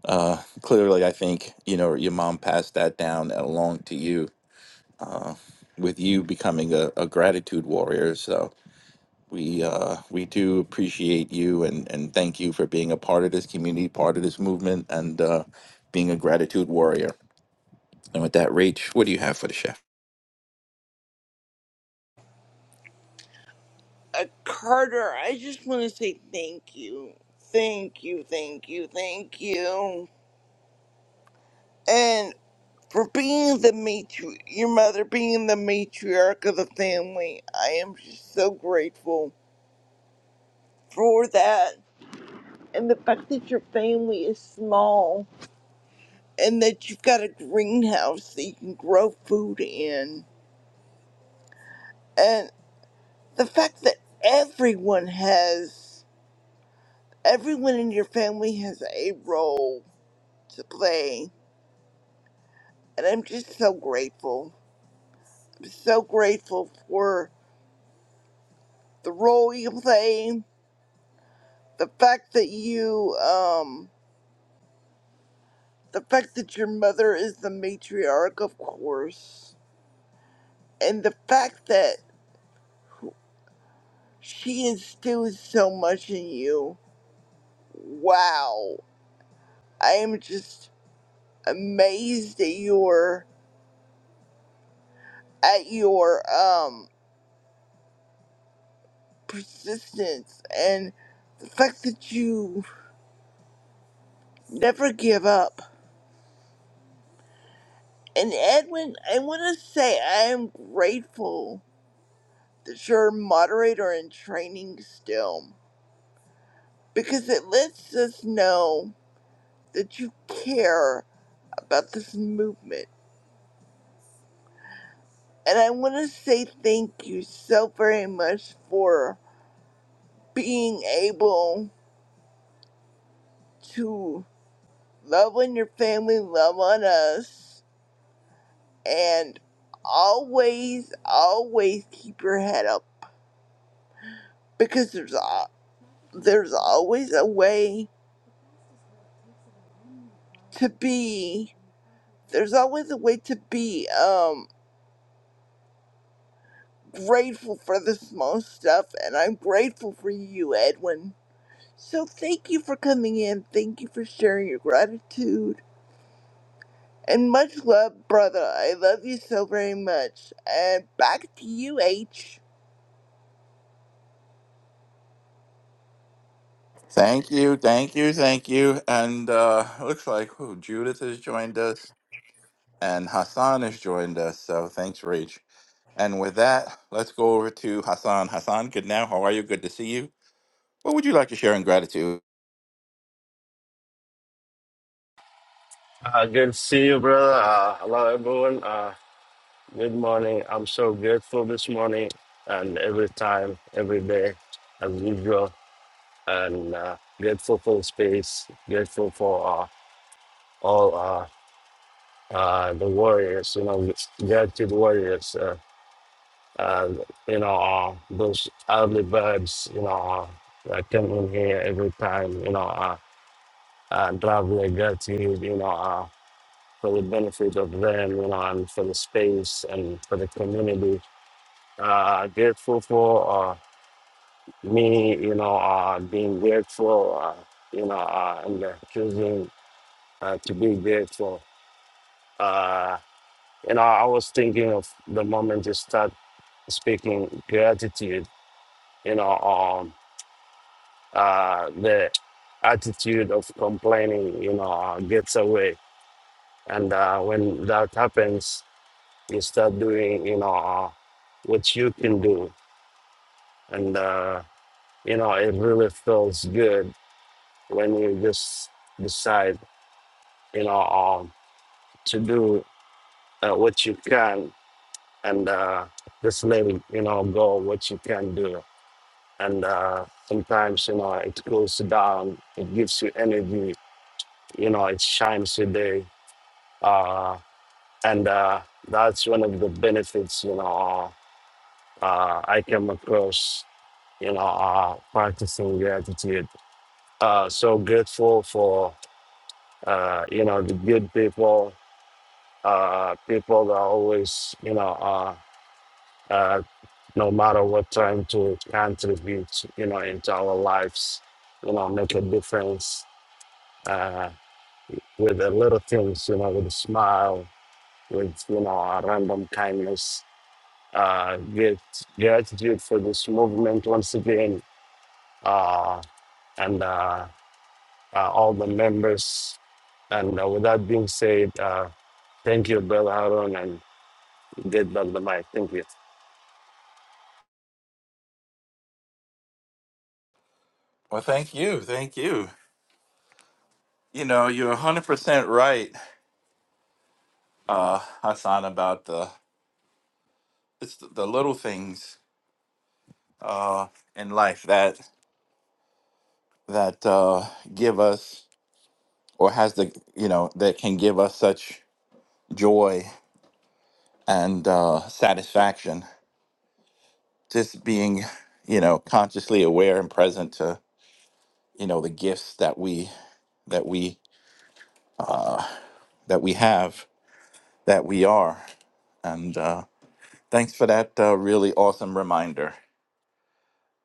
Speaker 17: Uh, clearly, I think you know your mom passed that down along to you, with you becoming a, a gratitude warrior. So we uh, we do appreciate you and and thank you for being a part of this community, part of this movement, and uh, being a gratitude warrior. And with that, Rach, what do you have for the chef?
Speaker 19: uh, Carter, I just want to say thank you. Thank you, thank you, thank you. And for being the matri- your mother being the matriarch of the family, I am just so grateful for that. And the fact that your family is small and that you've got a greenhouse that you can grow food in. And the fact that everyone has. Everyone in your family has a role to play, and I'm just so grateful. I'm so grateful for the role you play, the fact that you, um, the fact that your mother is the matriarch, of course, and the fact that she instills so much in you. Wow, I am just amazed at your, at your, um, persistence and the fact that you never give up. And Edwin, I want to say I am grateful that you're a moderator in training still because it lets us know that you care about this movement. And I want to say thank you so very much for being able to love on your family, love on us, and always, always keep your head up because there's all. there's always a way to be there's always a way to be um grateful for the small stuff and I'm grateful for you, Edwin. So thank you for coming in. Thank you for sharing your gratitude. And much love, brother. I love you so very much. And back to you, H.
Speaker 17: Thank you, thank you, thank you. And uh, looks like who Judith has joined us and Hassan has joined us. So thanks, Rach. And with that, let's go over to Hassan. Hassan, good now. How are you? Good to see you. What would you like to share in gratitude?
Speaker 22: Uh, good to see you, brother. Uh, hello, everyone. Uh, good morning. I'm so grateful this morning and every time, every day, as usual. And uh, grateful for the space, grateful for uh, all uh, uh, the warriors, you know, gratitude warriors, uh, uh, you know, uh, those early birds, you know, uh, that come in here every time, you know, uh, uh, drive their gratitude, you know. uh, for the benefit of them, you know, and for the space and for the community. Uh, grateful for uh, me, you know, uh, being grateful, uh, you know, uh, and uh, choosing uh, to be grateful. Uh, you know, I was thinking of the moment you start speaking gratitude, you know, um, uh, the attitude of complaining, you know, uh, gets away. And uh, when that happens, you start doing you know uh, what you can do and uh, you know it really feels good when you just decide you know um, to do uh, what you can and uh, just letting you know go what you can do and uh, sometimes you know it cools you down it gives you energy you know it shines your day uh, and uh, that's one of the benefits you know uh, i came across you know, uh, practicing gratitude. Uh, so grateful for, uh, you know, the good people, uh, people that always, you know, uh, uh, no matter what time to contribute, you know, into our lives, you know, make a difference uh, with the little things, you know, with a smile, with, you know, a random kindness. Uh, get gratitude for this movement once again. Uh, and uh, uh, all the members. And uh, with that being said, uh, thank you, Brother Aaron and Great Brother Mike. Thank you.
Speaker 17: Well, thank you. Thank you. You know, you're 100% right, uh, Hassan, about the it's the the little things uh, in life that that uh, give us or has the, you know, that can give us such joy and uh, satisfaction. Just being, you know, consciously aware and present to, you know, the gifts that we that we that we have, that we are. And uh Thanks for that uh, really awesome reminder.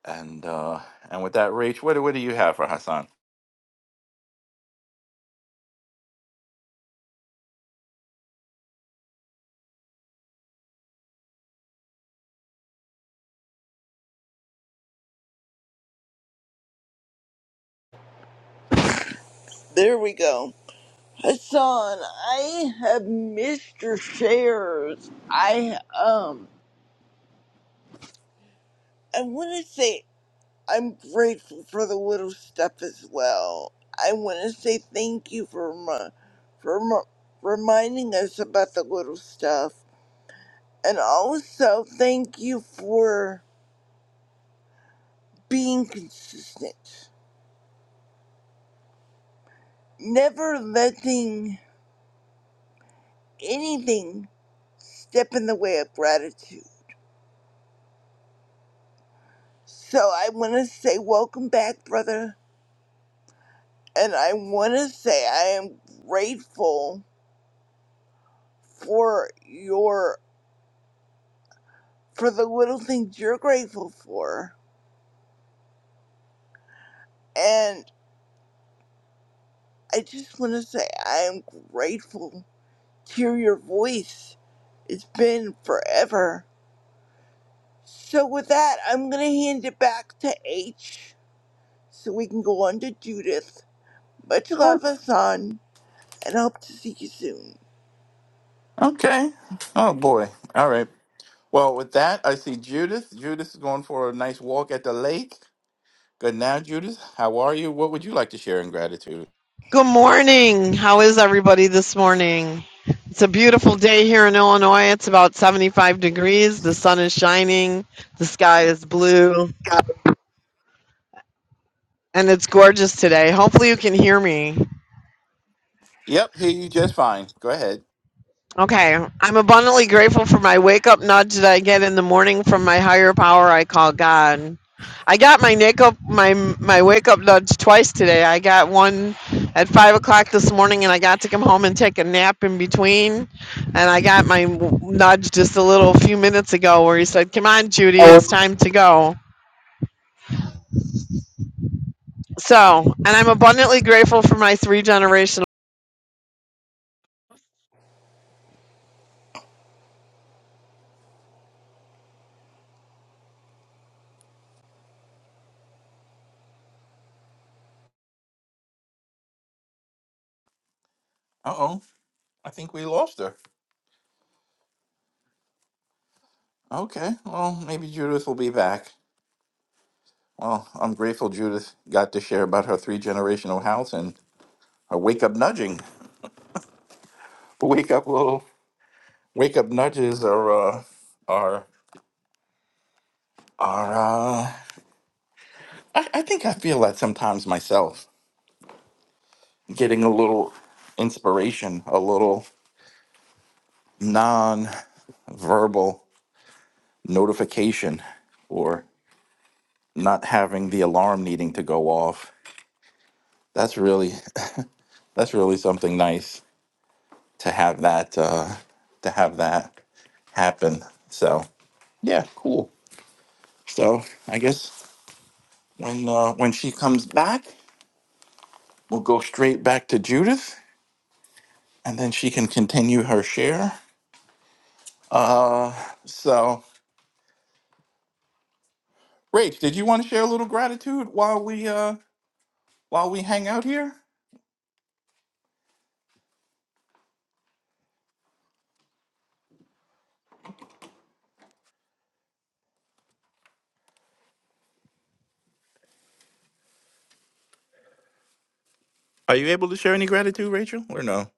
Speaker 17: And uh, and with that, Rach, what, do- what do you have for Hassan?
Speaker 19: There we go. Hassan, I have missed your shares. I um I wanna say I'm grateful for the little stuff as well. I want to say thank you for remi- for remi- reminding us about the little stuff, and also thank you for being consistent, never letting anything step in the way of gratitude. So I want to say welcome back, brother, and I want to say I am grateful for your for the little things you're grateful for And I just want to say I am grateful to hear your voice. It's been forever. So, with that, I'm going to hand it back to H so we can go on to Judith. Much love, Hassan, and hope to see you soon.
Speaker 17: Okay. Oh boy. All right. Well, with that, I see Judith. Judith is going for a nice walk at the lake. Good now, Judith. How are you? What would you like to share in gratitude?
Speaker 4: good morning how is everybody this morning it's a beautiful day here in illinois it's about 75 degrees the sun is shining the sky is blue and it's gorgeous today hopefully you can hear me
Speaker 17: Yep, hear you just fine. Go ahead.
Speaker 4: Okay. I'm abundantly grateful for my wake up nudge that I get in the morning from my higher power I call God. I got my wake up my my wake up nudge twice today. I got one at five o'clock this morning, and I got to come home and take a nap in between. And I got my w- nudge just a little few minutes ago, where he said, "Come on, Judy, it's time to go." So, and I'm abundantly grateful for my three generational.
Speaker 17: Uh oh. I think we lost her. Okay. Well, maybe Judith will be back. Well, I'm grateful Judith got to share about her three generational house and her wake up nudging. Wake up, little. Wake up nudges are uh, are are. Uh, I, I think I feel that sometimes myself, getting a little inspiration, a little non-verbal notification, or not having the alarm needing to go off. That's really that's really something nice to have that uh, to have that happen. So yeah, cool. So I guess when uh, when she comes back, we'll go straight back to Judith and then she can continue her share. So, Rach, did you want to share a little gratitude while we uh while we hang out here? Are you able to share any gratitude, Rachel, or no?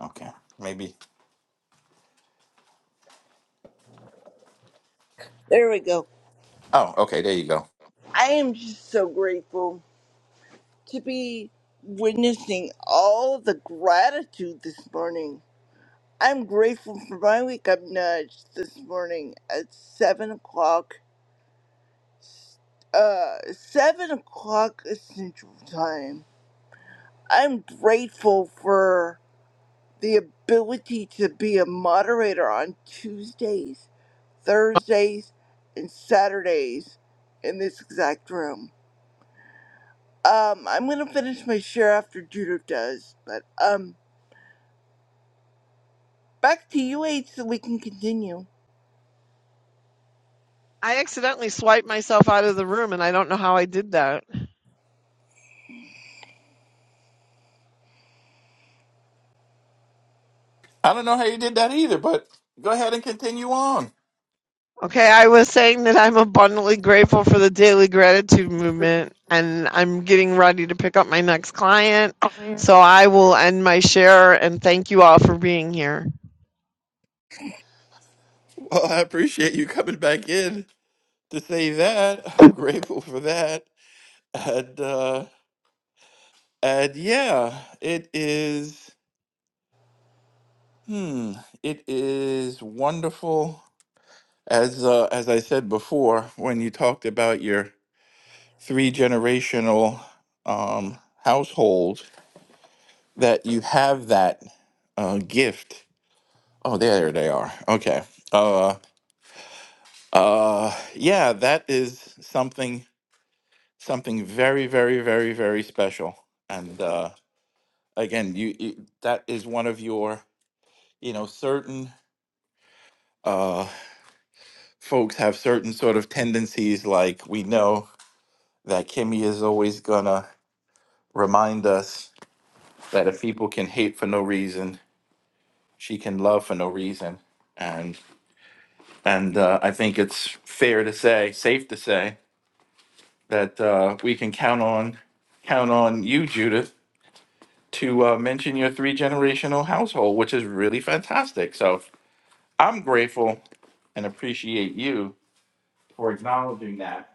Speaker 17: Okay, maybe.
Speaker 19: There we go.
Speaker 17: Oh, okay, there you go.
Speaker 19: I am just so grateful to be witnessing all the gratitude this morning. I'm grateful for my wake up nudge this morning at 7 o'clock uh seven o'clock central time i'm grateful for the ability to be a moderator on tuesdays thursdays and saturdays in this exact room um i'm gonna finish my share after judith does but um back to you eight so we can continue
Speaker 4: I accidentally swiped myself out of the room, and I don't know how I did that.
Speaker 17: I don't know how you did that either, but go ahead and continue on.
Speaker 4: Okay, I was saying that I'm abundantly grateful for the daily gratitude movement, and I'm getting ready to pick up my next client. So I will end my share and thank you all for being here.
Speaker 17: Well, I appreciate you coming back in to say that. I'm grateful for that. And uh and yeah, it is hmm, it is wonderful As uh, as I said before, when you talked about your three generational um, household, that you have that uh, gift. Oh, there they are. Okay. Uh, uh, yeah, that is something something very very very very special. And uh, again, you, you that is one of your you know certain uh, folks have certain sort of tendencies. Like we know that Kimmy is always gonna remind us that if people can hate for no reason, she can love for no reason. And and uh, I think it's fair to say, safe to say, that uh, we can count on count on you, Judith, to uh, mention your three generational household, which is really fantastic. So I'm grateful and appreciate you for acknowledging that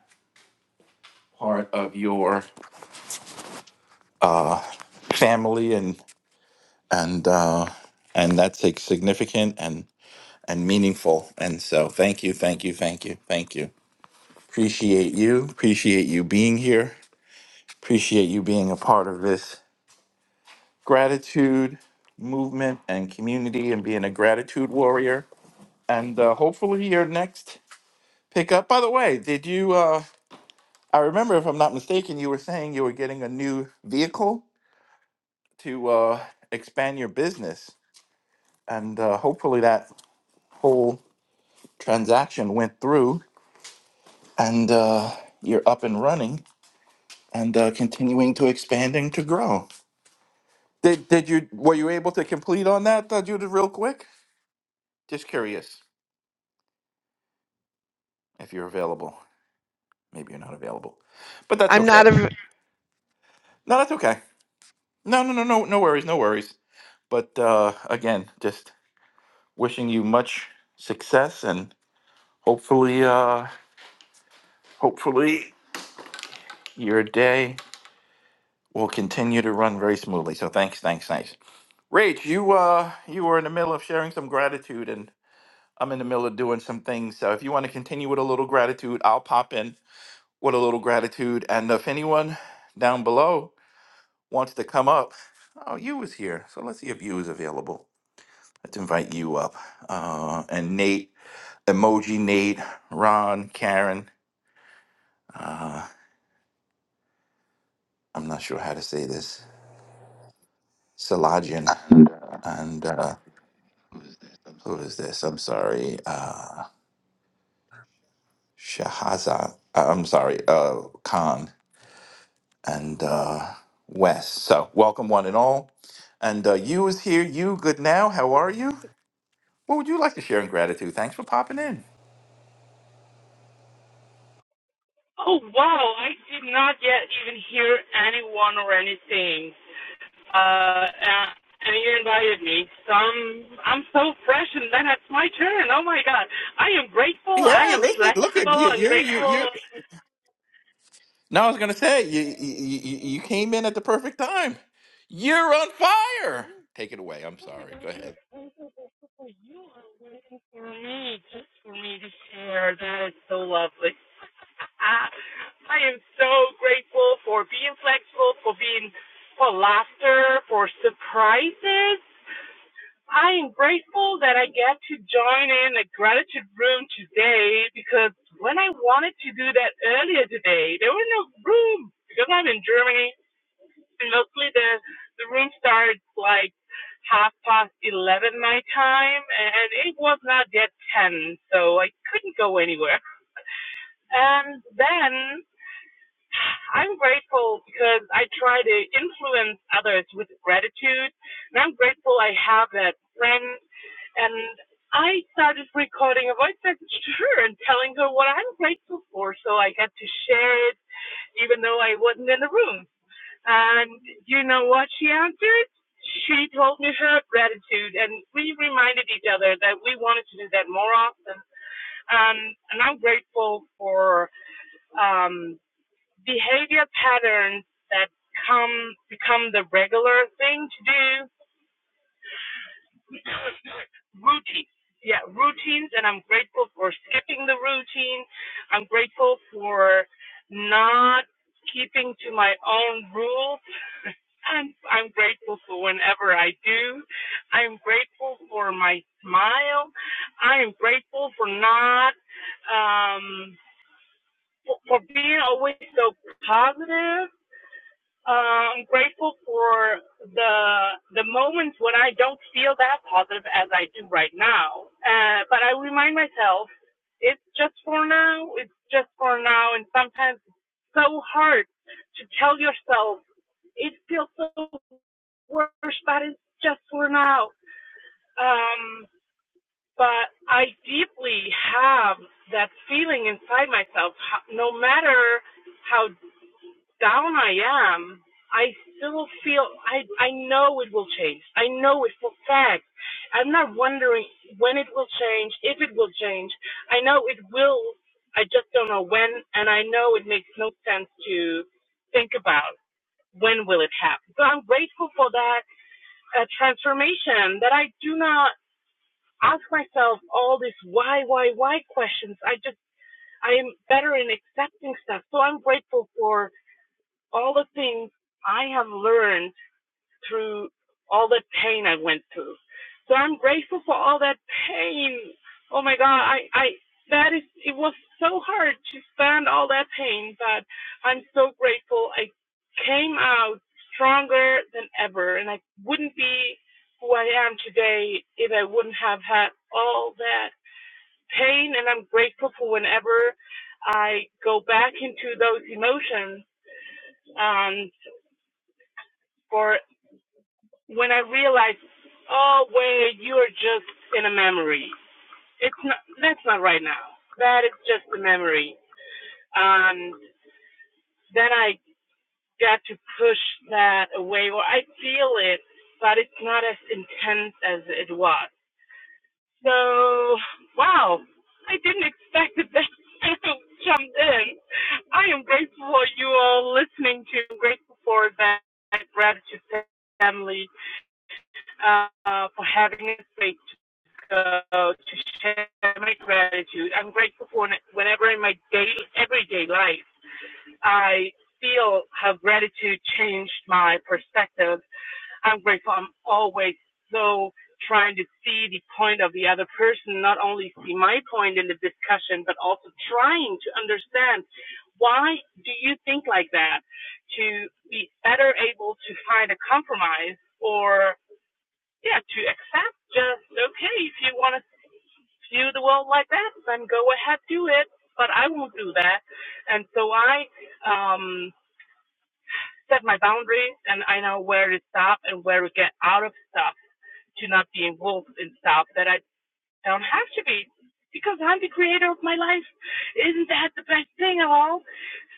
Speaker 17: part of your uh, family and and uh, and that's like, significant and. and meaningful. And so, thank you, thank you, thank you, thank you. Appreciate you. Appreciate you being here. Appreciate you being a part of this gratitude movement and community and being a gratitude warrior. And uh, hopefully, your next pickup. By the way, did you? Uh, I remember, if I'm not mistaken, you were saying you were getting a new vehicle to uh, expand your business. And uh, hopefully, that whole transaction went through and uh, you're up and running. and uh, continuing to expanding to grow. Did did you were you able to complete on that, uh, Judith, real quick? Just curious if you're available. Maybe you're not available, but that's
Speaker 4: I'm not
Speaker 17: okay.
Speaker 4: a
Speaker 17: No, that's okay. No, no, no, no, no worries, no worries. But uh, again, just wishing you much success and hopefully, uh, hopefully your day will continue to run very smoothly. So thanks, thanks, thanks. Rach, you uh, you were in the middle of sharing some gratitude I'm in the middle of doing some things. So if you want to continue with a little gratitude, I'll pop in with a little gratitude. And if anyone down below wants to come up, oh, you was here. So let's see if you is available. Let's invite you up. Uh, and Nate, emoji Nate, Ron, Karen. Uh, I'm not sure how to say this. Salajan. And uh, who is this? I'm sorry. Uh, Shahaza. I'm sorry. Uh, Khan. and uh, Wes. So, welcome one and all. And uh, you is here. You good now? How are you? What would you like to share in gratitude? Thanks for popping in.
Speaker 23: Oh wow! I did not yet even hear anyone or anything. Uh, uh, and you invited me. So I'm, I'm so fresh, and then it's my turn. Oh my god! I am grateful. I
Speaker 17: Yeah,
Speaker 23: am
Speaker 17: listen, look at
Speaker 23: flexible.
Speaker 17: you.
Speaker 23: I'm
Speaker 17: You're you're
Speaker 23: grateful
Speaker 17: you're. No, I was gonna say you you you you came in at the perfect time. You're on fire. Take it away. I'm sorry. Go ahead.
Speaker 23: for you and for me, just for me to share. That is so lovely. Ah, I am so grateful for being flexible, for being for laughter, for surprises. I am grateful that I get to join in a gratitude room today because when I wanted to do that earlier today, there was no room because I'm in Germany. And mostly the the room starts like half past eleven my time, and it was not yet ten, so I couldn't go anywhere. And then I'm grateful because I try to influence others with gratitude, and I'm grateful I have that friend. And I started recording a voice message to her and telling her what I'm grateful for, so I got to share it, even though I wasn't in the room. And you know what she answered? She told me her gratitude, and we reminded each other that we wanted to do that more often. Um, and I'm grateful for. Um, behavior patterns that come become the regular thing to do routines yeah routines and i'm grateful for skipping the routine i'm grateful for not keeping to my own rules and i'm grateful for whenever i do i'm grateful for my smile i am grateful for not um for, for being always so positive Uh, I'm grateful for the the moments when I don't feel that positive as I do right now. Uh, but I remind myself, it's just for now. It's just for now. And sometimes it's so hard to tell yourself it feels so worse, but it's just for now. Um, but I deeply have that feeling inside myself, no matter how down I am, I still feel I I know it will change. I know it for a fact. I'm not wondering when it will change, if it will change. I know it will. I just don't know when, and I know it makes no sense to think about when will it happen. So I'm grateful for that uh, transformation that I do not ask myself all these why, why, why questions. I just I am better in accepting stuff. So I'm grateful for all the things I have learned through all the pain I went through. So I'm grateful for all that pain. Oh my God, I, I, that is, it was so hard to stand all that pain, but I'm so grateful. I came out stronger than ever and I wouldn't be who I am today if I wouldn't have had all that pain. And I'm grateful for whenever I go back into those emotions. Um, for when I realized, oh wait, you're just in a memory. It's not. That's not right now. That is just a memory. And then I got to push that away, or I feel it, but it's not as intense as it was. So, wow, I didn't expect that that jumped in. I am grateful for you all listening to. I'm grateful for that gratitude family uh, for having a space go to share my gratitude. I'm grateful for whenever in my day, everyday life, I feel how gratitude changed my perspective. I'm grateful. I'm always so trying to see the point of the other person, not only see my point in the discussion, but also trying to understand why do you think like that to be better able to find a compromise or yeah, to accept just okay if you want to View the world like that, then go ahead, do it. But I won't do that. And so I um, set my boundaries, and I know where to stop and where to get out of stuff to not be involved in stuff that I don't have to be because I'm the creator of my life. Isn't that the best thing of all?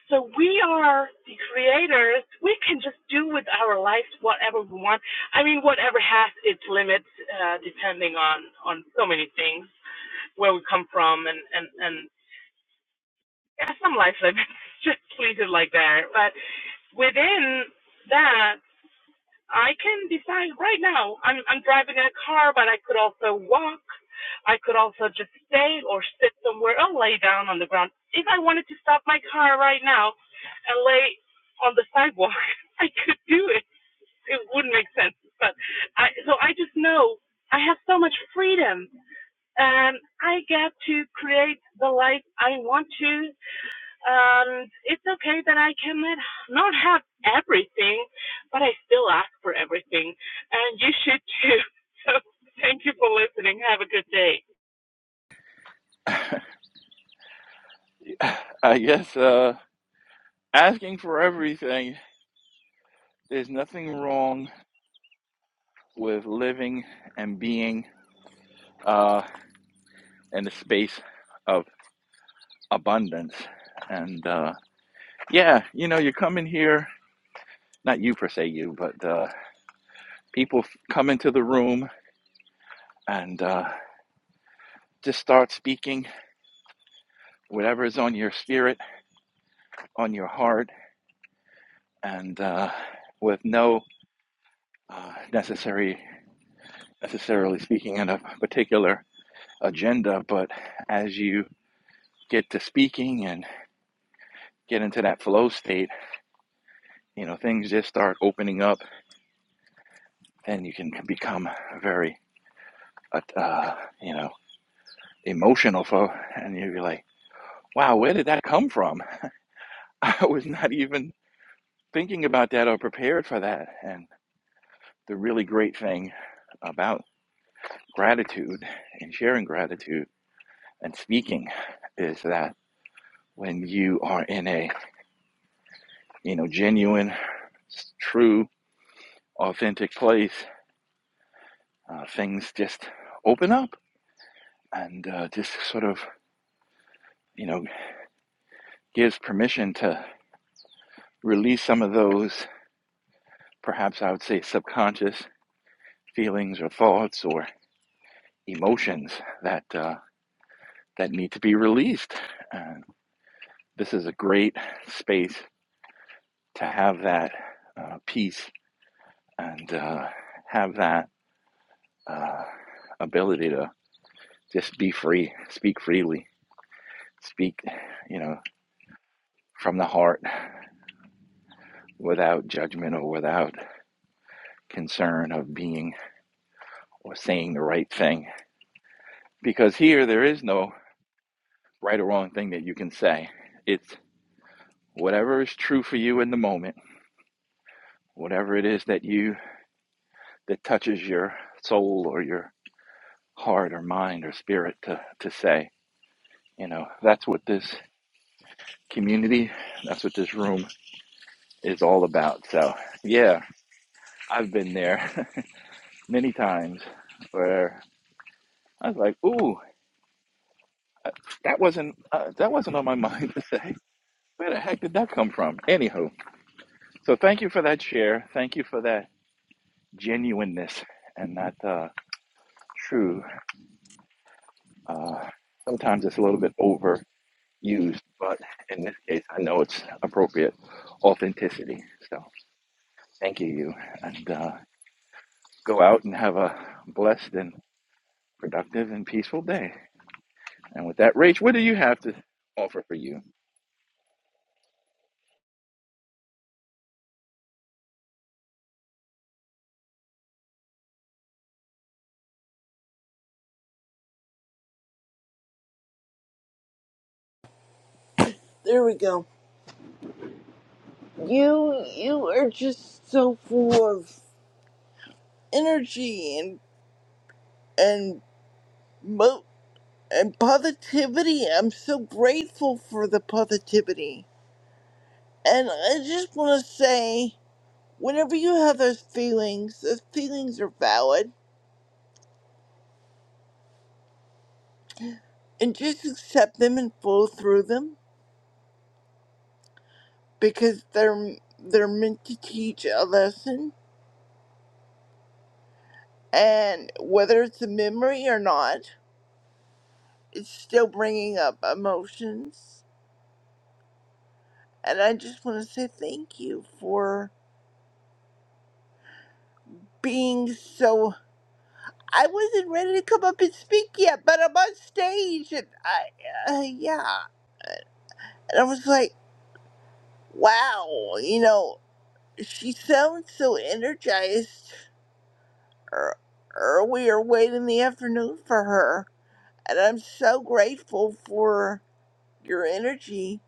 Speaker 23: So we are the creators. We can just do with our lives whatever we want. I mean, whatever has its limits, uh, depending on on so many things where we come from and and and yeah, some lives are just treated like that but within that i can decide right now i'm i'm driving in a car but i could also walk i could also just stay or sit somewhere or lay down on the ground if i wanted to stop my car right now and lay on the sidewalk i could do it it wouldn't make sense but i so i just know i have so much freedom um, I get to create the life I want to. Um, it's okay that I cannot not have everything, but I still ask for everything, and you should too. So thank you for listening. Have a good day.
Speaker 17: I guess uh, asking for everything. There's nothing wrong with living and being uh, in a space of abundance, and uh, yeah, you know, you come in here, not you per se, you, but uh, people f- come into the room and uh, just start speaking whatever is on your spirit, on your heart, and uh, with no uh, necessary necessarily speaking in a particular agenda. But as you get to speaking and get into that flow state, you know, things just start opening up, and you can become very, uh, uh, you know, emotional for, and you'll be like wow, where did that come from? I was not even thinking about that or prepared for that. And the really great thing about gratitude and sharing gratitude and speaking is that when you are in a you know genuine, true, authentic place, uh, things just open up and uh, just sort of you know gives permission to release some of those perhaps I would say subconscious feelings or thoughts or emotions that uh, that need to be released. And this is a great space to have that uh, peace and uh, have that uh, ability to just be free, speak freely, speak, you know, from the heart without judgment or without concern of being or saying the right thing. Because here there is no right or wrong thing that you can say. It's whatever is true for you in the moment, whatever it is that you that touches your soul or your heart or mind or spirit to, to say. You know, that's what this community, that's what this room is all about. So, yeah, I've been there many times where I was like, ooh, that wasn't, uh, that wasn't on my mind to say. Where the heck did that come from? Anywho, so thank you for that share. Thank you for that genuineness and that uh, true. Uh, sometimes it's a little bit over used, but in this case, I know it's appropriate authenticity. So thank you, you, and uh, go out and have a blessed and productive and peaceful day. And with that, Rach, what do you have to offer for you?
Speaker 19: there we go you you are just so full of energy and and mo and positivity. I'm so grateful for the positivity. And I just want to say, whenever you have those feelings, those feelings are valid, and just accept them and flow through them because they're they're meant to teach a lesson. And whether it's a memory or not, it's still bringing up emotions. And I just want to say thank you for being so I wasn't ready to come up and speak yet, but I'm on stage, and I, uh, yeah, and I was like, wow, you know, she sounds so energized. Er- Earlier, late in the afternoon for her, and I'm so grateful for your energy.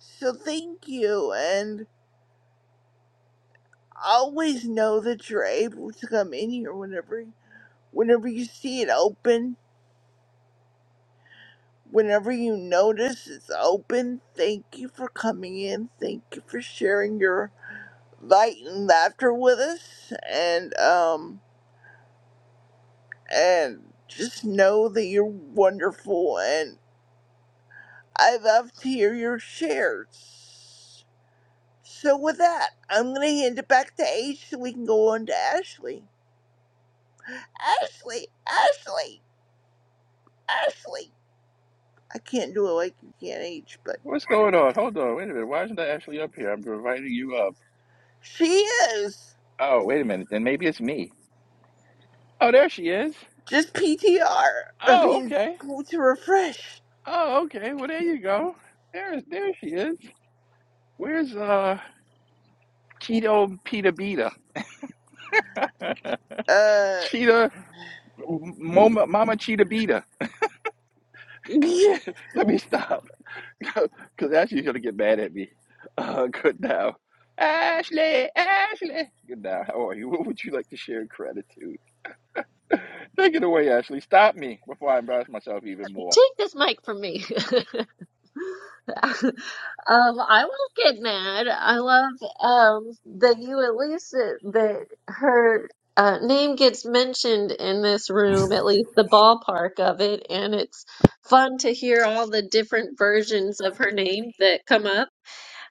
Speaker 19: So thank you, and always know that you're able to come in here whenever, whenever you see it open Whenever you notice it's open, thank you for coming in. Thank you for sharing your light and laughter with us. And um and just know that you're wonderful and I love to hear your shares. So with that, I'm gonna hand it back to H so we can go on to Ashley. Ashley, Ashley, Ashley. I can't do it like you can H, but
Speaker 17: What's going on? Hold on, wait a minute. Why isn't I actually up here? I'm inviting you up.
Speaker 19: she is.
Speaker 17: Oh, wait a minute. Then maybe it's me. Oh, there she is.
Speaker 19: Just P T R. I
Speaker 17: Oh,
Speaker 19: mean,
Speaker 17: okay.
Speaker 19: go to refresh.
Speaker 17: Oh, okay. Well, there you go. There is. there she is. Where's uh Cheeto Pita Beta?
Speaker 19: Uh,
Speaker 17: Cheetah Mama, Mama Cheetah Beta.
Speaker 19: yeah.
Speaker 17: Let me stop because Ashley's going to get mad at me. Uh, good now. Ashley, Ashley. Good now. How are you? What would you like to share in gratitude? Take it away, Ashley. Stop me before I embarrass myself even more.
Speaker 24: Take this mic from me. um, I won't get mad. I love um, that you at least that, that her uh, name gets mentioned in this room, at least the ballpark of it, and it's fun to hear all the different versions of her name that come up.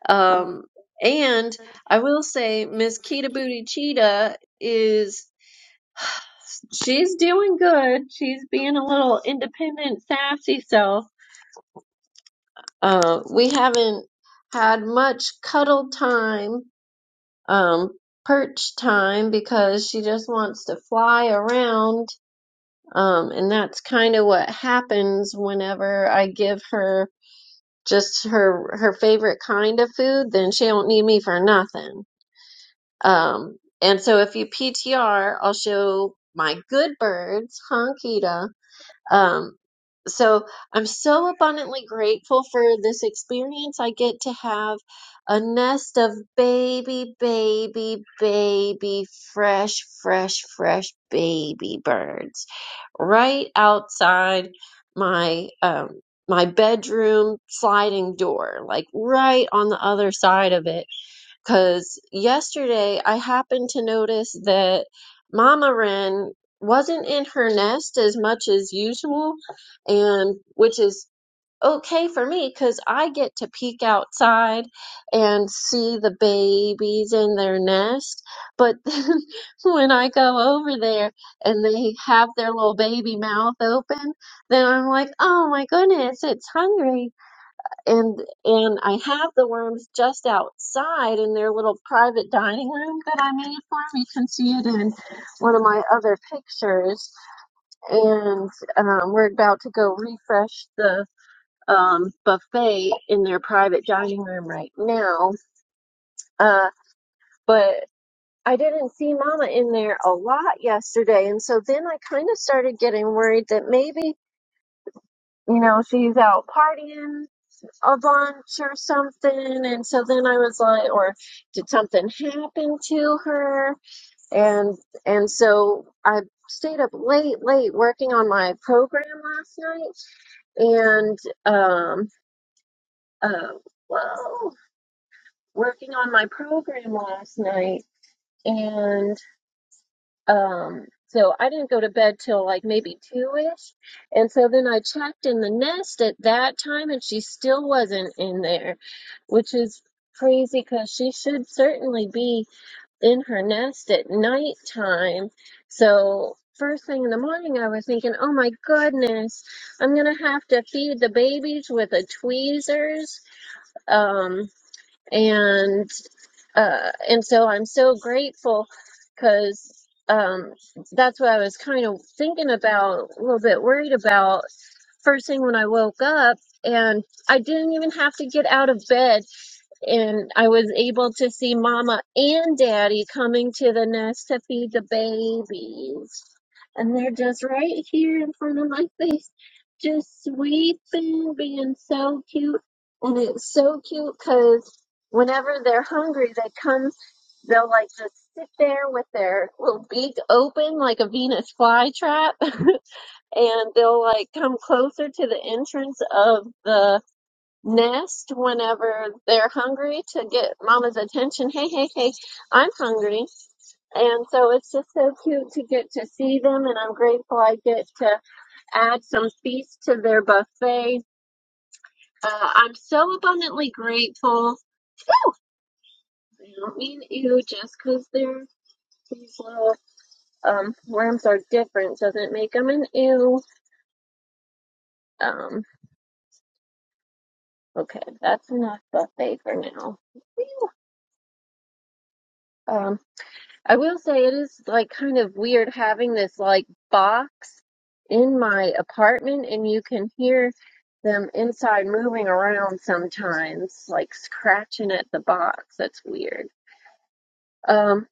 Speaker 24: Um, and I will say, Miss Kita Booty Cheetah is she's doing good. She's being a little independent, sassy self Uh, we haven't had much cuddle time, um, perch time because she just wants to fly around. Um, and that's kind of what happens whenever I give her just her her favorite kind of food, then she don't need me for nothing. Um, and so if you PTR, I'll show my good birds, huh, Kita? Um, so I'm so abundantly grateful for this experience. I get to have a nest of baby, baby, baby, fresh, fresh, fresh baby birds right outside my um my bedroom sliding door, like right on the other side of it because yesterday I happened to notice that Mama Wren wasn't in her nest as much as usual, and which is okay for me because I get to peek outside and see the babies in their nest. But then when I go over there and they have their little baby mouth open, then I'm like, oh my goodness, it's hungry and and I have the worms just outside in their little private dining room that I made for them. You can see it in one of my other pictures. And um, we're about to go refresh the um, buffet in their private dining room right now. Uh, but I didn't see Mama in there a lot yesterday, and so then I kind of started getting worried that maybe you know she's out partying a lunch or something. And so then I was like, or did something happen to her? And and so I stayed up late, late working on my program last night and um uh well working on my program last night and. Um, so I didn't go to bed till like maybe two-ish. And so then I checked in the nest at that time and she still wasn't in there, which is crazy because she should certainly be in her nest at nighttime. So first thing in the morning I was thinking, oh my goodness, I'm gonna have to feed the babies with a tweezers. Um, and uh, and so I'm so grateful because um, that's what I was kind of thinking about, a little bit worried about first thing when I woke up. And I didn't even have to get out of bed. And I was able to see mama and daddy coming to the nest to feed the babies. And they're just right here in front of my face, just sweeping, being so cute. And it's so cute because whenever they're hungry, they come, they'll like just sit there with their little beak open like a Venus flytrap, and they'll like come closer to the entrance of the nest whenever they're hungry to get mama's attention. Hey, hey, hey, I'm hungry. And so it's just so cute to get to see them, and I'm grateful I get to add some feast to their buffet. Uh, I'm so abundantly grateful I don't mean ew just because they're these little um worms are different doesn't make them an ew. Um, okay, that's enough buffet for now. Ew. Um, I will say it is like kind of weird having this like box in my apartment and you can hear them inside moving around sometimes, like scratching at the box. That's weird. Um,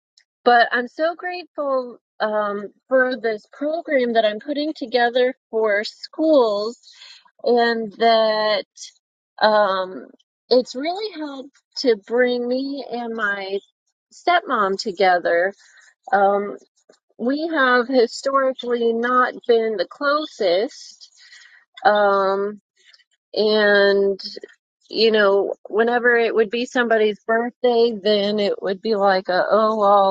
Speaker 24: but I'm so grateful um, for this program that I'm putting together for schools and that um, it's really helped to bring me and my stepmom together. Um, we have historically not been the closest, um, and you know, whenever it would be somebody's birthday, then it would be like a oh well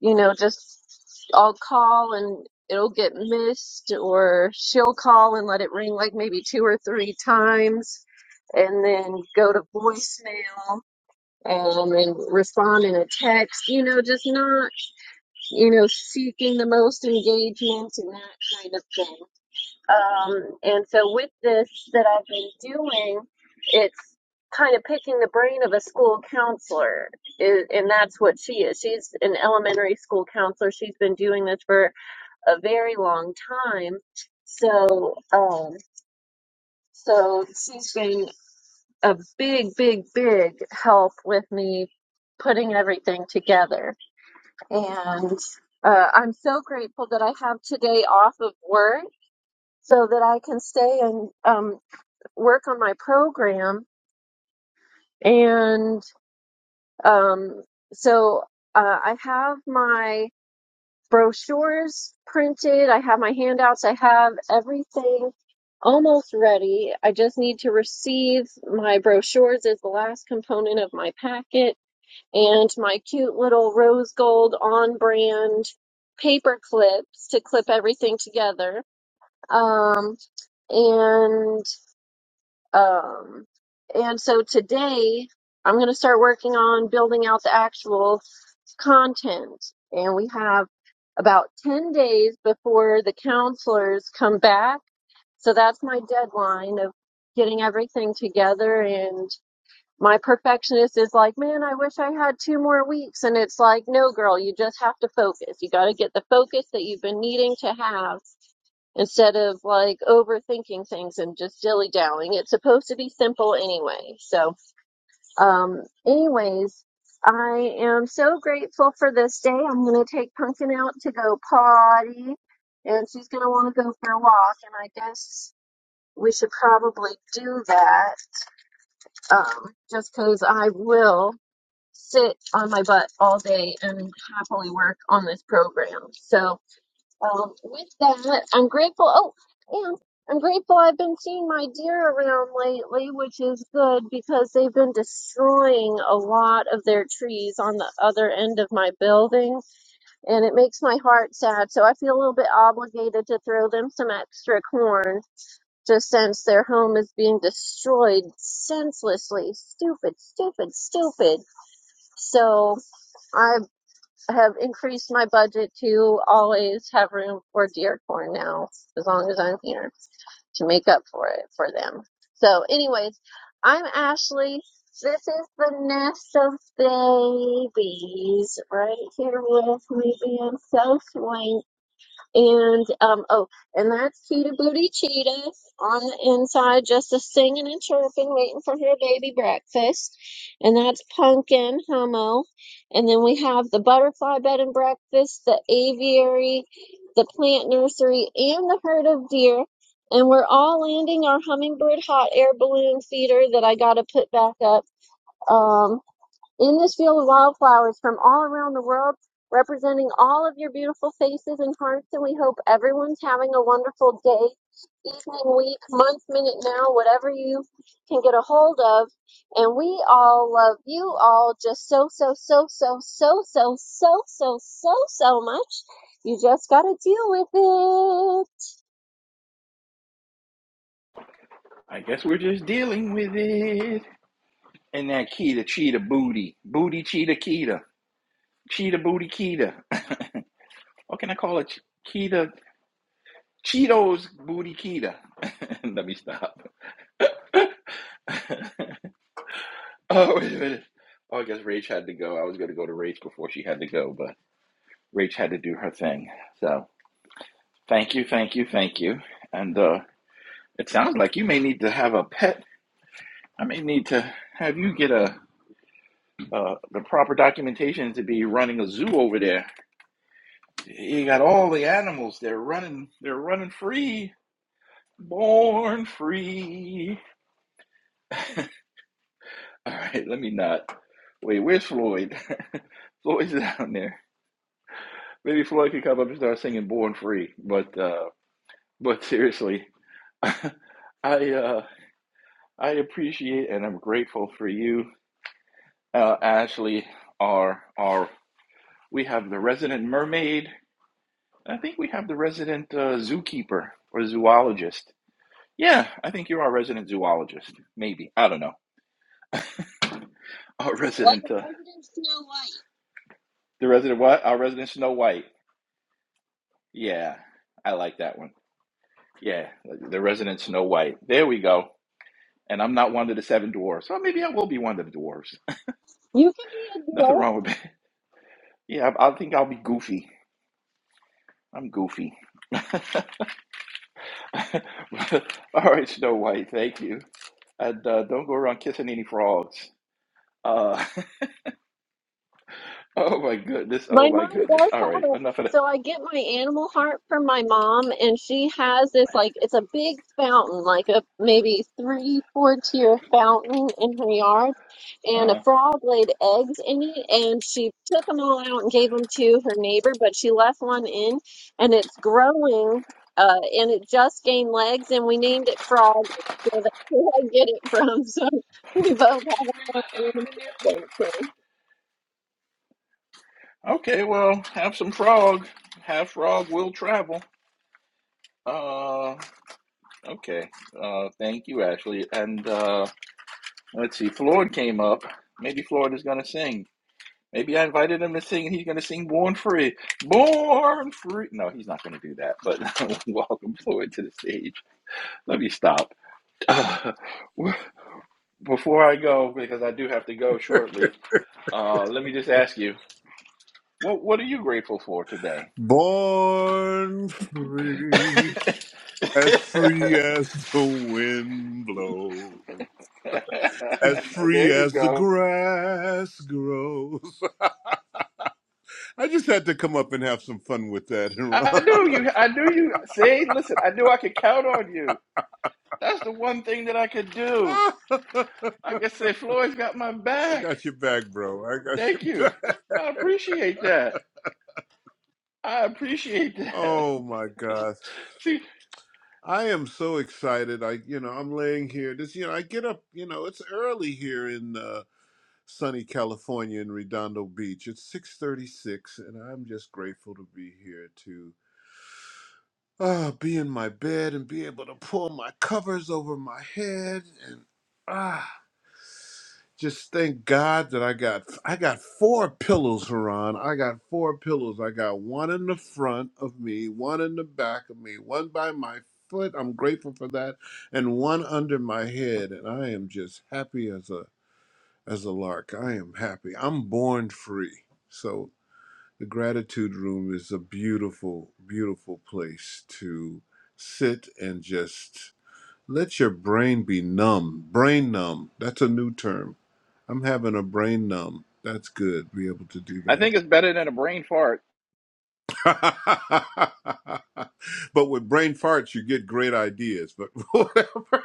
Speaker 24: you know, just I'll call and it'll get missed, or she'll call and let it ring like maybe two or three times, and then go to voicemail um, and then respond in a text, you know, just not, you know, seeking the most engagement and that kind of thing. Um, and so with this that I've been doing, it's kind of picking the brain of a school counselor, i- and that's what she is. She's an elementary school counselor. She's been doing this for a very long time. So, um, so she's been a big, big, big help with me putting everything together. And uh, I'm so grateful that I have today off of work so that I can stay and um, work on my program and um, so uh, i have my brochures printed i have my handouts i have everything almost ready i just need to receive my brochures as the last component of my packet and my cute little rose gold on brand paper clips to clip everything together um, and Um, and so today I'm going to start working on building out the actual content. And we have about 10 days before the counselors come back. So that's my deadline of getting everything together. And my perfectionist is like, man, I wish I had two more weeks. And it's like, no, girl, you just have to focus. You got to get the focus that you've been needing to have instead of like overthinking things and just dilly dallying. It's supposed to be simple anyway. So, um, anyways, I am so grateful for this day. I'm gonna take Pumpkin out to go potty, and she's gonna want to go for a walk. And I guess we should probably do that, um, just because I will sit on my butt all day and happily work on this program. So. Um, with that, I'm grateful. Oh, and I'm grateful I've been seeing my deer around lately, which is good because they've been destroying a lot of their trees on the other end of my building, and it makes my heart sad. So I feel a little bit obligated to throw them some extra corn just since their home is being destroyed senselessly. Stupid, stupid, stupid. So. I have increased my budget to always have room for deer corn now, as long as I'm here, to make up for it for them. So, anyways, I'm Ashley. This is the nest of babies right here with me being so swanky. And um oh, and that's Cheetah Booty Cheetah on the inside, just a singing and chirping, waiting for her baby breakfast. And that's Pumpkin Hummo. And then we have the butterfly bed and breakfast, the aviary, the plant nursery, and the herd of deer. And we're all landing our hummingbird hot air balloon feeder that I gotta put back up. Um, in this field, wildflowers from all around the world, representing all of your beautiful faces and hearts, and we hope everyone's having a wonderful day, evening, week, month, minute, now, whatever you can get a hold of. And we all love you all just so, so, so, so, so, so, so, so, so, so much. You just gotta deal with it.
Speaker 17: I guess we're just dealing with it. And that Keeta Cheetah Booty. Booty Cheetah Keeta. Cheetah Booty Keeta. what can I call it? Ch- Keeta. Cheetos Booty Keeta. Let me stop. Oh, wait a minute. Oh, I guess Rach had to go. I was going to go to Rach before she had to go, but Rach had to do her thing. So thank you, thank you, thank you. And uh, it sounds like you may need to have a pet. I may need to have you get a uh, the proper documentation to be running a zoo over there. You got all the animals. They're running. They're running free, born free. All right, let me not. Wait, where's Floyd? Floyd's down there. Maybe Floyd could come up and start singing "Born Free," but uh, but seriously, I uh, I appreciate and I'm grateful for you, uh, Ashley. Our our we have the resident mermaid. I think we have the resident uh, zookeeper or zoologist. Yeah, I think you're our resident zoologist. Maybe I don't know. Our
Speaker 24: Like a
Speaker 17: resident uh,
Speaker 24: resident Snow White.
Speaker 17: the resident what? Our resident Snow White. Yeah, I like that one. Yeah, the resident Snow White. There we go. and I'm not one of the seven dwarfs. Well, maybe I will be one of the dwarfs.
Speaker 24: You can be a
Speaker 17: Nothing wrong with that. Yeah, I, I think I'll be goofy. I'm goofy. All right, Snow White, thank you. And uh, don't go around kissing any frogs. Uh, oh my goodness, oh
Speaker 24: My
Speaker 17: my
Speaker 24: mom
Speaker 17: goodness.
Speaker 24: does
Speaker 17: All
Speaker 24: have
Speaker 17: right,
Speaker 24: a,
Speaker 17: enough of that.
Speaker 24: so I get my animal heart from my mom, and she has this like it's a big fountain, like a maybe three, four tier fountain in her yard, and a
Speaker 17: Uh,
Speaker 24: frog laid eggs in it, and she took them all out and gave them to her neighbor, but she left one in, and it's growing, uh, and it just gained legs, and we named it Frog. So that's where I get it from. So we both have a frog and a frog.
Speaker 17: okay, well, have some frog. Have frog will travel. Uh, okay. Uh, thank you, Ashley. And uh, let's see, Floyd came up. Maybe Floyd is going to sing. Maybe I invited him to sing and he's going to sing Born Free. Born Free. No, he's not going to do that, but welcome Floyd to the stage. Let me stop. Uh, before I go, because I do have to go shortly, uh, let me just ask you what, what are you grateful for today?
Speaker 25: Born
Speaker 17: there
Speaker 25: free, as free as the wind blows, as free
Speaker 17: you
Speaker 25: as the
Speaker 17: go.
Speaker 25: grass grows. I just had to come up and have some fun with that, Ron.
Speaker 17: I knew you. I knew you. See, listen, I knew I could count on you. That's the one thing that I could do.
Speaker 25: I
Speaker 17: I could say, Floyd's got my back.
Speaker 25: got your back, bro. I got your
Speaker 17: Thank you.
Speaker 25: back.
Speaker 17: I appreciate that. I appreciate that.
Speaker 25: Oh my gosh.
Speaker 17: See,
Speaker 25: I am so excited. I you know, I'm laying here. This you know, I get up, you know, it's early here in uh sunny California in Redondo Beach. It's 6:36 and I'm just grateful to be here to ah be in my bed and be able to pull my covers over my head and ah just thank God that I got I got four pillows, Haran. I got four pillows. I got one in the front of me, one in the back of me, one by my foot. I'm grateful for that, and one under my head. And I am just happy as a as a lark. I am happy. I'm born free. So the gratitude room is a beautiful, beautiful place to sit and just let your brain be numb. Brain numb. That's a new term. I'm having a brain numb. That's good. Be able to do
Speaker 17: I
Speaker 25: that.
Speaker 17: think it's better than a brain fart.
Speaker 25: but with brain farts, you get great ideas. But whatever.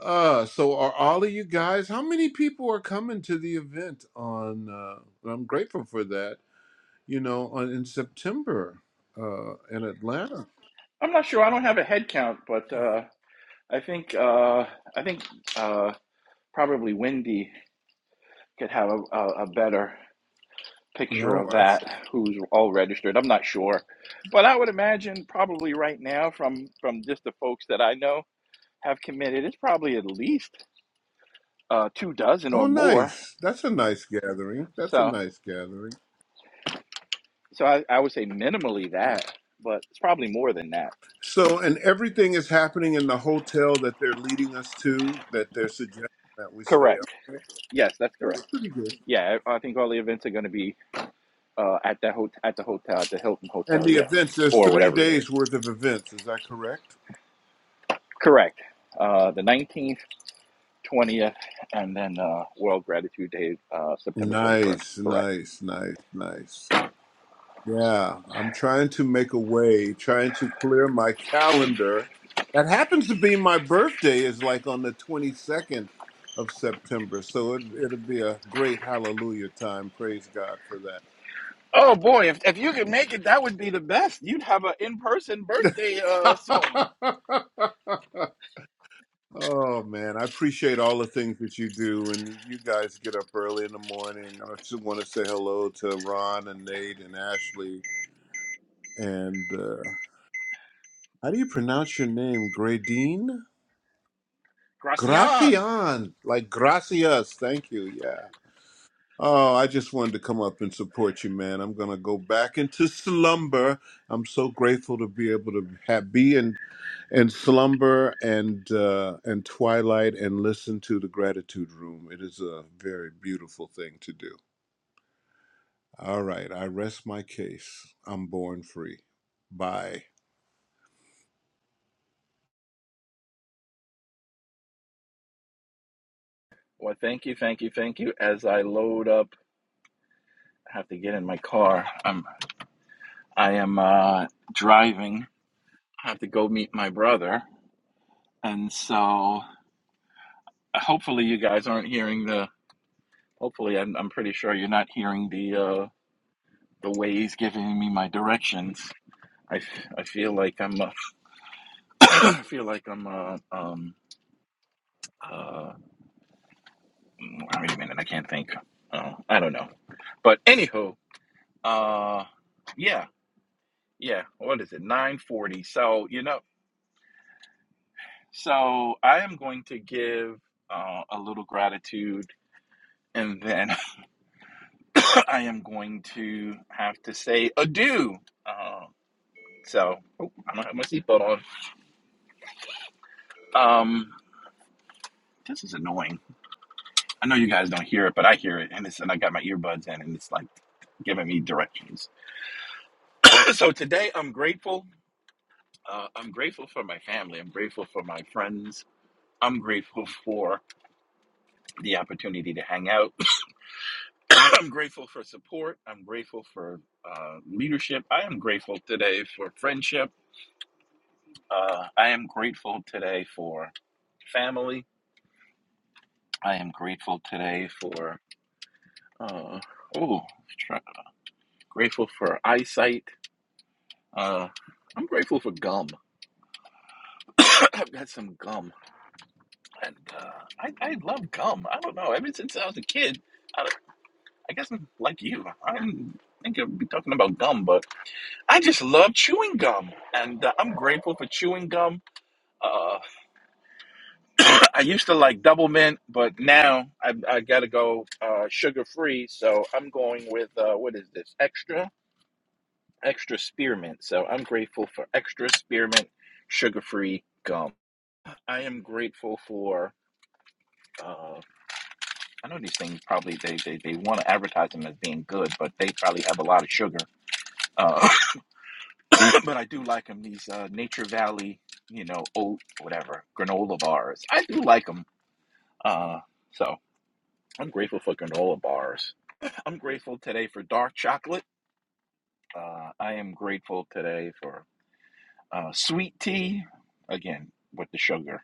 Speaker 25: Uh, so are all of you guys? How many people are coming to the event on? Uh, and I'm grateful for that you know, on, in September uh, in Atlanta.
Speaker 17: I'm not sure. I don't have a head count, but uh, I think uh, I think uh, probably Wendy could have a, a, a better picture
Speaker 25: You
Speaker 17: of
Speaker 25: I. I s-
Speaker 17: that. Who's all registered? I'm not sure, but I would imagine probably right now from from just the folks that I know have committed, it's probably at least uh, two dozen or
Speaker 25: oh,
Speaker 17: more.
Speaker 25: nice. That's a nice gathering. That's a
Speaker 17: So.
Speaker 25: nice gathering.
Speaker 17: So I, I would say minimally that, but it's probably more than that.
Speaker 25: So, and everything is happening in the hotel that they're leading us to, that they're suggesting that we stay up.
Speaker 17: Correct.
Speaker 25: Okay.
Speaker 17: Yes, that's
Speaker 25: That's
Speaker 17: correct.
Speaker 25: pretty good.
Speaker 17: Yeah, I I think all the events are going to be uh, at that hot at the hotel, at the Hilton
Speaker 25: And
Speaker 17: Hotel.
Speaker 25: the
Speaker 17: Yes,
Speaker 25: events, there's
Speaker 17: or
Speaker 25: three
Speaker 17: whatever it is.
Speaker 25: days worth of events. Is that correct?
Speaker 17: Correct. Uh, the nineteenth, twentieth, and then uh, World Gratitude Day, uh, September twenty first.
Speaker 25: Nice,
Speaker 17: Correct.
Speaker 25: nice, nice, nice. Yeah, I'm trying to make a way, trying to clear my calendar. That happens to be my birthday is like on the 22nd of September, so it, it'll be a great hallelujah time. Praise God for
Speaker 17: Oh boy, if if you could make it, that would be the best. You'd have an in person birthday uh, song.
Speaker 25: that. oh man, I appreciate all the things that you do, and you, you guys get up early in the morning. I just want to say hello to Ron and Nate and Ashley. And uh, how do you pronounce your name, Gradine?
Speaker 17: Gracian.
Speaker 25: Gracian, like gracias. Thank you. Yeah. Oh, I just wanted to come up and support you, man. I'm gonna go back into slumber. I'm so grateful to be able to have, be in in slumber and uh, and twilight and listen to the gratitude room. It is a very beautiful thing to do. All right, I rest my case. I'm born free. Bye.
Speaker 17: Well, thank you, thank you, thank you. As I load up, I have to get in my car. I'm. I am uh, driving. I have to go meet my brother, and so uh, hopefully you guys aren't hearing the. Hopefully, I'm, I'm pretty sure you're not hearing the uh, the ways giving me my directions. I I feel like I'm uh, I feel like I'm uh, um uh mm, wait a minute I can't think. Oh, I don't know. But anywho, uh, yeah, yeah. What is it? Nine forty. So you know, so I am going to give uh, a little gratitude and then I am going to have to say adieu. Uh, so oh, I don't have my seatbelt on. Um, this is annoying. I know you guys don't hear it, but I hear it, and it's and I got my earbuds in, and it's like giving me directions. so today I'm grateful. Uh, I'm grateful for my family. I'm grateful for my friends. I'm grateful for the opportunity to hang out. I'm grateful for support. I'm grateful for uh, leadership. I am grateful today for friendship. Uh, I am grateful today for family. I am grateful today for uh, oh, try- grateful for eyesight. Uh, I'm grateful for gum. I've got some gum, and uh, I, I love gum. I don't know. Ever since I was a kid, I, I guess I'm like you. I did think I'd be talking about gum, but I just love chewing gum, and uh, I'm grateful for chewing gum. Uh, I used to like double mint, but now I, I gotta go uh, sugar free. So I'm going with uh, what is this? Extra, extra spearmint. So I'm grateful for extra spearmint, sugar free gum. I am grateful for. Uh, I know these things probably they, they, they want to advertise them as being good, but they probably have a lot of sugar. Uh, but I do like them. These uh, Nature Valley, you know, oat whatever granola bars. I do like them. Uh, so I'm grateful for granola bars. I'm grateful today for dark chocolate. Uh, I am grateful today for uh, sweet tea, again, with the sugar.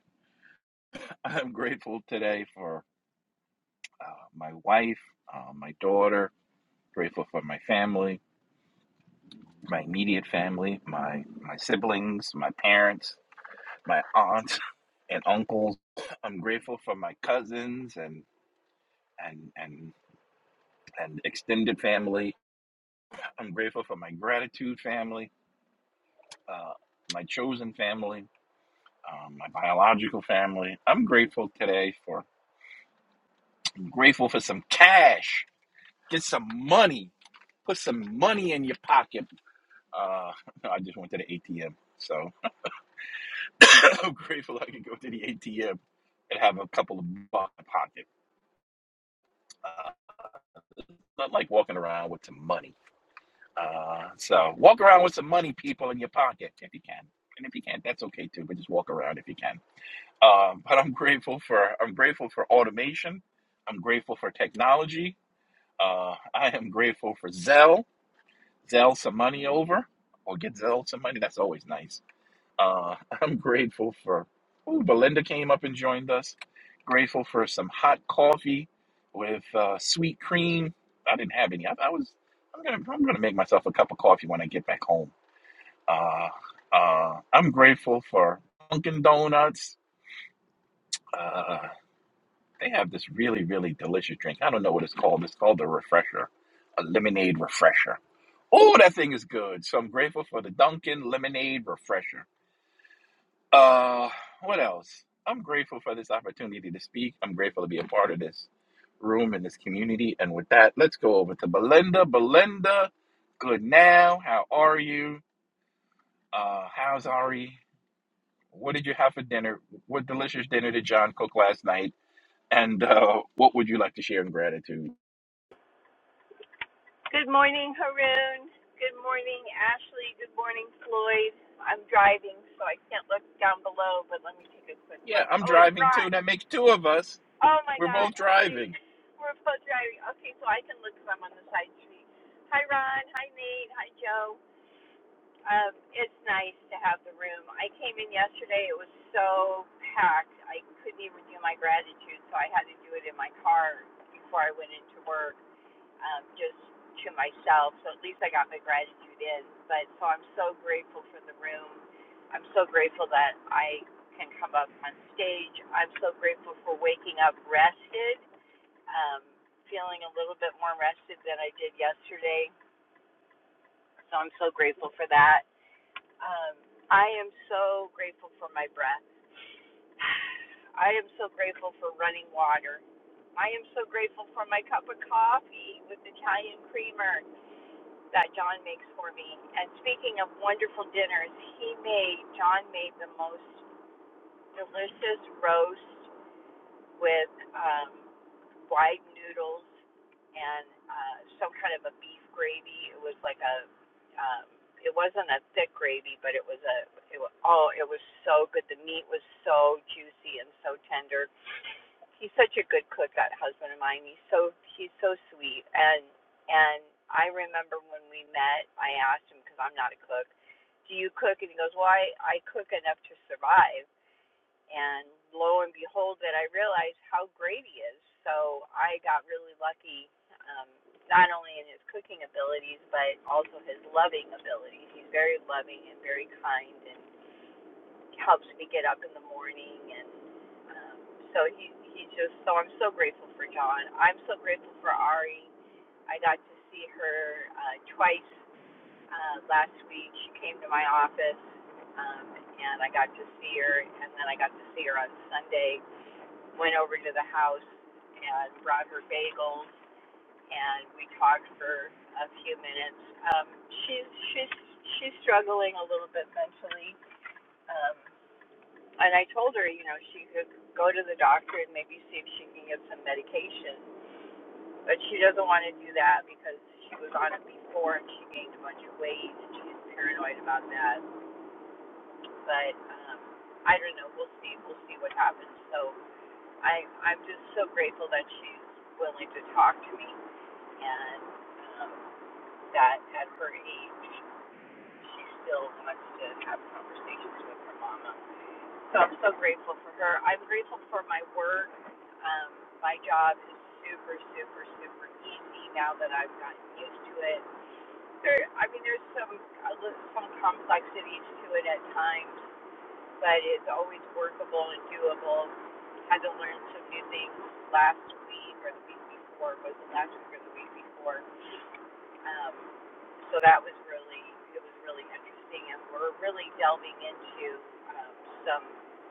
Speaker 17: I'm grateful today for uh, my wife, uh, my daughter, grateful for my family, my immediate family, my, my siblings, my parents, my aunts and uncles. I'm grateful for my cousins and, and, and, and extended family. I'm grateful for my gratitude family. uh, my chosen family, um, my biological family. I'm grateful today for. I'm grateful for some cash. Get some money. Put some money in your pocket. Uh, I just went to the ATM, so I'm grateful I could go to the ATM and have a couple of bucks in my pocket. Uh, not like walking around with some money. Uh, so walk around with some money, people, in your pocket if you can, and if you can't, that's okay too. But just walk around if you can. Um, but I'm grateful for I'm grateful for automation. I'm grateful for technology. Uh, I am grateful for Zelle. Zelle some money over, or get Zelle some money. That's always nice. Uh, I'm grateful for. Ooh, Belinda came up and joined us. Grateful for some hot coffee with uh, sweet cream. I didn't have any. I, I was. I'm gonna. I'm gonna make myself a cup of coffee when I get back home. Uh, uh, I'm grateful for Dunkin' Donuts. Uh, They have this really, really delicious drink. I don't know what it's called. It's called the Refresher, a lemonade refresher. Oh, that thing is good. So I'm grateful for the Dunkin' Lemonade Refresher. Uh, what else? I'm grateful for this opportunity to speak. I'm grateful to be a part of this room and this community. And with that, let's go over to Belinda. Belinda, good now. How are you? Uh, how's Ari? What did you have for dinner? What delicious dinner did John cook last night? And uh, what would you like to share in gratitude?
Speaker 26: Good morning, Haroon. Good morning, Ashley. Good morning, Floyd. I'm driving, so I can't look down below, but let me take a quick
Speaker 17: Yeah,
Speaker 26: look.
Speaker 17: I'm
Speaker 26: Oh, it's
Speaker 17: driving too.
Speaker 26: Ron.
Speaker 17: That makes two of us.
Speaker 26: Oh, my
Speaker 17: We're
Speaker 26: God.
Speaker 17: both
Speaker 26: Okay.
Speaker 17: driving.
Speaker 26: We're both driving. Okay, so I can look because 'cause I'm on the side street. Hi, Ron. Hi, Nate. Hi, Joe. Um, it's nice to have him. I came in yes so packed. I couldn't even do my gratitude, so I had to do it in my car before I went into work um, just to myself. So at least I got my gratitude in. But so I'm so grateful for the room. I'm so grateful that I can come up on stage. I'm so grateful for waking up rested, um, feeling a little bit more rested than I did yesterday. So I'm so grateful for that. Um, I am so grateful for my breath. I am so grateful for running water. I am so grateful for my cup of coffee with Italian creamer. that John makes for me. And speaking of wonderful dinners, he made John made the most delicious roast with um, fried noodles and uh, some kind of a beef gravy. It was like a um, it wasn't a thick gravy, but it was a it was, oh it was so good. The meat was so juicy and so tender he's such a good cook that husband of mine he's so he's so sweet and and i remember when we met i asked him because i'm not a cook do you cook and he goes well i i cook enough to survive and lo and behold that i realized how great he is so i got really lucky um not only in his cooking abilities but also his loving abilities he's very loving and very kind and helps me get up in the morning and um, so he he just so I'm so grateful for John. I'm so grateful for Ari. I got to see her uh, twice uh, last week. She came to my office um, and I got to see her and then I got to see her on Sunday. Went over to the house and brought her bagels and we talked for a few minutes. Um, she's she's she's struggling a little bit mentally. Um, and I told her, you know, she could go to the doctor and maybe see if she can get some medication. But she doesn't want to do that because she was on it before and she gained a bunch of weight. and She's paranoid about that. But um, I don't know. We'll see. We'll see what happens. So I, I'm just so grateful that she's willing to talk to me and um, that at her age, she still wants to have conversations with her mama. So I'm so grateful for her. I'm grateful for my work. Um, my job is super, super, super easy now that I've gotten used to it. There, I mean, there's some some complexities to it at times, but it's always workable and doable. Had to learn some new things last week or the week before. Was it last week or the week before? Um, so that was really it was really interesting, and we're really delving into um, some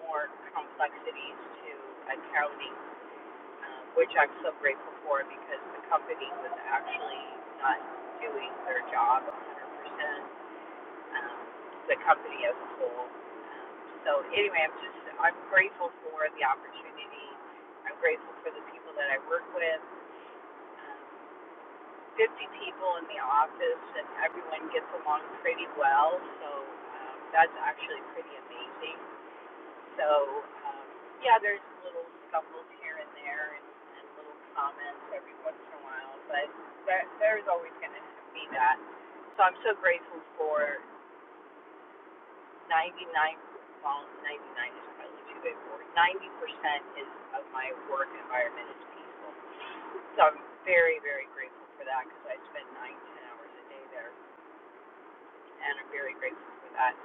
Speaker 26: more complexities to accounting, um, which I'm so grateful for because the company was actually not doing their job 100%. Um, the company as a whole. Um, so anyway, I'm just I'm grateful for the opportunity. I'm grateful for the people that I work with. Um, 50 people in the office and everyone gets along pretty well. So um, that's actually pretty amazing. So um, yeah, there's little scuffles here and there and, and little comments every once in a while, but there, there's always going to be that. So I'm so grateful for 99, well, 99 is probably too big for it. 90% is of my work environment is peaceful. So I'm very, very grateful for that because I spend nine, ten hours a day there and I'm very grateful for that.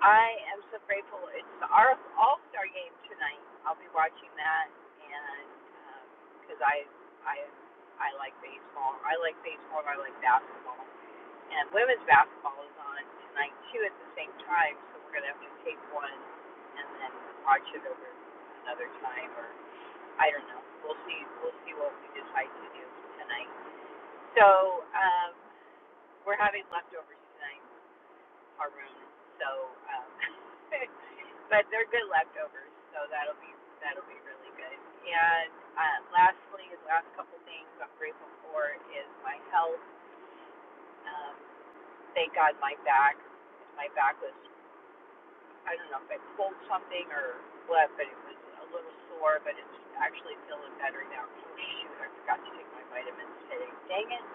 Speaker 26: I am so grateful. It's the All Star game tonight. I'll be watching that, and because um, I I I like baseball. I like baseball. and I like basketball, and women's basketball is on tonight too at the same time. So we're gonna have to take one and then watch it over another time, or I don't know. We'll see. We'll see what we decide to do tonight. So um, we're having leftovers tonight our room. So, um, but they're good leftovers, so that'll be that'll be really good. And uh, lastly, the last couple things I'm grateful for is my health. Um, thank God my back. My back was I don't know if I pulled something or what, but it was a little sore. But it's actually feeling better now. Oh shoot, I forgot to take my vitamins today. Dang it!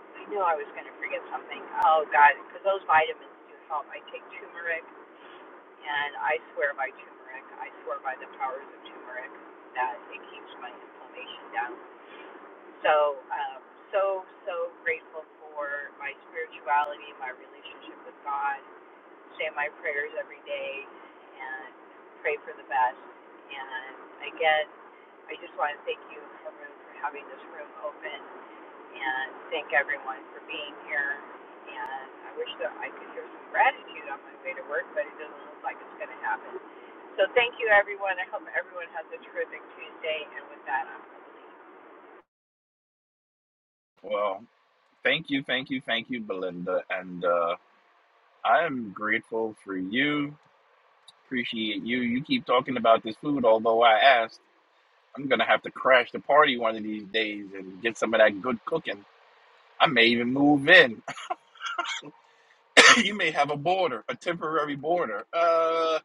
Speaker 26: I knew I was going to forget something. Oh God, because those vitamins do help. I take turmeric And I swear by turmeric. I swear by the powers of turmeric that it keeps my inflammation down. So, um, so, so grateful for my spirituality, my relationship with God. Say my prayers every day and pray for the best. And again, I just want to thank you, Haroon, for having this room open and thank everyone for being here. And I wish that I could hear some gratitude on my way to work, but it doesn't look like it's going to happen. So thank you, everyone. I hope everyone has a terrific Tuesday. And with that, I'm going to leave.
Speaker 17: Well, thank you, thank you, thank you, Belinda. And uh, I am grateful for you. Appreciate you. You keep talking about this food, although I asked. I'm going to have to crash the party one of these days and get some of that good cooking. I may even move in. you may have a border, a temporary border. Uh,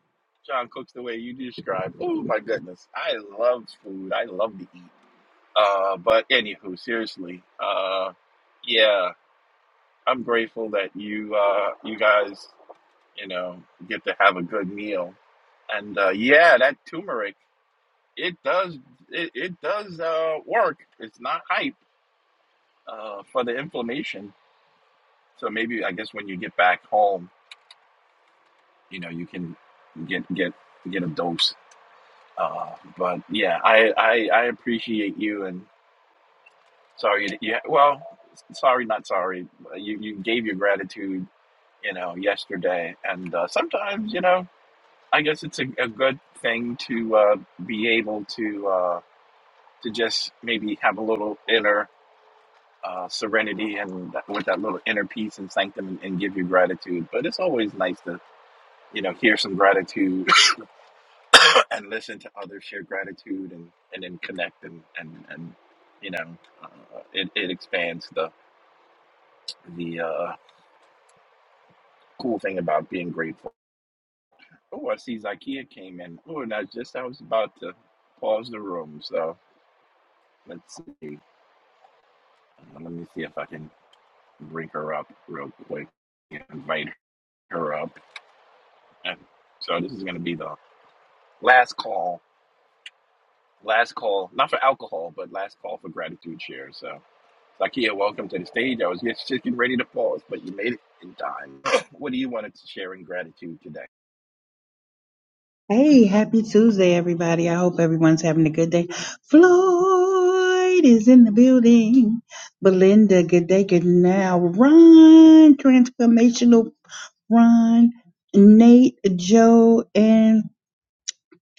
Speaker 17: John cooks the way you described. Oh, my goodness. I love food. I love to eat. Uh, but anywho, seriously, uh, yeah, I'm grateful that you uh, you guys you know get to have a good meal, and uh, yeah, that turmeric it does it, it does uh, work. It's not hype uh, for the inflammation. So maybe I guess when you get back home, you know you can get get get a dose. Uh, but yeah, I, I I appreciate you and. Sorry, you, you well, sorry, not sorry. You you gave your gratitude, you know, yesterday, and uh, sometimes, you know, I guess it's a, a good thing to uh, be able to uh, to just maybe have a little inner uh, serenity and that, with that little inner peace and sanctum and, and give your gratitude. But it's always nice to you know hear some gratitude and listen to others share gratitude and and then connect and and and you know uh, it it expands the the uh, cool thing about being grateful. Oh, I see Zakiya came in. Oh, and I just I was about to pause the room. So let's see. Uh, Let me see if I can bring her up real quick and invite her up. And so this is going to be the last call. Last call, not for alcohol, but last call for gratitude share. So, Zakiya, welcome to the stage. I was just just getting ready to pause, but you made it in time. what do you want to share in gratitude
Speaker 27: Hey, happy Tuesday, everybody. I hope everyone's having a good day. Floyd is in the building. Belinda, good day, good now. Ron, transformational Ron, Nate, Joe, and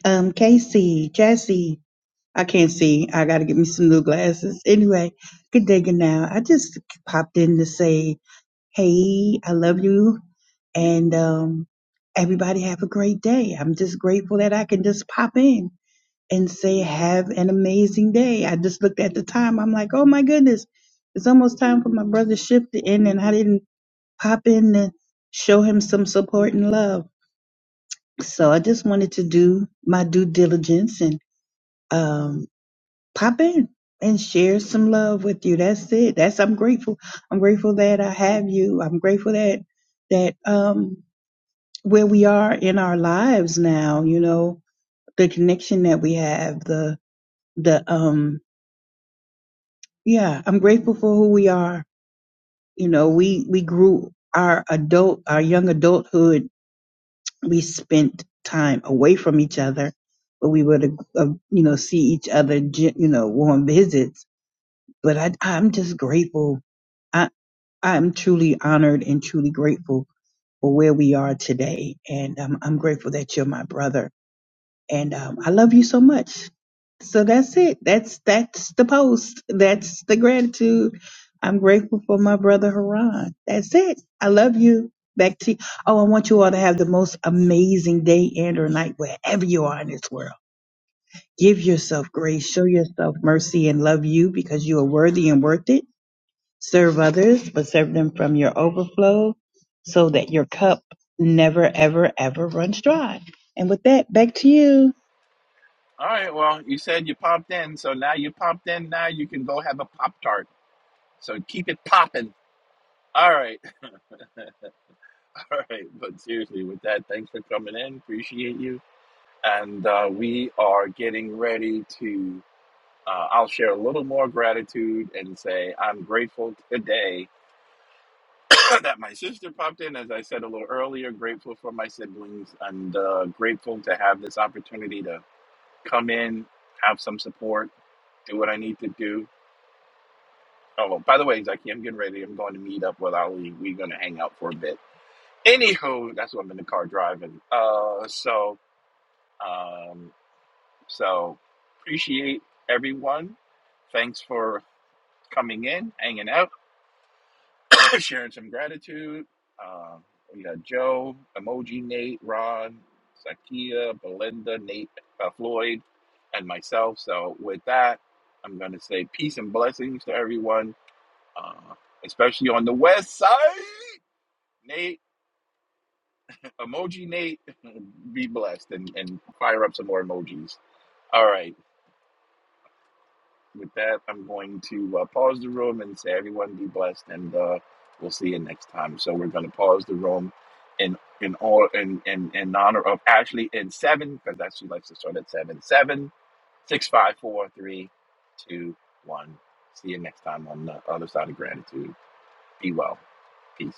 Speaker 27: um, Casey, Jesse. I can't see. I got to get me some new glasses. Anyway, good day, good now. I just popped in to say Hey, I love you. And um, everybody have a great day. I'm just grateful that I can just pop in and say, have an amazing day. I just looked at the time. I'm like, oh my goodness, it's almost time for my brother's shift to end. And I didn't pop in to show him some support and love. So I just wanted to do my due diligence and um, pop in and share some love with you. That's it. That's I'm grateful. I'm grateful that I have you. I'm grateful that that um where we are in our lives now, you know, the connection that we have, the the um yeah, I'm grateful for who we are. You know, we we grew our adult our young adulthood, we spent time away from each other, but we would uh, you know see each other, you know, on visits. But I I'm just grateful I am truly honored and truly grateful for where we are today. And um, I'm grateful that you're my brother. And um, I love you so much. So that's it. That's that's the post. That's the gratitude. I'm grateful for my brother Haran. That's it. I love you. Back to oh, I want you all to have the most amazing day and or night wherever you are in this world. Give yourself grace, show yourself mercy, and love you because you are worthy and worth it Serve others, but serve them from your overflow so that your cup never, ever, ever runs dry. And with that, back to you.
Speaker 17: All right. Well, you said you popped in, so now you popped in. Now you can go have a pop tart. So keep it popping. All right. All right. But seriously, with that, thanks for coming in. Appreciate you. And uh, we are getting ready to. Uh, I'll share a little more gratitude and say I'm grateful today that my sister popped in. As I said a little earlier, grateful for my siblings and uh, grateful to have this opportunity to come in, have some support, do what I need to do Oh, well, by the way, Zaki, I'm getting ready. I'm going to meet up with Ali. We're going to hang out for a bit. Anywho, that's what I'm in the car driving. Uh, so, um, so appreciate everyone. Thanks for coming in, hanging out, sharing some gratitude. Uh, we got Joe, Emoji, Nate, Ron, Zakia, Belinda, Nate, uh, Floyd, and myself. So, with that, I'm going to say peace and blessings to everyone. Uh, especially on the west side. Nate, emoji Nate, be blessed and, and fire up some more emojis. All right. With that, I'm going to uh, pause the room and say, everyone be blessed, and uh, we'll see you next time. So we're going to pause the room in in all in, in, in honor of Ashley in seven, because that's she likes to start at seven. Seven, six, five, four, three, two, one. See you next time on the other side of gratitude. Be well. Peace.